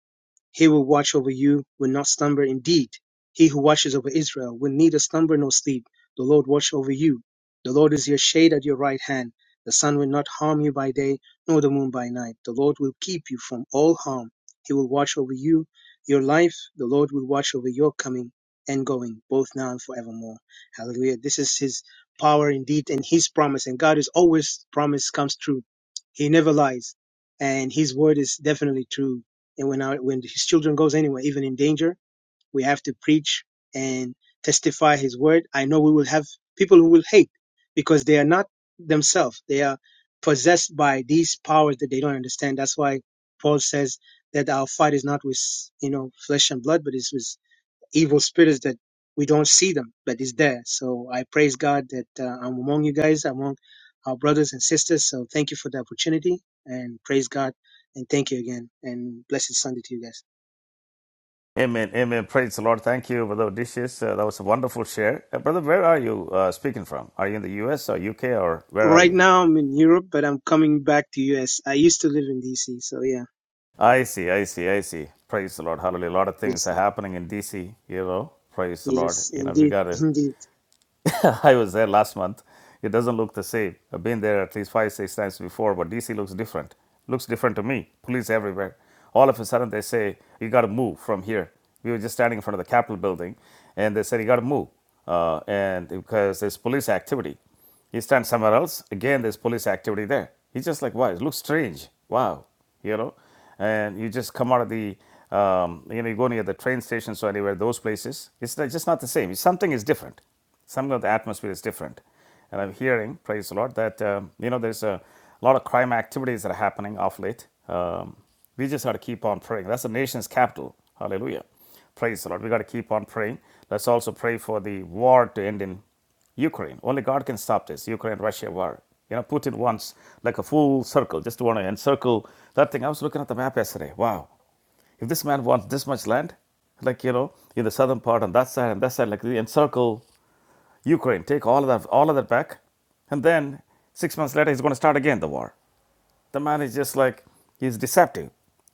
He will watch over you, will not slumber. Indeed, he who watches over Israel will neither slumber nor sleep. The Lord watch over you. The Lord is your shade at your right hand. The sun will not harm you by day, nor the moon by night. The Lord will keep you from all harm. He will watch over you, your life. The Lord will watch over your coming and going, both now and forevermore. Hallelujah. This is his power indeed and his promise. And God is always promise comes true. He never lies. And his word is definitely true and when our when his children goes anywhere even in danger we have to preach and testify his word i know we will have people who will hate because they are not themselves they are possessed by these powers that they don't understand that's why paul says that our fight is not with you know flesh and blood but it's with evil spirits that we don't see them, but it's there. So I praise God that uh, I'm among you guys, among our brothers and sisters. So thank you for the opportunity and praise God and thank you again and blessed Sunday to you guys. Amen, amen. Praise the Lord. Thank you, Brother Odysseus. Uh, that was a wonderful share. Uh, brother, where are you uh, speaking from? Are you in the US or UK or where are Right you? now I'm in Europe, but I'm coming back to US. I used to live in DC. So yeah, I see, I see, I see. Praise the Lord. Hallelujah. A lot of things are listen. happening in DC, you know. Praise the Lord. Yes, You know, we indeed. got to Indeed. I was there last month. It doesn't look the same. I've been there at least five, six times before, but DC looks different. Looks different to me. Police everywhere. All of a sudden, they say, You got to move from here. We were just standing in front of the Capitol building, and they said, You got to move. Uh, and because there's police activity. you stand somewhere else. Again, there's police activity there. He's just like, wow, it looks strange. Wow, you know. And you just come out of the, um, you know, you go near the train stations or anywhere, those places. It's just not the same. Something is different. Some of the atmosphere is different. And I'm hearing, praise the Lord, that, um, you know, there's a lot of crime activities that are happening off late. Um, we just got to keep on praying. That's the nation's capital. Hallelujah. Praise the Lord. We got to keep on praying. Let's also pray for the war to end in Ukraine. Only God can stop this Ukraine Russia war. You know, Putin wants like a full circle, just to want to encircle that thing. I was looking at the map yesterday. Wow. If this man wants this much land, like, you know, in the southern part on that side and that side, like the encircle Ukraine, take all of that, all of that back, and then six months later he's going to start again the war. The man is just like he's deceptive,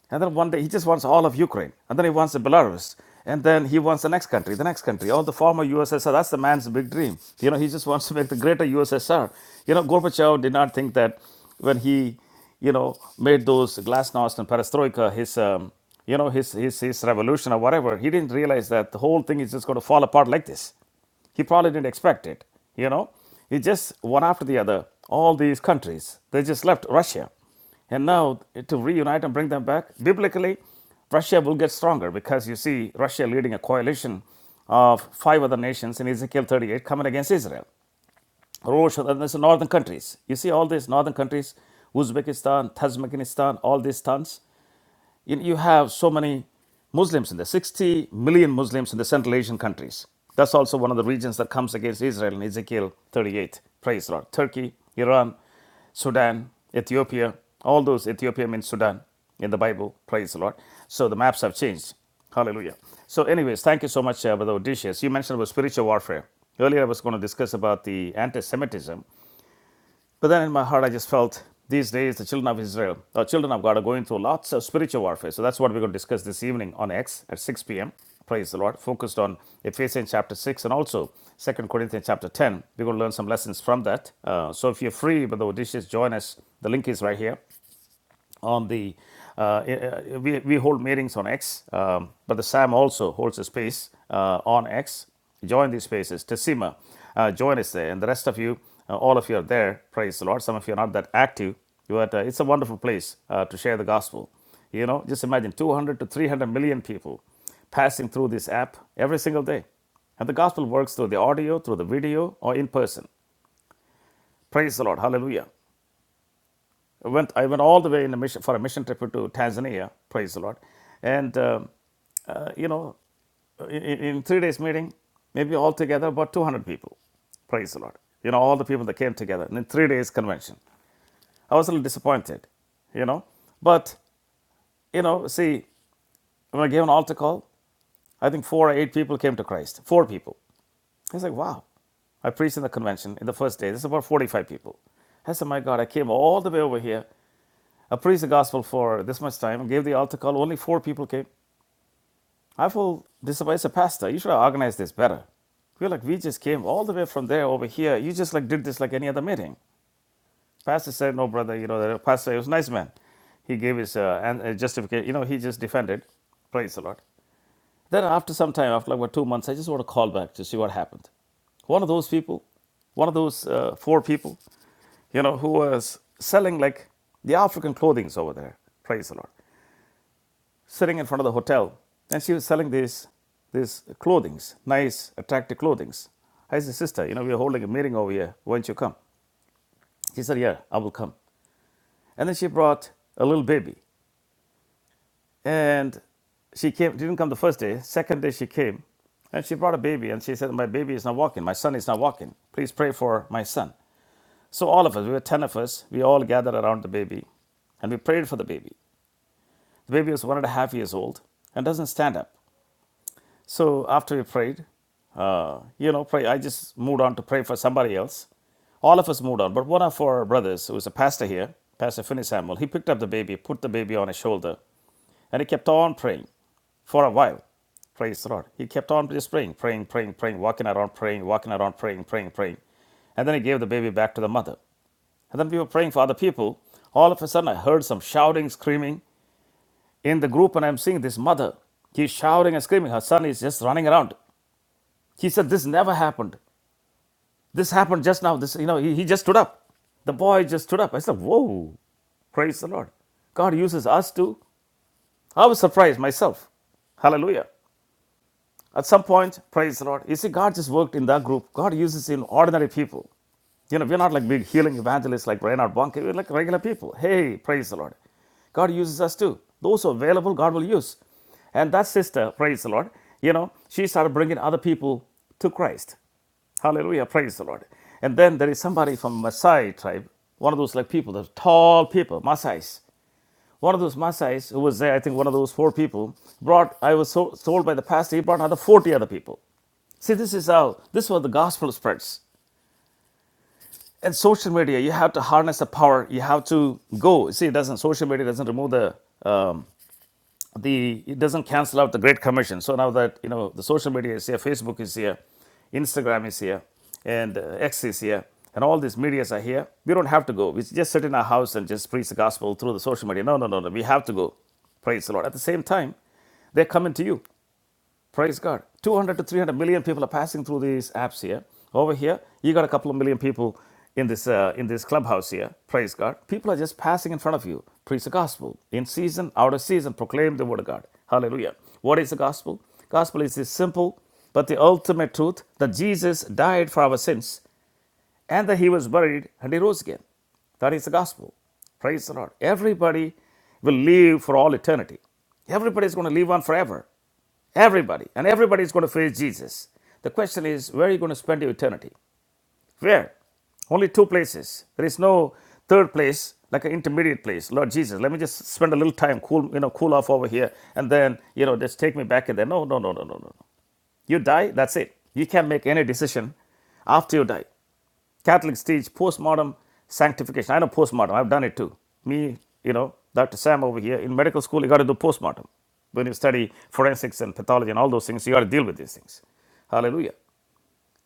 and then one day he just wants all of Ukraine, and then he wants the Belarus, and then he wants the next country, the next country, all the former USSR. That's the man's big dream. You know, he just wants to make the greater USSR. You know, Gorbachev did not think that when he you know, made those glasnost and perestroika his, um, you know, his, his, his revolution or whatever, he didn't realize that the whole thing is just going to fall apart like this. He probably didn't expect it. You know, he just one after the other, all these countries, they just left Russia. And now to reunite and bring them back, biblically, Russia will get stronger because you see Russia leading a coalition of five other nations in Ezekiel 38 coming against Israel. Rosh, and that's the northern countries. You see all these northern countries, Uzbekistan, Tajikistan, all these tons you, you have so many Muslims in there, 60 million Muslims in the Central Asian countries. That's also one of the regions that comes against Israel in Ezekiel 38. Praise the Lord. Turkey, Iran, Sudan, Ethiopia, all those Ethiopia means Sudan in the Bible. Praise the Lord. So the maps have changed. Hallelujah. So, anyways, thank you so much, uh, Brother Odysseus. You mentioned about spiritual warfare. Earlier, I was going to discuss about the anti Semitism but then in my heart, I just felt these days the children of Israel, or children of God, are going through lots of spiritual warfare. So that's what we're going to discuss this evening on X at 6 p.m. Praise the Lord. Focused on Ephesians chapter 6 and also Second Corinthians chapter 10. We're going to learn some lessons from that. Uh, so if you're free, but the dishes, join us. The link is right here on the uh, uh, uh, we, we hold meetings on X, um, but the SAM also holds a space uh, on X. Join these spaces. Tessima, uh, join us there, and the rest of you, uh, all of you are there. Praise the Lord. Some of you are not that active, but uh, it's a wonderful place uh, to share the gospel. You know, just imagine 200 to 300 million people passing through this app every single day, and the gospel works through the audio, through the video, or in person. Praise the Lord. Hallelujah. I went, I went all the way in a mission, for a mission trip to Tanzania, praise the Lord. And, um, uh, you know, in, in three days meeting, maybe altogether about 200 people, praise the Lord. You know, all the people that came together in three days convention. I was a little disappointed, you know. But, you know, see, when I gave an altar call, I think four or eight people came to Christ, four people. I was like, wow. I preached in the convention in the first day. This is about 45 people. I said, my God, I came all the way over here I preached the gospel for this much time, gave the altar call, only four people came. I feel disappointed. I said, Pastor, you should have organized this better. We're like, we just came all the way from there over here. You just like did this like any other meeting. Pastor said, no, brother, you know, the pastor, he was a nice man. He gave his uh, and, uh, justification. You know, he just defended. Praise the Lord. Then after some time, after like what, two months, I just want to call back to see what happened. One of those people, one of those uh, four people, you know, who was selling like the African clothings over there. Praise the Lord. sitting in front of the hotel, and she was selling these these clothings, nice, attractive clothings. I said, sister, you know, we're holding a meeting over here. Why don't you come? She said, yeah, I will come. And then she brought a little baby, and she came. Didn't come the first day. Second day she came, and she brought a baby, and she said, my baby is not walking. My son is not walking. Please pray for my son. So all of us, we were ten of us, we all gathered around the baby, and we prayed for the baby. The baby was one and a half years old and doesn't stand up. So after we prayed, uh, you know, pray. I just moved on to pray for somebody else. All of us moved on, but one of our brothers, who was a pastor here, Pastor Finney Samuel, he picked up the baby, put the baby on his shoulder, and he kept on praying for a while. Praise the Lord. He kept on just praying, praying, praying, praying, walking around, praying, walking around, praying, praying, praying. And then he gave the baby back to the mother. And then we were praying for other people. All of a sudden, I heard some shouting, screaming in the group, and I'm seeing this mother. She's shouting and screaming. Her son is just running around. He said, This never happened. This happened just now. This, you know, he, he just stood up. The boy just stood up. I said, Whoa, praise the Lord. God uses us too. I was surprised myself. Hallelujah. At some point, praise the Lord. You see, God just worked in that group. God uses in ordinary people. You know, we're not like big healing evangelists like Reinhard Bonnke. We're like regular people. Hey, praise the Lord. God uses us too. Those who are available, God will use. And that sister, praise the Lord, you know, she started bringing other people to Christ. Hallelujah. Praise the Lord. And then there is somebody from Maasai tribe, one of those like people, those tall people, Maasais. One of those Maasais who was there, I think one of those four people, brought, I was so, told by the pastor, he brought another 40 other people. See, this is how, this is how the gospel spreads. And social media, you have to harness the power. You have to go. See, it doesn't, social media doesn't remove the the it doesn't cancel out the great commission so now that you know the social media is here facebook is here instagram is here and uh, x is here and all these medias are here we don't have to go we just sit in our house and just preach the gospel through the social media no no no no we have to go praise the lord at the same time they're coming to you Praise God. 200 to 300 million people are passing through these apps here. Over here, you got a couple of million people in this uh, in this clubhouse here. Praise God. People are just passing in front of you. Preach the gospel. In season, out of season, proclaim the word of God. Hallelujah. What is the gospel? Gospel is this simple, but the ultimate truth that Jesus died for our sins and then he was buried and he rose again. That is the gospel. Praise the Lord. Everybody will live for all eternity. Everybody is going to live on forever. Everybody. And everybody is going to face Jesus. The question is, where are you going to spend your eternity? Where? Only two places. There is no third place, like an intermediate place. Lord Jesus, let me just spend a little time, cool, you know, cool off over here, and then, you know, just take me back in there. No, no, no, no, no, no. You die, that's it. You can't make any decision after you die. Catholics teach postmodern sanctification. I know postmodern. I've done it too. Me, you know, Dr. Sam over here in medical school, you got to do postmodern. When you study forensics and pathology and all those things, you got to deal with these things. Hallelujah.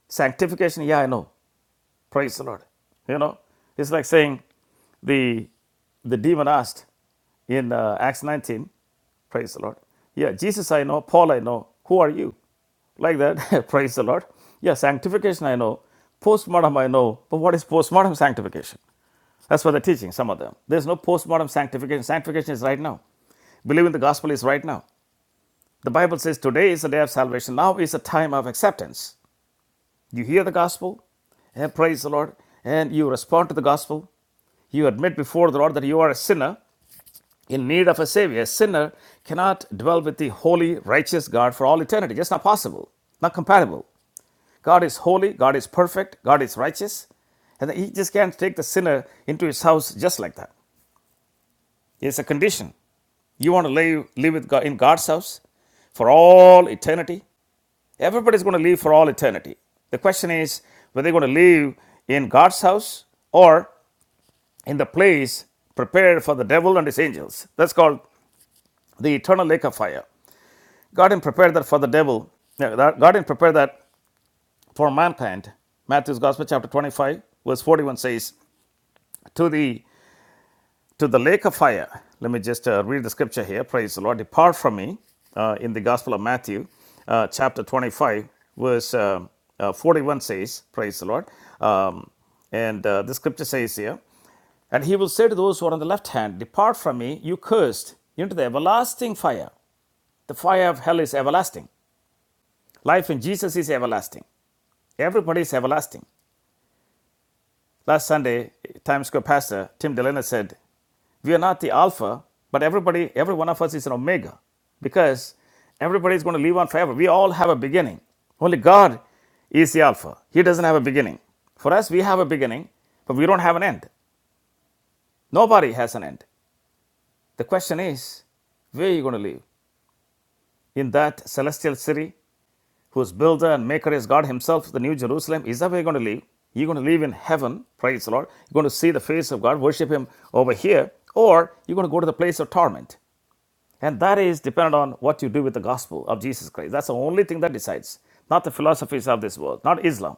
Sanctification, yeah, I know. Praise the Lord. You know, it's like saying the the demon asked in uh, Acts 19, praise the Lord. Yeah, Jesus I know, Paul I know. Who are you? Like that, praise the Lord. Yeah, sanctification I know, postmodern I know. But what is postmodern sanctification? That's what they're teaching, some of them. There's no postmodern sanctification. Sanctification is right now. Believing the gospel is right now. The Bible says today is the day of salvation. Now is the time of acceptance. You hear the gospel, and praise the Lord, and you respond to the gospel. You admit before the Lord that you are a sinner in need of a Savior. A sinner cannot dwell with the holy, righteous God for all eternity. Just not possible, not compatible. God is holy, God is perfect, God is righteous, and He just can't take the sinner into His house just like that. It's a condition. You want to live, live with God, in God's house for all eternity? Everybody's going to live for all eternity. The question is whether they're going to live in God's house or in the place prepared for the devil and his angels. That's called the eternal lake of fire. God didn't prepare that for the devil. No, God didn't prepare that for mankind. Matthew's Gospel, chapter 25, verse 41 says, To the to the lake of fire. Let me just uh, read the scripture here. Praise the Lord. Depart from me uh, in the Gospel of Matthew, uh, chapter 25, verse uh, uh, 41 says, Praise the Lord. Um, and uh, the scripture says here, and he will say to those who are on the left hand, Depart from me, you cursed, into the everlasting fire. The fire of hell is everlasting. Life in Jesus is everlasting. Everybody is everlasting. Last Sunday, Times Square pastor Tim Delena said, We are not the Alpha, but everybody, every one of us is an Omega because everybody is going to live on forever. We all have a beginning. Only God is the Alpha. He doesn't have a beginning. For us, we have a beginning, but we don't have an end. Nobody has an end. The question is, where are you going to live? In that celestial city, whose builder and maker is God Himself, the New Jerusalem, is that where you're going to live? You're going to live in heaven, praise the Lord. You're going to see the face of God, worship Him over here, or you're going to go to the place of torment. And that is dependent on what you do with the gospel of Jesus Christ. That's the only thing that decides, not the philosophies of this world, not Islam.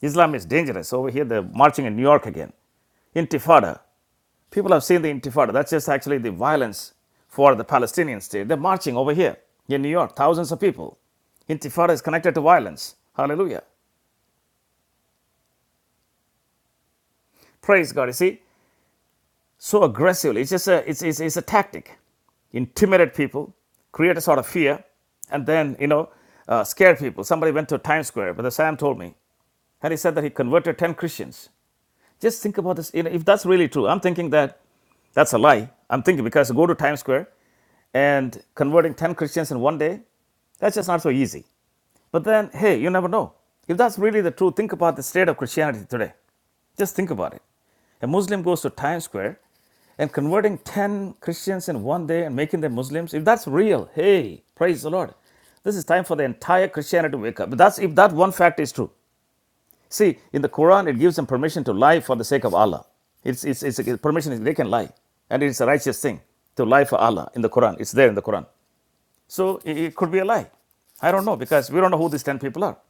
Islam is dangerous. Over here, they're marching in New York again. Intifada. People have seen the Intifada. That's just actually the violence for the Palestinian state. They're marching over here in New York, thousands of people. Intifada is connected to violence. Hallelujah. Praise God. You see, so aggressively. It's just a, it's, it's, it's a tactic. Intimidate people, create a sort of fear, and then, you know, uh, scare people. Somebody went to Times Square, Brother Sam told me, and he said that he converted 10 Christians. Just think about this. You know, if that's really true, I'm thinking that that's a lie. I'm thinking because I go to Times Square and converting 10 Christians in one day, that's just not so easy. But then, hey, you never know. If that's really the truth, think about the state of Christianity today. Just think about it. A Muslim goes to Times Square and converting 10 Christians in one day and making them Muslims, if that's real, hey, praise the Lord. This is time for the entire Christianity to wake up. But that's if that one fact is true. See, in the Quran, it gives them permission to lie for the sake of Allah. It's, it's, it's a permission, they can lie. And it's a righteous thing to lie for Allah in the Quran. It's there in the Quran. So it could be a lie. I don't know because we don't know who these 10 people are.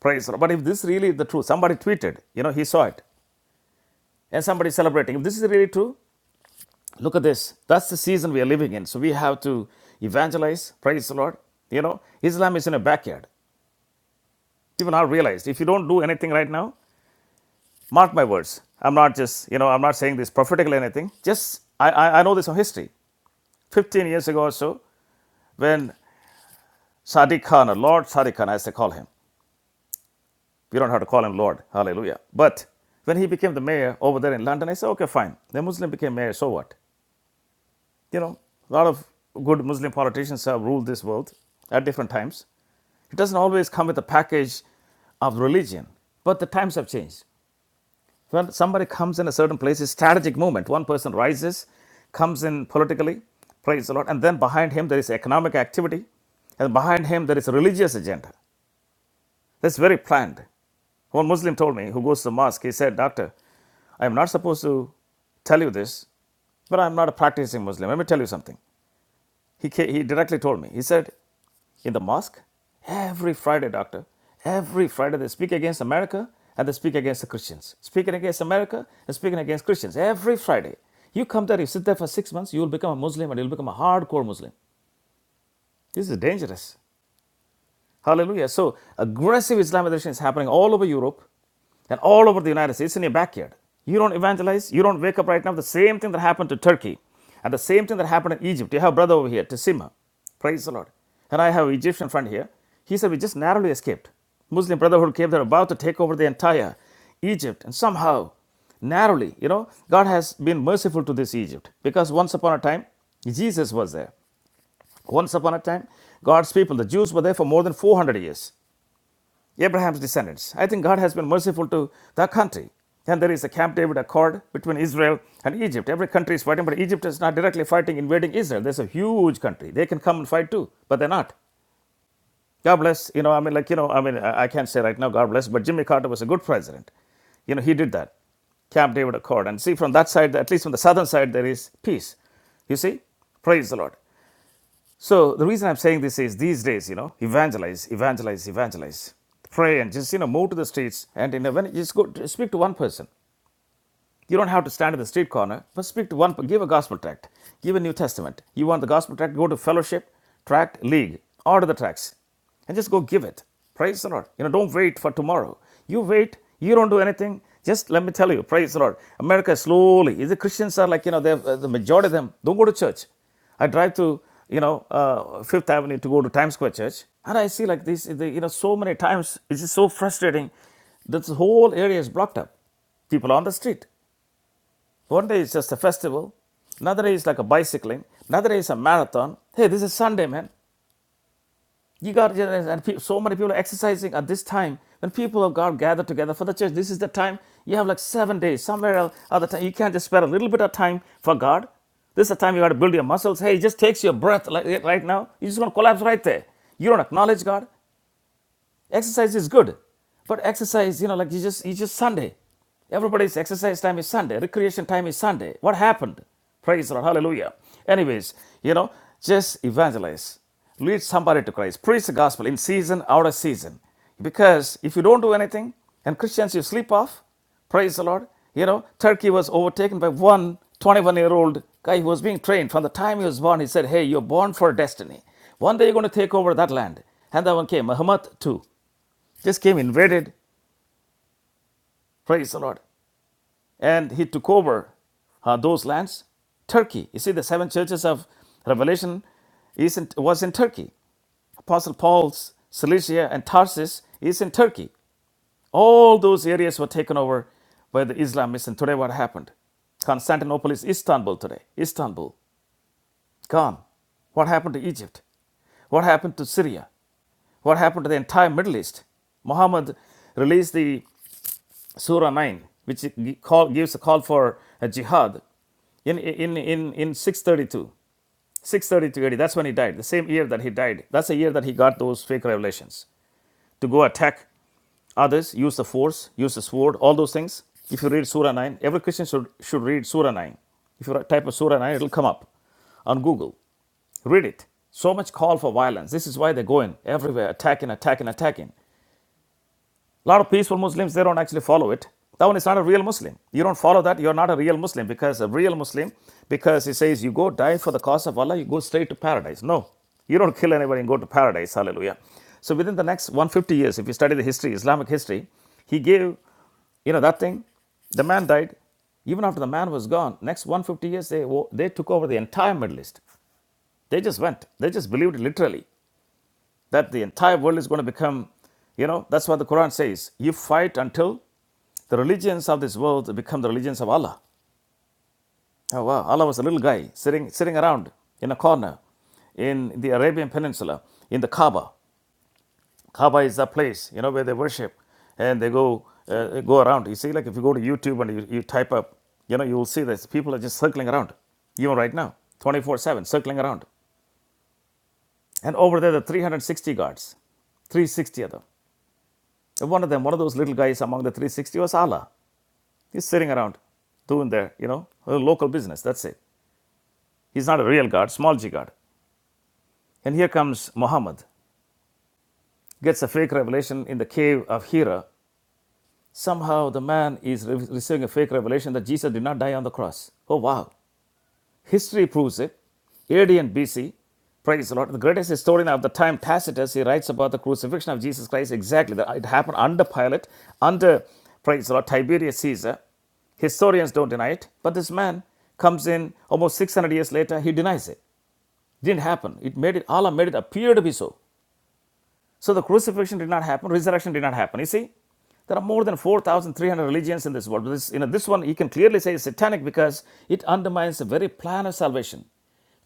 Praise the Lord. But if this really is the truth, somebody tweeted, you know, he saw it, and somebody celebrating. If this is really true, look at this. That's the season we are living in. So we have to evangelize. Praise the Lord. You know, Islam is in a backyard. People now realized if you don't do anything right now, mark my words. I'm not just, you know, I'm not saying this prophetically or anything. Just, I, I, I know this from history. 15 years ago or so, when Sadiq Khan, or Lord Sadiq Khan, as they call him, We don't have to call him Lord. Hallelujah. But when he became the mayor over there in London, I said, okay, fine. The Muslim became mayor, so what? You know, a lot of good Muslim politicians have ruled this world at different times. It doesn't always come with a package of religion, but the times have changed. When somebody comes in a certain place, it's a strategic movement. One person rises, comes in politically, praise the Lord, and then behind him there is economic activity, and behind him there is a religious agenda. That's very planned. One Muslim told me who goes to the mosque, he said, Doctor, I am not supposed to tell you this, but I'm not a practicing Muslim. Let me tell you something. He, he directly told me, he said, In the mosque, every Friday, doctor, every Friday they speak against America and they speak against the Christians. Speaking against America and speaking against Christians every Friday. You come there, you sit there for six months, you will become a Muslim and you'll become a hardcore Muslim. This is dangerous. Hallelujah. So aggressive Islamization is happening all over Europe and all over the United States It's in your backyard. You don't evangelize, you don't wake up right now. The same thing that happened to Turkey and the same thing that happened in Egypt. You have a brother over here, Tassima. Praise the Lord. And I have an Egyptian friend here. He said, We just narrowly escaped. Muslim Brotherhood came, they're about to take over the entire Egypt. And somehow, narrowly, you know, God has been merciful to this Egypt because once upon a time, Jesus was there. Once upon a time, God's people, the Jews, were there for more than 400 years. Abraham's descendants. I think God has been merciful to the country. And there is a Camp David Accord between Israel and Egypt. Every country is fighting, but Egypt is not directly fighting, invading Israel. There's a huge country. They can come and fight too, but they're not. God bless. You know, I mean, like, you know, I mean, I I can't say right now, God bless, but Jimmy Carter was a good president. You know, he did that. Camp David Accord. And see, from that side, at least from the southern side, there is peace. You see? Praise the Lord. So the reason I'm saying this is these days, you know, evangelize, evangelize, evangelize, pray, and just you know, move to the streets and you know, when you just go speak to one person. You don't have to stand in the street corner, but speak to one, give a gospel tract, give a New Testament. You want the gospel tract, go to fellowship, tract, league, order the tracts, and just go give it. Praise the Lord. You know, don't wait for tomorrow. You wait, you don't do anything. Just let me tell you, praise the Lord. America slowly, the Christians are like, you know, uh, the majority of them don't go to church. I drive to, you know, uh, Fifth Avenue to go to Times Square Church, and I see like this, the, you know, so many times, it's just so frustrating. This whole area is blocked up people on the street. One day it's just a festival, another day is like a bicycling, another day is a marathon. Hey, this is Sunday, man. You got and so many people are exercising at this time when people of God gather together for the church. This is the time you have like seven days somewhere else. Other time you can't just spare a little bit of time for God. This is the time you got to build your muscles. Hey, it just takes your breath like right now. You're just gonna collapse right there. You don't acknowledge God. Exercise is good, but exercise, you know, like you just it's just Sunday. Everybody's exercise time is Sunday. Recreation time is Sunday. What happened? Praise the Lord. Hallelujah. Anyways, you know, just evangelize. Lead somebody to Christ. Preach the gospel in season, out of season. Because if you don't do anything, and Christians you sleep off, praise the Lord. You know, Turkey was overtaken by one 21 year old guy who was being trained. From the time he was born, he said, Hey, you're born for destiny. One day you're going to take over that land. And that one came, Muhammad too just came, invaded, praise the Lord, and he took over uh, those lands. Turkey, you see, the seven churches of Revelation is in, was in Turkey. Apostle Paul's Cilicia and Tarsus is in Turkey. All those areas were taken over by the Islamists, and today what happened? Constantinople is Istanbul today. Istanbul, gone. What happened to Egypt? What happened to Syria? What happened to the entire Middle East? Muhammad released the Surah 9, which call, gives a call for a jihad in, in, in, in 632. 632 AD, that's when he died, the same year that he died. That's the year that he got those fake revelations to go attack others, use the force, use the sword, all those things. If you read Surah 9, every Christian should, should read Surah 9. If you type a Surah 9, it'll come up on Google. Read it. So much call for violence. This is why they're going everywhere, attacking, attacking, attacking. A lot of peaceful Muslims, they don't actually follow it. That one is not a real Muslim. You don't follow that, you're not a real Muslim because a real Muslim, because he says you go die for the cause of Allah, you go straight to paradise. No, you don't kill anybody and go to paradise. Hallelujah. So within the next 150 years, if you study the history, Islamic history, he gave, you know, that thing, the man died. Even after the man was gone, next 150 years, they, they took over the entire Middle East. They just went. They just believed it literally that the entire world is going to become, you know, that's what the Quran says. You fight until the religions of this world become the religions of Allah. Oh wow, Allah was a little guy sitting, sitting around in a corner in the Arabian Peninsula, in the Kaaba. Kaaba is the place, you know, where they worship and they go, uh, go around. You see, like if you go to YouTube and you, you type up, you know, you will see this. People are just circling around, even right now, 24 7, circling around. And over there, the 360 guards, 360 of them. one of them, one of those little guys among the 360 was Allah. He's sitting around doing their, you know, local business. That's it. He's not a real God, small g God. And here comes Muhammad, gets a fake revelation in the cave of Hira. Somehow the man is re- receiving a fake revelation that Jesus did not die on the cross. Oh, wow. History proves it. AD and BC, praise the Lord. The greatest historian of the time, Tacitus, he writes about the crucifixion of Jesus Christ exactly. It happened under Pilate, under, praise the Lord, Tiberius Caesar. Historians don't deny it, but this man comes in almost 600 years later, he denies it. It Didn't happen. It made it, Allah made it appear to be so. So the crucifixion did not happen, resurrection did not happen. You see, there are more than 4,300 religions in this world. This, you know, this one you can clearly say is satanic because it undermines the very plan of salvation.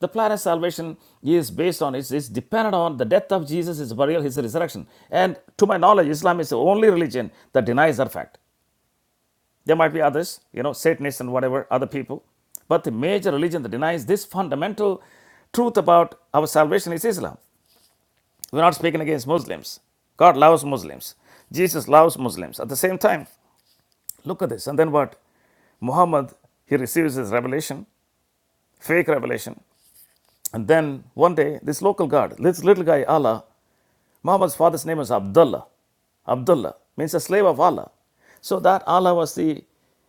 The plan of salvation is based on, is, is dependent on the death of Jesus, his burial, his resurrection. And to my knowledge, Islam is the only religion that denies that fact. There might be others, you know, Satanists and whatever, other people. But the major religion that denies this fundamental truth about our salvation is Islam. We're not speaking against Muslims. God loves Muslims. Jesus loves Muslims. At the same time, look at this. And then what? Muhammad, he receives his revelation, fake revelation. And then one day, this local guard, this little guy, Allah, Muhammad's father's name was Abdullah. Abdullah means a slave of Allah. So that Allah was the,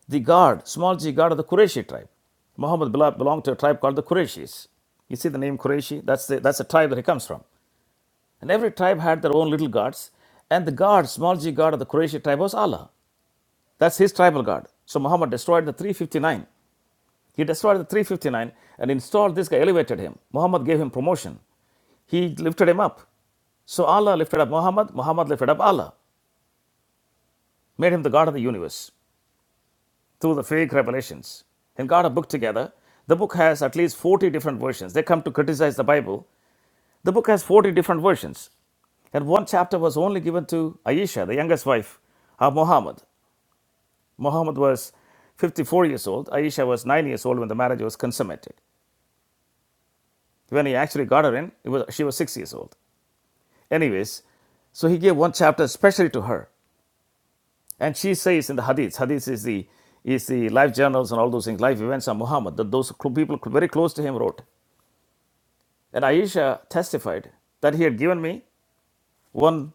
the guard, small g guard of the Qurayshi tribe. Muhammad belonged to a tribe called the Qurayshis. You see the name Qurayshi? That's the, that's the tribe that he comes from. And every tribe had their own little gods. And the god, small g god of the Quraysh tribe was Allah. That's his tribal god. So Muhammad destroyed the 359. He destroyed the 359 and installed this guy, elevated him. Muhammad gave him promotion. He lifted him up. So Allah lifted up Muhammad, Muhammad lifted up Allah, made him the God of the universe through the fake revelations. And got a book together. The book has at least 40 different versions. They come to criticize the Bible The book has 40 different versions, and one chapter was only given to Aisha, the youngest wife of Muhammad. Muhammad was 54 years old, Aisha was 9 years old when the marriage was consummated. When he actually got her in, it was, she was 6 years old. Anyways, so he gave one chapter especially to her. And she says in the hadith, hadith is the, is the life journals and all those things, life events of Muhammad, that those people very close to him wrote. And Aisha testified that he had given me one,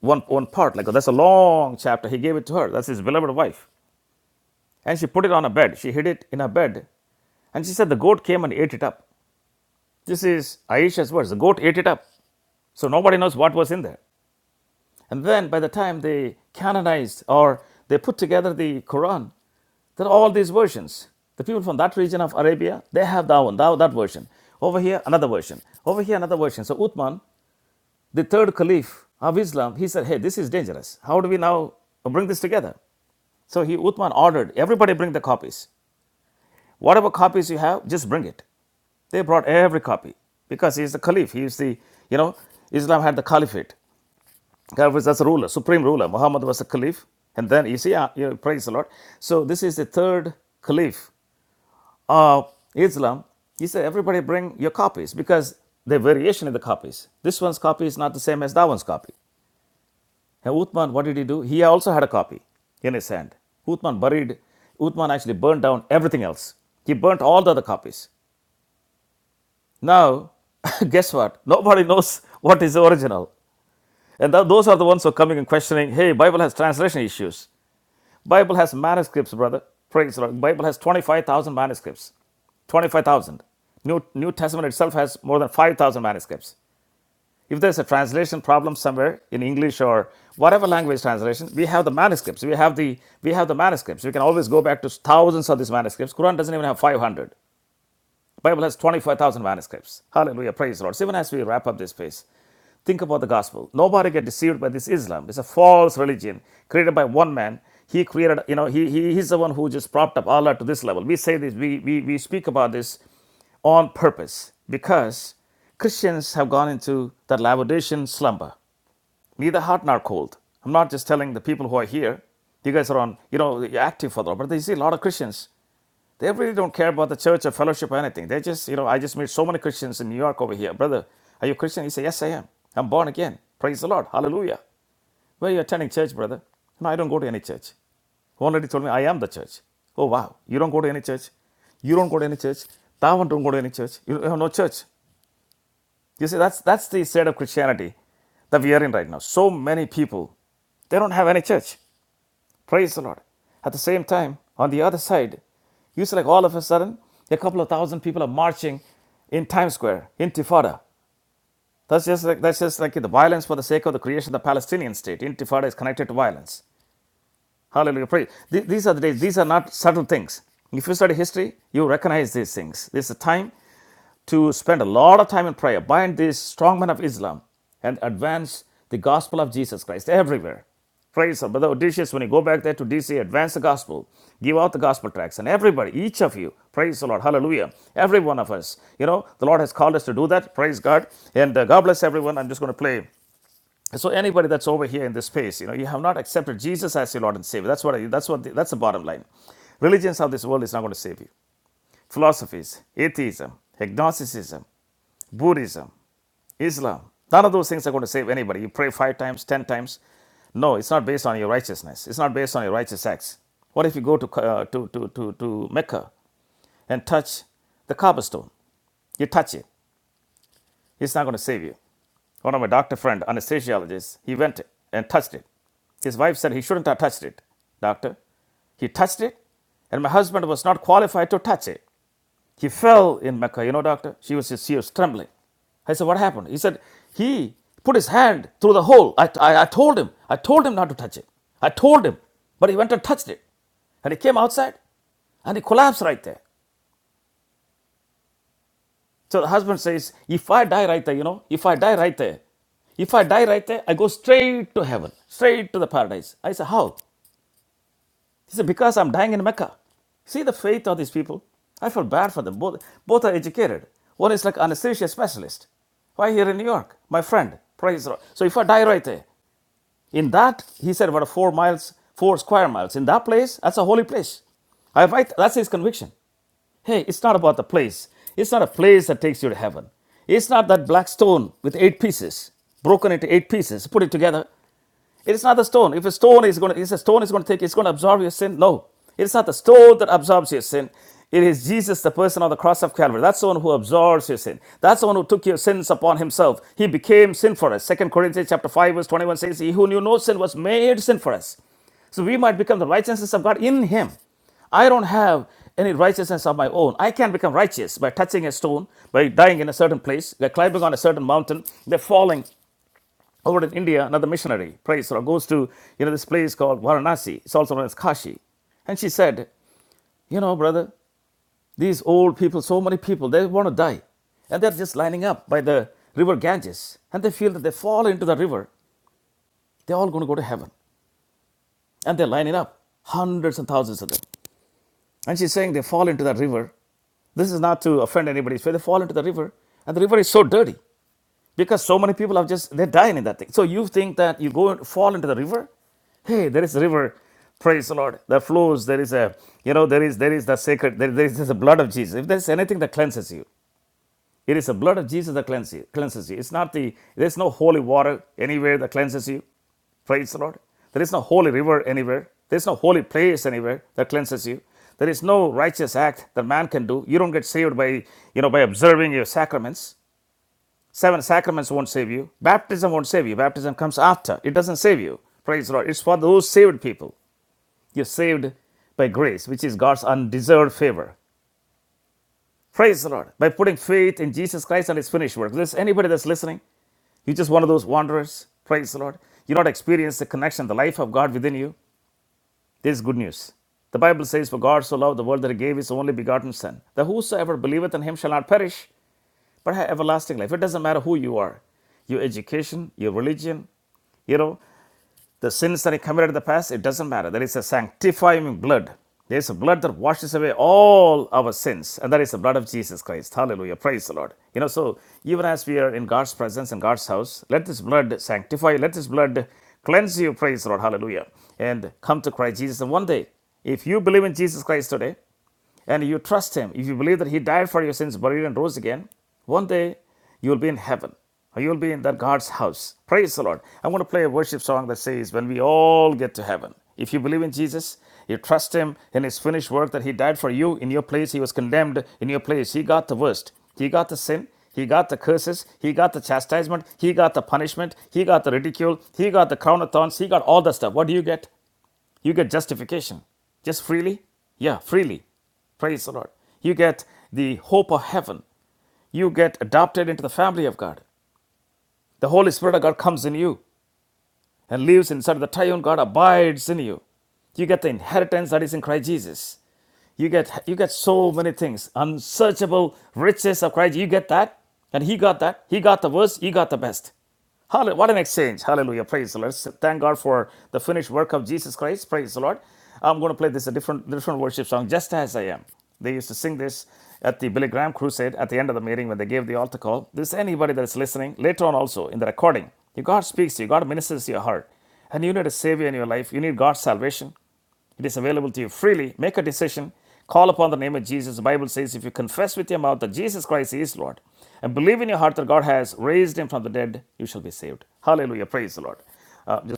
one, one part. Like that's a long chapter. He gave it to her. That's his beloved wife. And she put it on a bed. She hid it in a bed. And she said the goat came and ate it up. This is Aisha's words. The goat ate it up. So nobody knows what was in there. And then by the time they canonized or they put together the Quran, there are all these versions. The people from that region of Arabia, they have that one, that, that version. Over here, another version. Over here, another version. So Uthman the third caliph of Islam, he said, hey, this is dangerous. How do we now bring this together? So he, Uthman ordered, everybody bring the copies. Whatever copies you have, just bring it. They brought every copy because he is the caliph. He is the, you know, Islam had the caliphate. That was as a ruler, supreme ruler. Muhammad was a caliph. And then you see, uh, you know, praise the Lord. So this is the third caliph of Islam. He said, everybody bring your copies because the variation in the copies. This one's copy is not the same as that one's copy. And Uthman, what did he do? He also had a copy in his hand. Uthman buried, Uthman actually burned down everything else. He burnt all the other copies. Now, guess what? Nobody knows what is the original. And tho- those are the ones who are coming and questioning, hey, Bible has translation issues. Bible has manuscripts, brother. Praise the Lord. Bible has 25,000 manuscripts. 25,000. New, New Testament itself has more than 5,000 manuscripts. If there's a translation problem somewhere in English or whatever language translation, we have the manuscripts. We have the we have the manuscripts. We can always go back to thousands of these manuscripts. Quran doesn't even have 500. Bible has 25,000 manuscripts. Hallelujah, praise the Lord. So even as we wrap up this space, think about the gospel. Nobody get deceived by this Islam. It's a false religion created by one man. He created, you know, he, he he's the one who just propped up Allah to this level. We say this, we we, we speak about this on purpose because Christians have gone into that laudation slumber neither hot nor cold. I'm not just telling the people who are here. You guys are on, you know, active for the Lord. But you see a lot of Christians, they really don't care about the church or fellowship or anything. They just, you know, I just meet so many Christians in New York over here. Brother, are you a Christian? He said, Yes, I am. I'm born again. Praise the Lord. Hallelujah. Where are you attending church, brother? No, I don't go to any church. One lady told me, I am the church. Oh, wow. You don't go to any church? You don't go to any church? That one don't go to any church. You have no church. You see, that's that's the state of Christianity that we are in right now. So many people, they don't have any church. Praise the Lord. At the same time, on the other side, you see, like all of a sudden, a couple of thousand people are marching in Times Square, Intifada. That's just like that's just like the violence for the sake of the creation of the Palestinian state. Intifada is connected to violence. Hallelujah. Praise. These are the days. These are not subtle things. If you study history, you recognize these things. This is a time to spend a lot of time in prayer, bind these strong men of Islam, and advance the gospel of Jesus Christ everywhere. Praise the Brother Odysseus, when you go back there to DC, advance the gospel, give out the gospel tracts, and everybody, each of you, praise the Lord, hallelujah, every one of us. You know, the Lord has called us to do that, praise God, and uh, God bless everyone. I'm just going to play. So anybody that's over here in this space, you know, you have not accepted Jesus as your Lord and Savior. That's what I, that's what the, that's the bottom line. Religions of this world is not going to save you. Philosophies, atheism, agnosticism, Buddhism, Islam. None of those things are going to save anybody. You pray five times, ten times. No, it's not based on your righteousness. It's not based on your righteous acts. What if you go to, uh, to, to, to, to Mecca and touch the Kaaba stone? You touch it. It's not going to save you. One of my doctor friend, anesthesiologist, he went and touched it. His wife said he shouldn't have touched it. Doctor, he touched it, and my husband was not qualified to touch it. He fell in Mecca. You know, doctor, she was just, she was trembling. I said, what happened? He said, he put his hand through the hole. I, I, I told him. I told him not to touch it. I told him, but he went and touched it. And he came outside and he collapsed right there. So the husband says, if I die right there, you know, if I die right there, if I die right there, I go straight to heaven, straight to the paradise. I said, how? He said, Because I'm dying in Mecca. See the faith of these people? I feel bad for them. Both, both are educated. One is like anesthesia specialist. Why here in New York? My friend. Praise the Lord. So if I die right there, in that, he said about four miles, four square miles. In that place, that's a holy place. I write, that's his conviction. Hey, it's not about the place. It's not a place that takes you to heaven. It's not that black stone with eight pieces, broken into eight pieces, put it together. It is not the stone. If a stone is going to, it's a stone is going to take, it's going to absorb your sin. No, it is not the stone that absorbs your sin. It is Jesus, the person on the cross of Calvary. That's the one who absorbs your sin. That's the one who took your sins upon himself. He became sin for us. Second Corinthians chapter 5, verse 21 says, He who knew no sin was made sin for us. So we might become the righteousness of God in him. I don't have any righteousness of my own. I can not become righteous by touching a stone, by dying in a certain place, by climbing on a certain mountain, by falling over in India, another missionary, praise her, goes to you know this place called Varanasi. It's also known as Kashi. And she said, you know, brother, these old people, so many people, they want to die, and they're just lining up by the river Ganges, and they feel that they fall into the river, they're all going to go to heaven, and they're lining up, hundreds and thousands of them. And she's saying they fall into that river. This is not to offend anybody's faith. They fall into the river, and the river is so dirty. because so many people have just they're dying in that thing so you think that you go and fall into the river hey there is a river praise the lord that flows there is a you know there is there is the sacred there, there is the blood of jesus if there's anything that cleanses you it is the blood of jesus that cleanses you, cleanses you it's not the there's no holy water anywhere that cleanses you Praise the Lord. There is no holy river anywhere. There is no holy place anywhere that cleanses you. There is no righteous act that man can do. You don't get saved by, you know, by observing your sacraments. Seven sacraments won't save you. Baptism won't save you. Baptism comes after. It doesn't save you. Praise the Lord. It's for those saved people. You're saved by grace, which is God's undeserved favor. Praise the Lord. By putting faith in Jesus Christ and his finished work. If There's anybody that's listening. You're just one of those wanderers. Praise the Lord. You not experience the connection, the life of God within you. This is good news. The Bible says, For God so loved the world that he gave his only begotten Son, that whosoever believeth in him shall not perish, but have everlasting life. It doesn't matter who you are, your education, your religion, you know, the sins that I committed in the past, it doesn't matter. There is a sanctifying blood. There is a blood that washes away all our sins, and that is the blood of Jesus Christ. Hallelujah. Praise the Lord. You know, so even as we are in God's presence and God's house, let this blood sanctify, let this blood cleanse you. Praise the Lord. Hallelujah. And come to Christ Jesus. And one day, if you believe in Jesus Christ today, and you trust Him, if you believe that He died for your sins, buried, and rose again, one day you will be in heaven. You will be in that God's house. Praise the Lord. I'm going to play a worship song that says, When we all get to heaven. If you believe in Jesus, you trust Him in His finished work that He died for you in your place, He was condemned in your place. He got the worst. He got the sin. He got the curses. He got the chastisement. He got the punishment. He got the ridicule. He got the crown of thorns. He got all the stuff. What do you get? You get justification just freely. Yeah, freely. Praise the Lord. You get the hope of heaven. You get adopted into the family of God. The Holy Spirit of God comes in you and lives inside of the triune God, abides in you. You get the inheritance that is in Christ Jesus. You get you get so many things. Unsearchable riches of Christ. You get that. And he got that. He got the worst. He got the best. What an exchange. Hallelujah. Praise the Lord. Thank God for the finished work of Jesus Christ. Praise the Lord. I'm going to play this a different different worship song, Just As I Am. They used to sing this at the Billy Graham crusade at the end of the meeting when they gave the altar call. This is anybody that's listening later on also in the recording. If God speaks to you, God ministers to your heart. And you need a savior in your life. You need God's salvation. It is available to you freely. Make a decision. Call upon the name of Jesus. The Bible says, if you confess with your mouth that Jesus Christ is Lord and believe in your heart that God has raised him from the dead, you shall be saved. Hallelujah. Praise the Lord. Uh, just-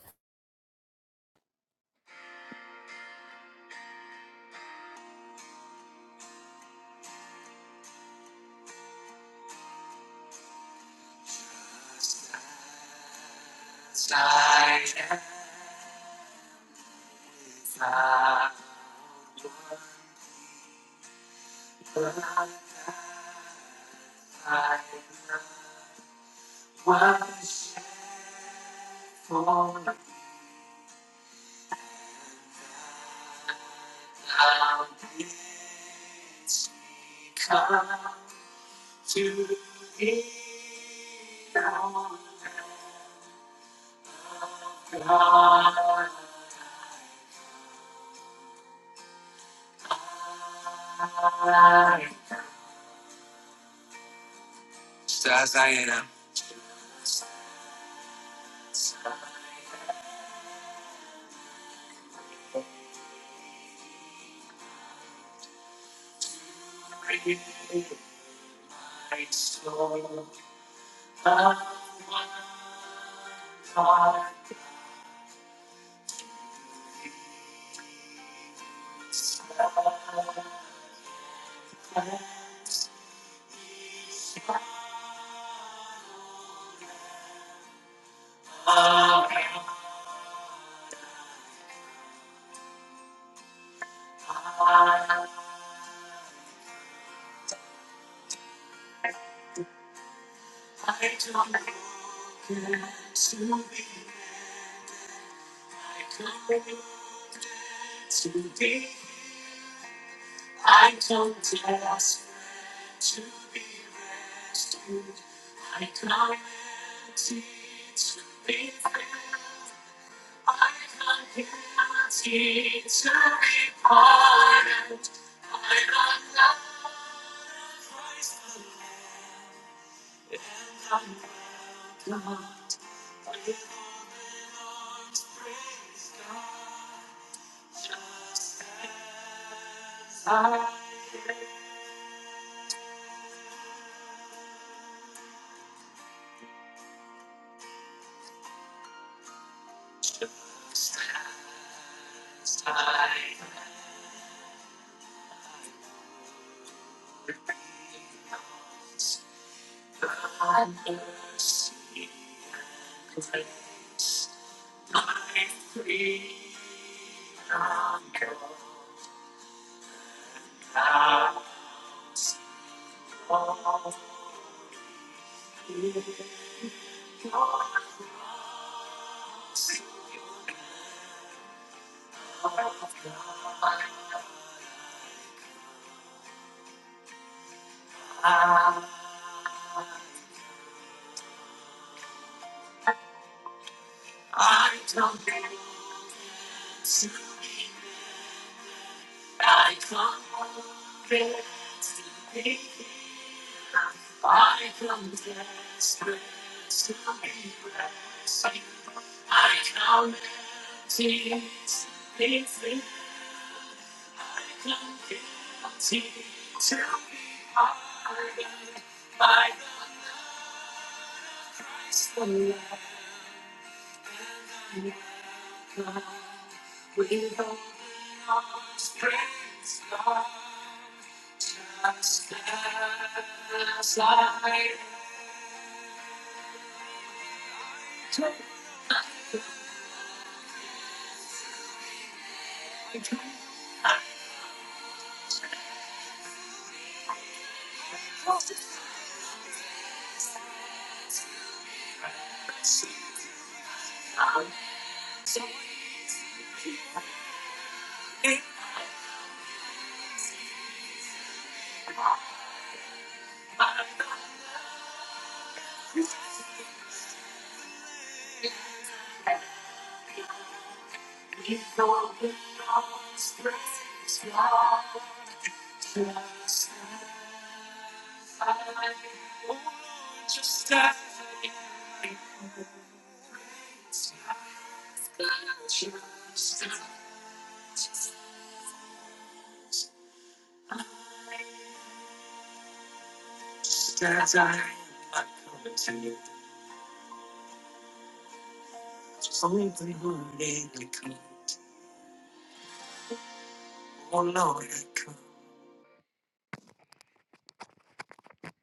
as I am.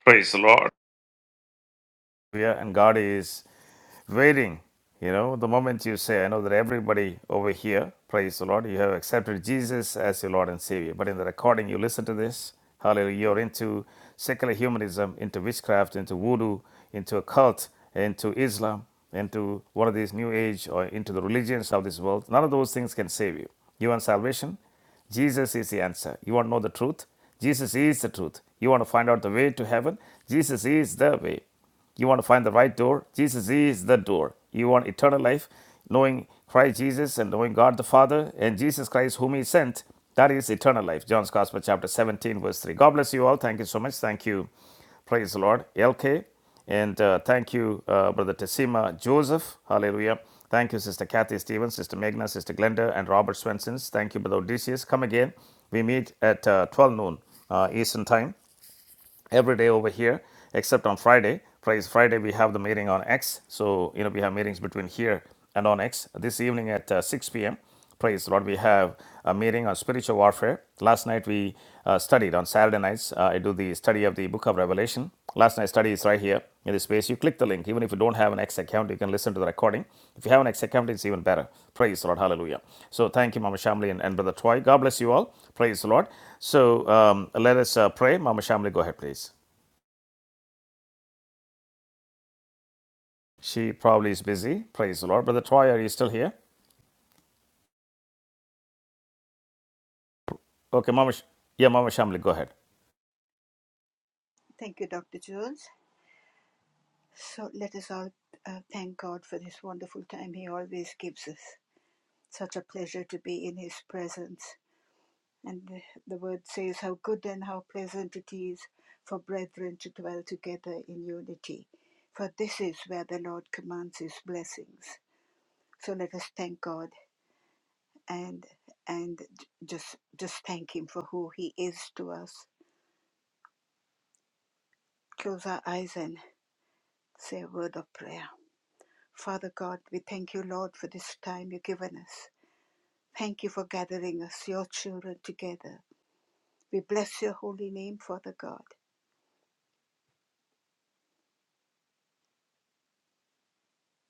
Praise the Lord. Yeah, And God is waiting. You know, the moment you say, I know that everybody over here, praise the Lord, you have accepted Jesus as your Lord and Savior. But in the recording, you listen to this, hallelujah, you're into secular humanism, into witchcraft, into voodoo, into a cult, into Islam, into one of these new age or into the religions of this world. None of those things can save you. You want salvation? Jesus is the answer. You want to know the truth? Jesus is the truth. You want to find out the way to heaven? Jesus is the way. You want to find the right door? Jesus is the door. You want eternal life? Knowing Christ Jesus and knowing God the Father and Jesus Christ, whom He sent, that is eternal life. John's Gospel, chapter 17, verse 3. God bless you all. Thank you so much. Thank you. Praise the Lord. LK. And uh, thank you, uh, Brother Tesima Joseph. Hallelujah. Thank you, Sister Kathy Stevens, Sister Meghna, Sister Glenda, and Robert Swensons. Thank you, Brother Odysseus. Come again. We meet at uh, 12 noon uh, Eastern Time every day over here except on Friday. Fridays, Friday we have the meeting on X. So you know we have meetings between here and on X this evening at uh, 6 p.m. Praise the Lord. We have a meeting on spiritual warfare. Last night we uh, studied on Saturday nights. Uh, I do the study of the Book of Revelation. Last night's study is right here in this space. You click the link. Even if you don't have an X account, you can listen to the recording. If you have an X account, it's even better. Praise the Lord. Hallelujah. So thank you, Mama Shamli and, and Brother Troy. God bless you all. Praise the Lord. So um, let us uh, pray. Mama Shamli, go ahead, please. She probably is busy. Praise the Lord. Brother Troy, are you still here? Okay, Mama. Sh- yeah, Mama Shamli, go ahead. Thank you, Dr. Jones. So let us all uh, thank God for this wonderful time He always gives us. Such a pleasure to be in His presence. And the, the word says, How good and how pleasant it is for brethren to dwell together in unity. For this is where the Lord commands His blessings. So let us thank God and and just just thank Him for who He is to us. Close our eyes and say a word of prayer. Father God, we thank you, Lord, for this time you've given us. Thank you for gathering us, your children, together. We bless your holy name, Father God.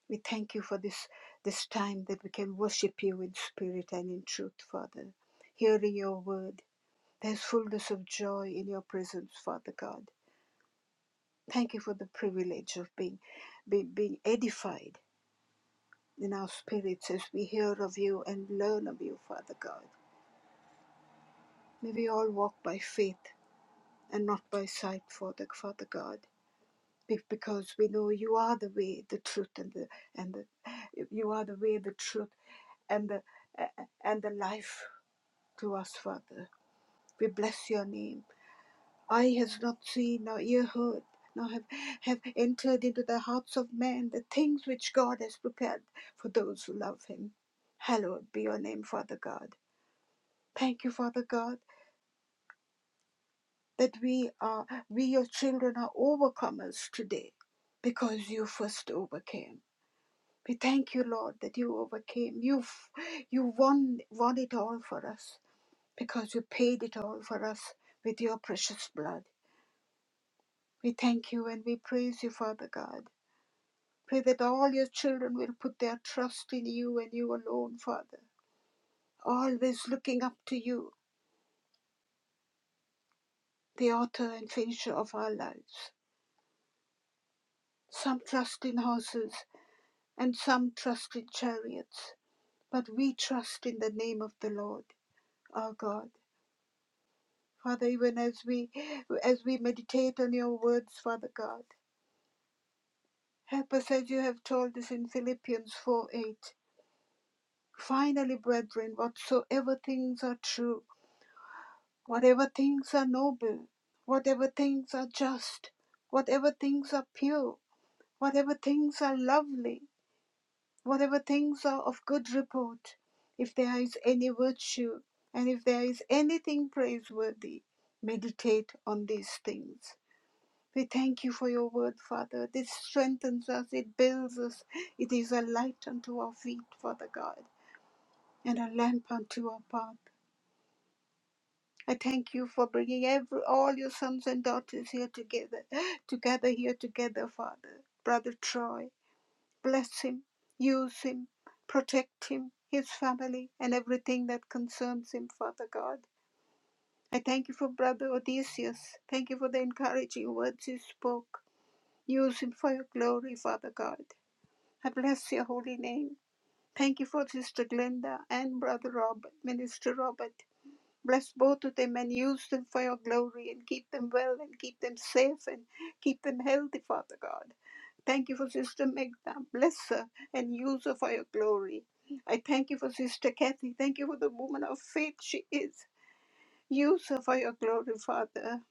We thank you for this, this time that we can worship you in spirit and in truth, Father. Hearing your word, there's fullness of joy in your presence, Father God. Thank you for the privilege of being, be, being edified in our spirits as we hear of you and learn of you, Father God. May we all walk by faith and not by sight, Father, Father God. Because we know you are the way, the truth, and the and the you are the way, the truth, and the and the life to us, Father. We bless your name. Eye has not seen, nor ear heard, nor have, have entered into the hearts of men the things which God has prepared for those who love him. Hallowed be your name, Father God. Thank you, Father God, that we are we your children are overcomers today because you first overcame we thank you lord that you overcame you you won won it all for us because you paid it all for us with your precious blood we thank you and we praise you father god pray that all your children will put their trust in you and you alone father always looking up to you the author and finisher of our lives some trust in horses and some trust in chariots, but we trust in the name of the Lord our God. Father, even as we as we meditate on your words, Father God, help us as you have told us in Philippians 4 8. Finally, brethren, whatsoever things are true, whatever things are noble, whatever things are just, whatever things are pure, whatever things are lovely, whatever things are of good report, if there is any virtue, and if there is anything praiseworthy, meditate on these things. We thank you for your word, Father. This strengthens us, it builds us, it is a light unto our feet, Father God, and a lamp unto our path. I thank you for bringing every, all your sons and daughters here together, together here together, Father. Brother Troy, Bless him, use him, protect him, his family, and everything that concerns him, Father God. I thank you for Brother Odysseus. Thank you for the encouraging words you spoke. Use him for your glory, Father God. I bless your holy name. Thank you for Sister Glenda and Brother Robert, Minister Robert. Bless both of them and use them for your glory and keep them well and keep them safe and keep them healthy, Father God. Thank you for Sister Megna. Bless her and use her for your glory. I thank you for Sister Kathy. Thank you for the woman of faith she is. Use her for your glory, Father.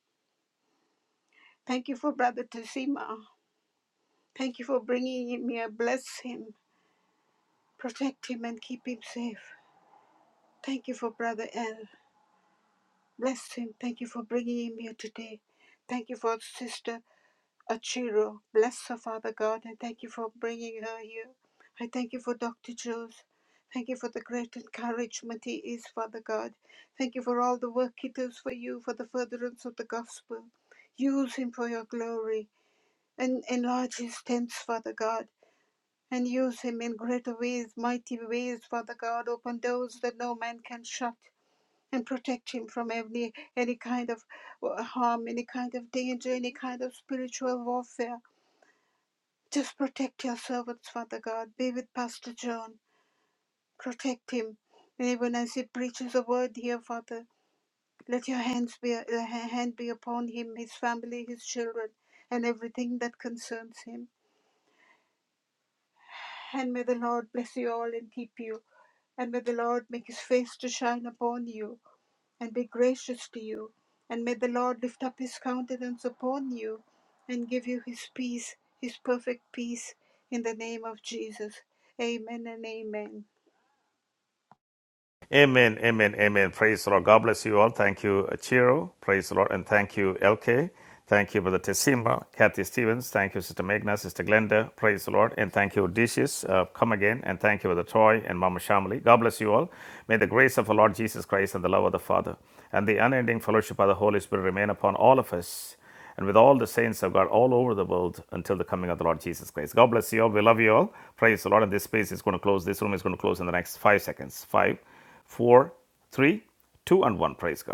Thank you for Brother Tazima. Thank you for bringing him here. Bless him, protect him, and keep him safe. Thank you for Brother L. Bless him. Thank you for bringing him here today. Thank you for Sister Achiro. Bless her, Father God. I thank you for bringing her here. I thank you for Dr. Jules. Thank you for the great encouragement he is, Father God. Thank you for all the work he does for you, for the furtherance of the gospel. Use him for your glory and enlarge his tents, Father God. And use him in greater ways, mighty ways, Father God. Open doors that no man can shut and protect him from any, any kind of uh, harm, any kind of danger, any kind of spiritual warfare. Just protect your servants, Father God. Be with Pastor John. Protect him. And even as he preaches a word here, Father, let your hands be uh, ha- hand be upon him, his family, his children, and everything that concerns him. And may the Lord bless you all and keep you. And may the Lord make his face to shine upon you and be gracious to you. And may the Lord lift up his countenance upon you and give you his peace, his perfect peace, in the name of Jesus. Amen and amen. Amen, amen, amen. Praise the Lord. God bless you all. Thank you, Chiro. Praise the Lord. And thank you, LK. Thank you, Brother Tesima, Kathy Stevens. Thank you, Sister Magna, Sister Glenda. Praise the Lord. And thank you, Odysseus. Uh, come again. And thank you, Brother Troy and Mama Shamali. God bless you all. May the grace of our Lord Jesus Christ and the love of the Father and the unending fellowship of the Holy Spirit remain upon all of us and with all the saints of God all over the world until the coming of the Lord Jesus Christ. God bless you all. We love you all. Praise the Lord. And this space is going to close. This room is going to close in the next five seconds. Five four, three, two, and one. Praise God.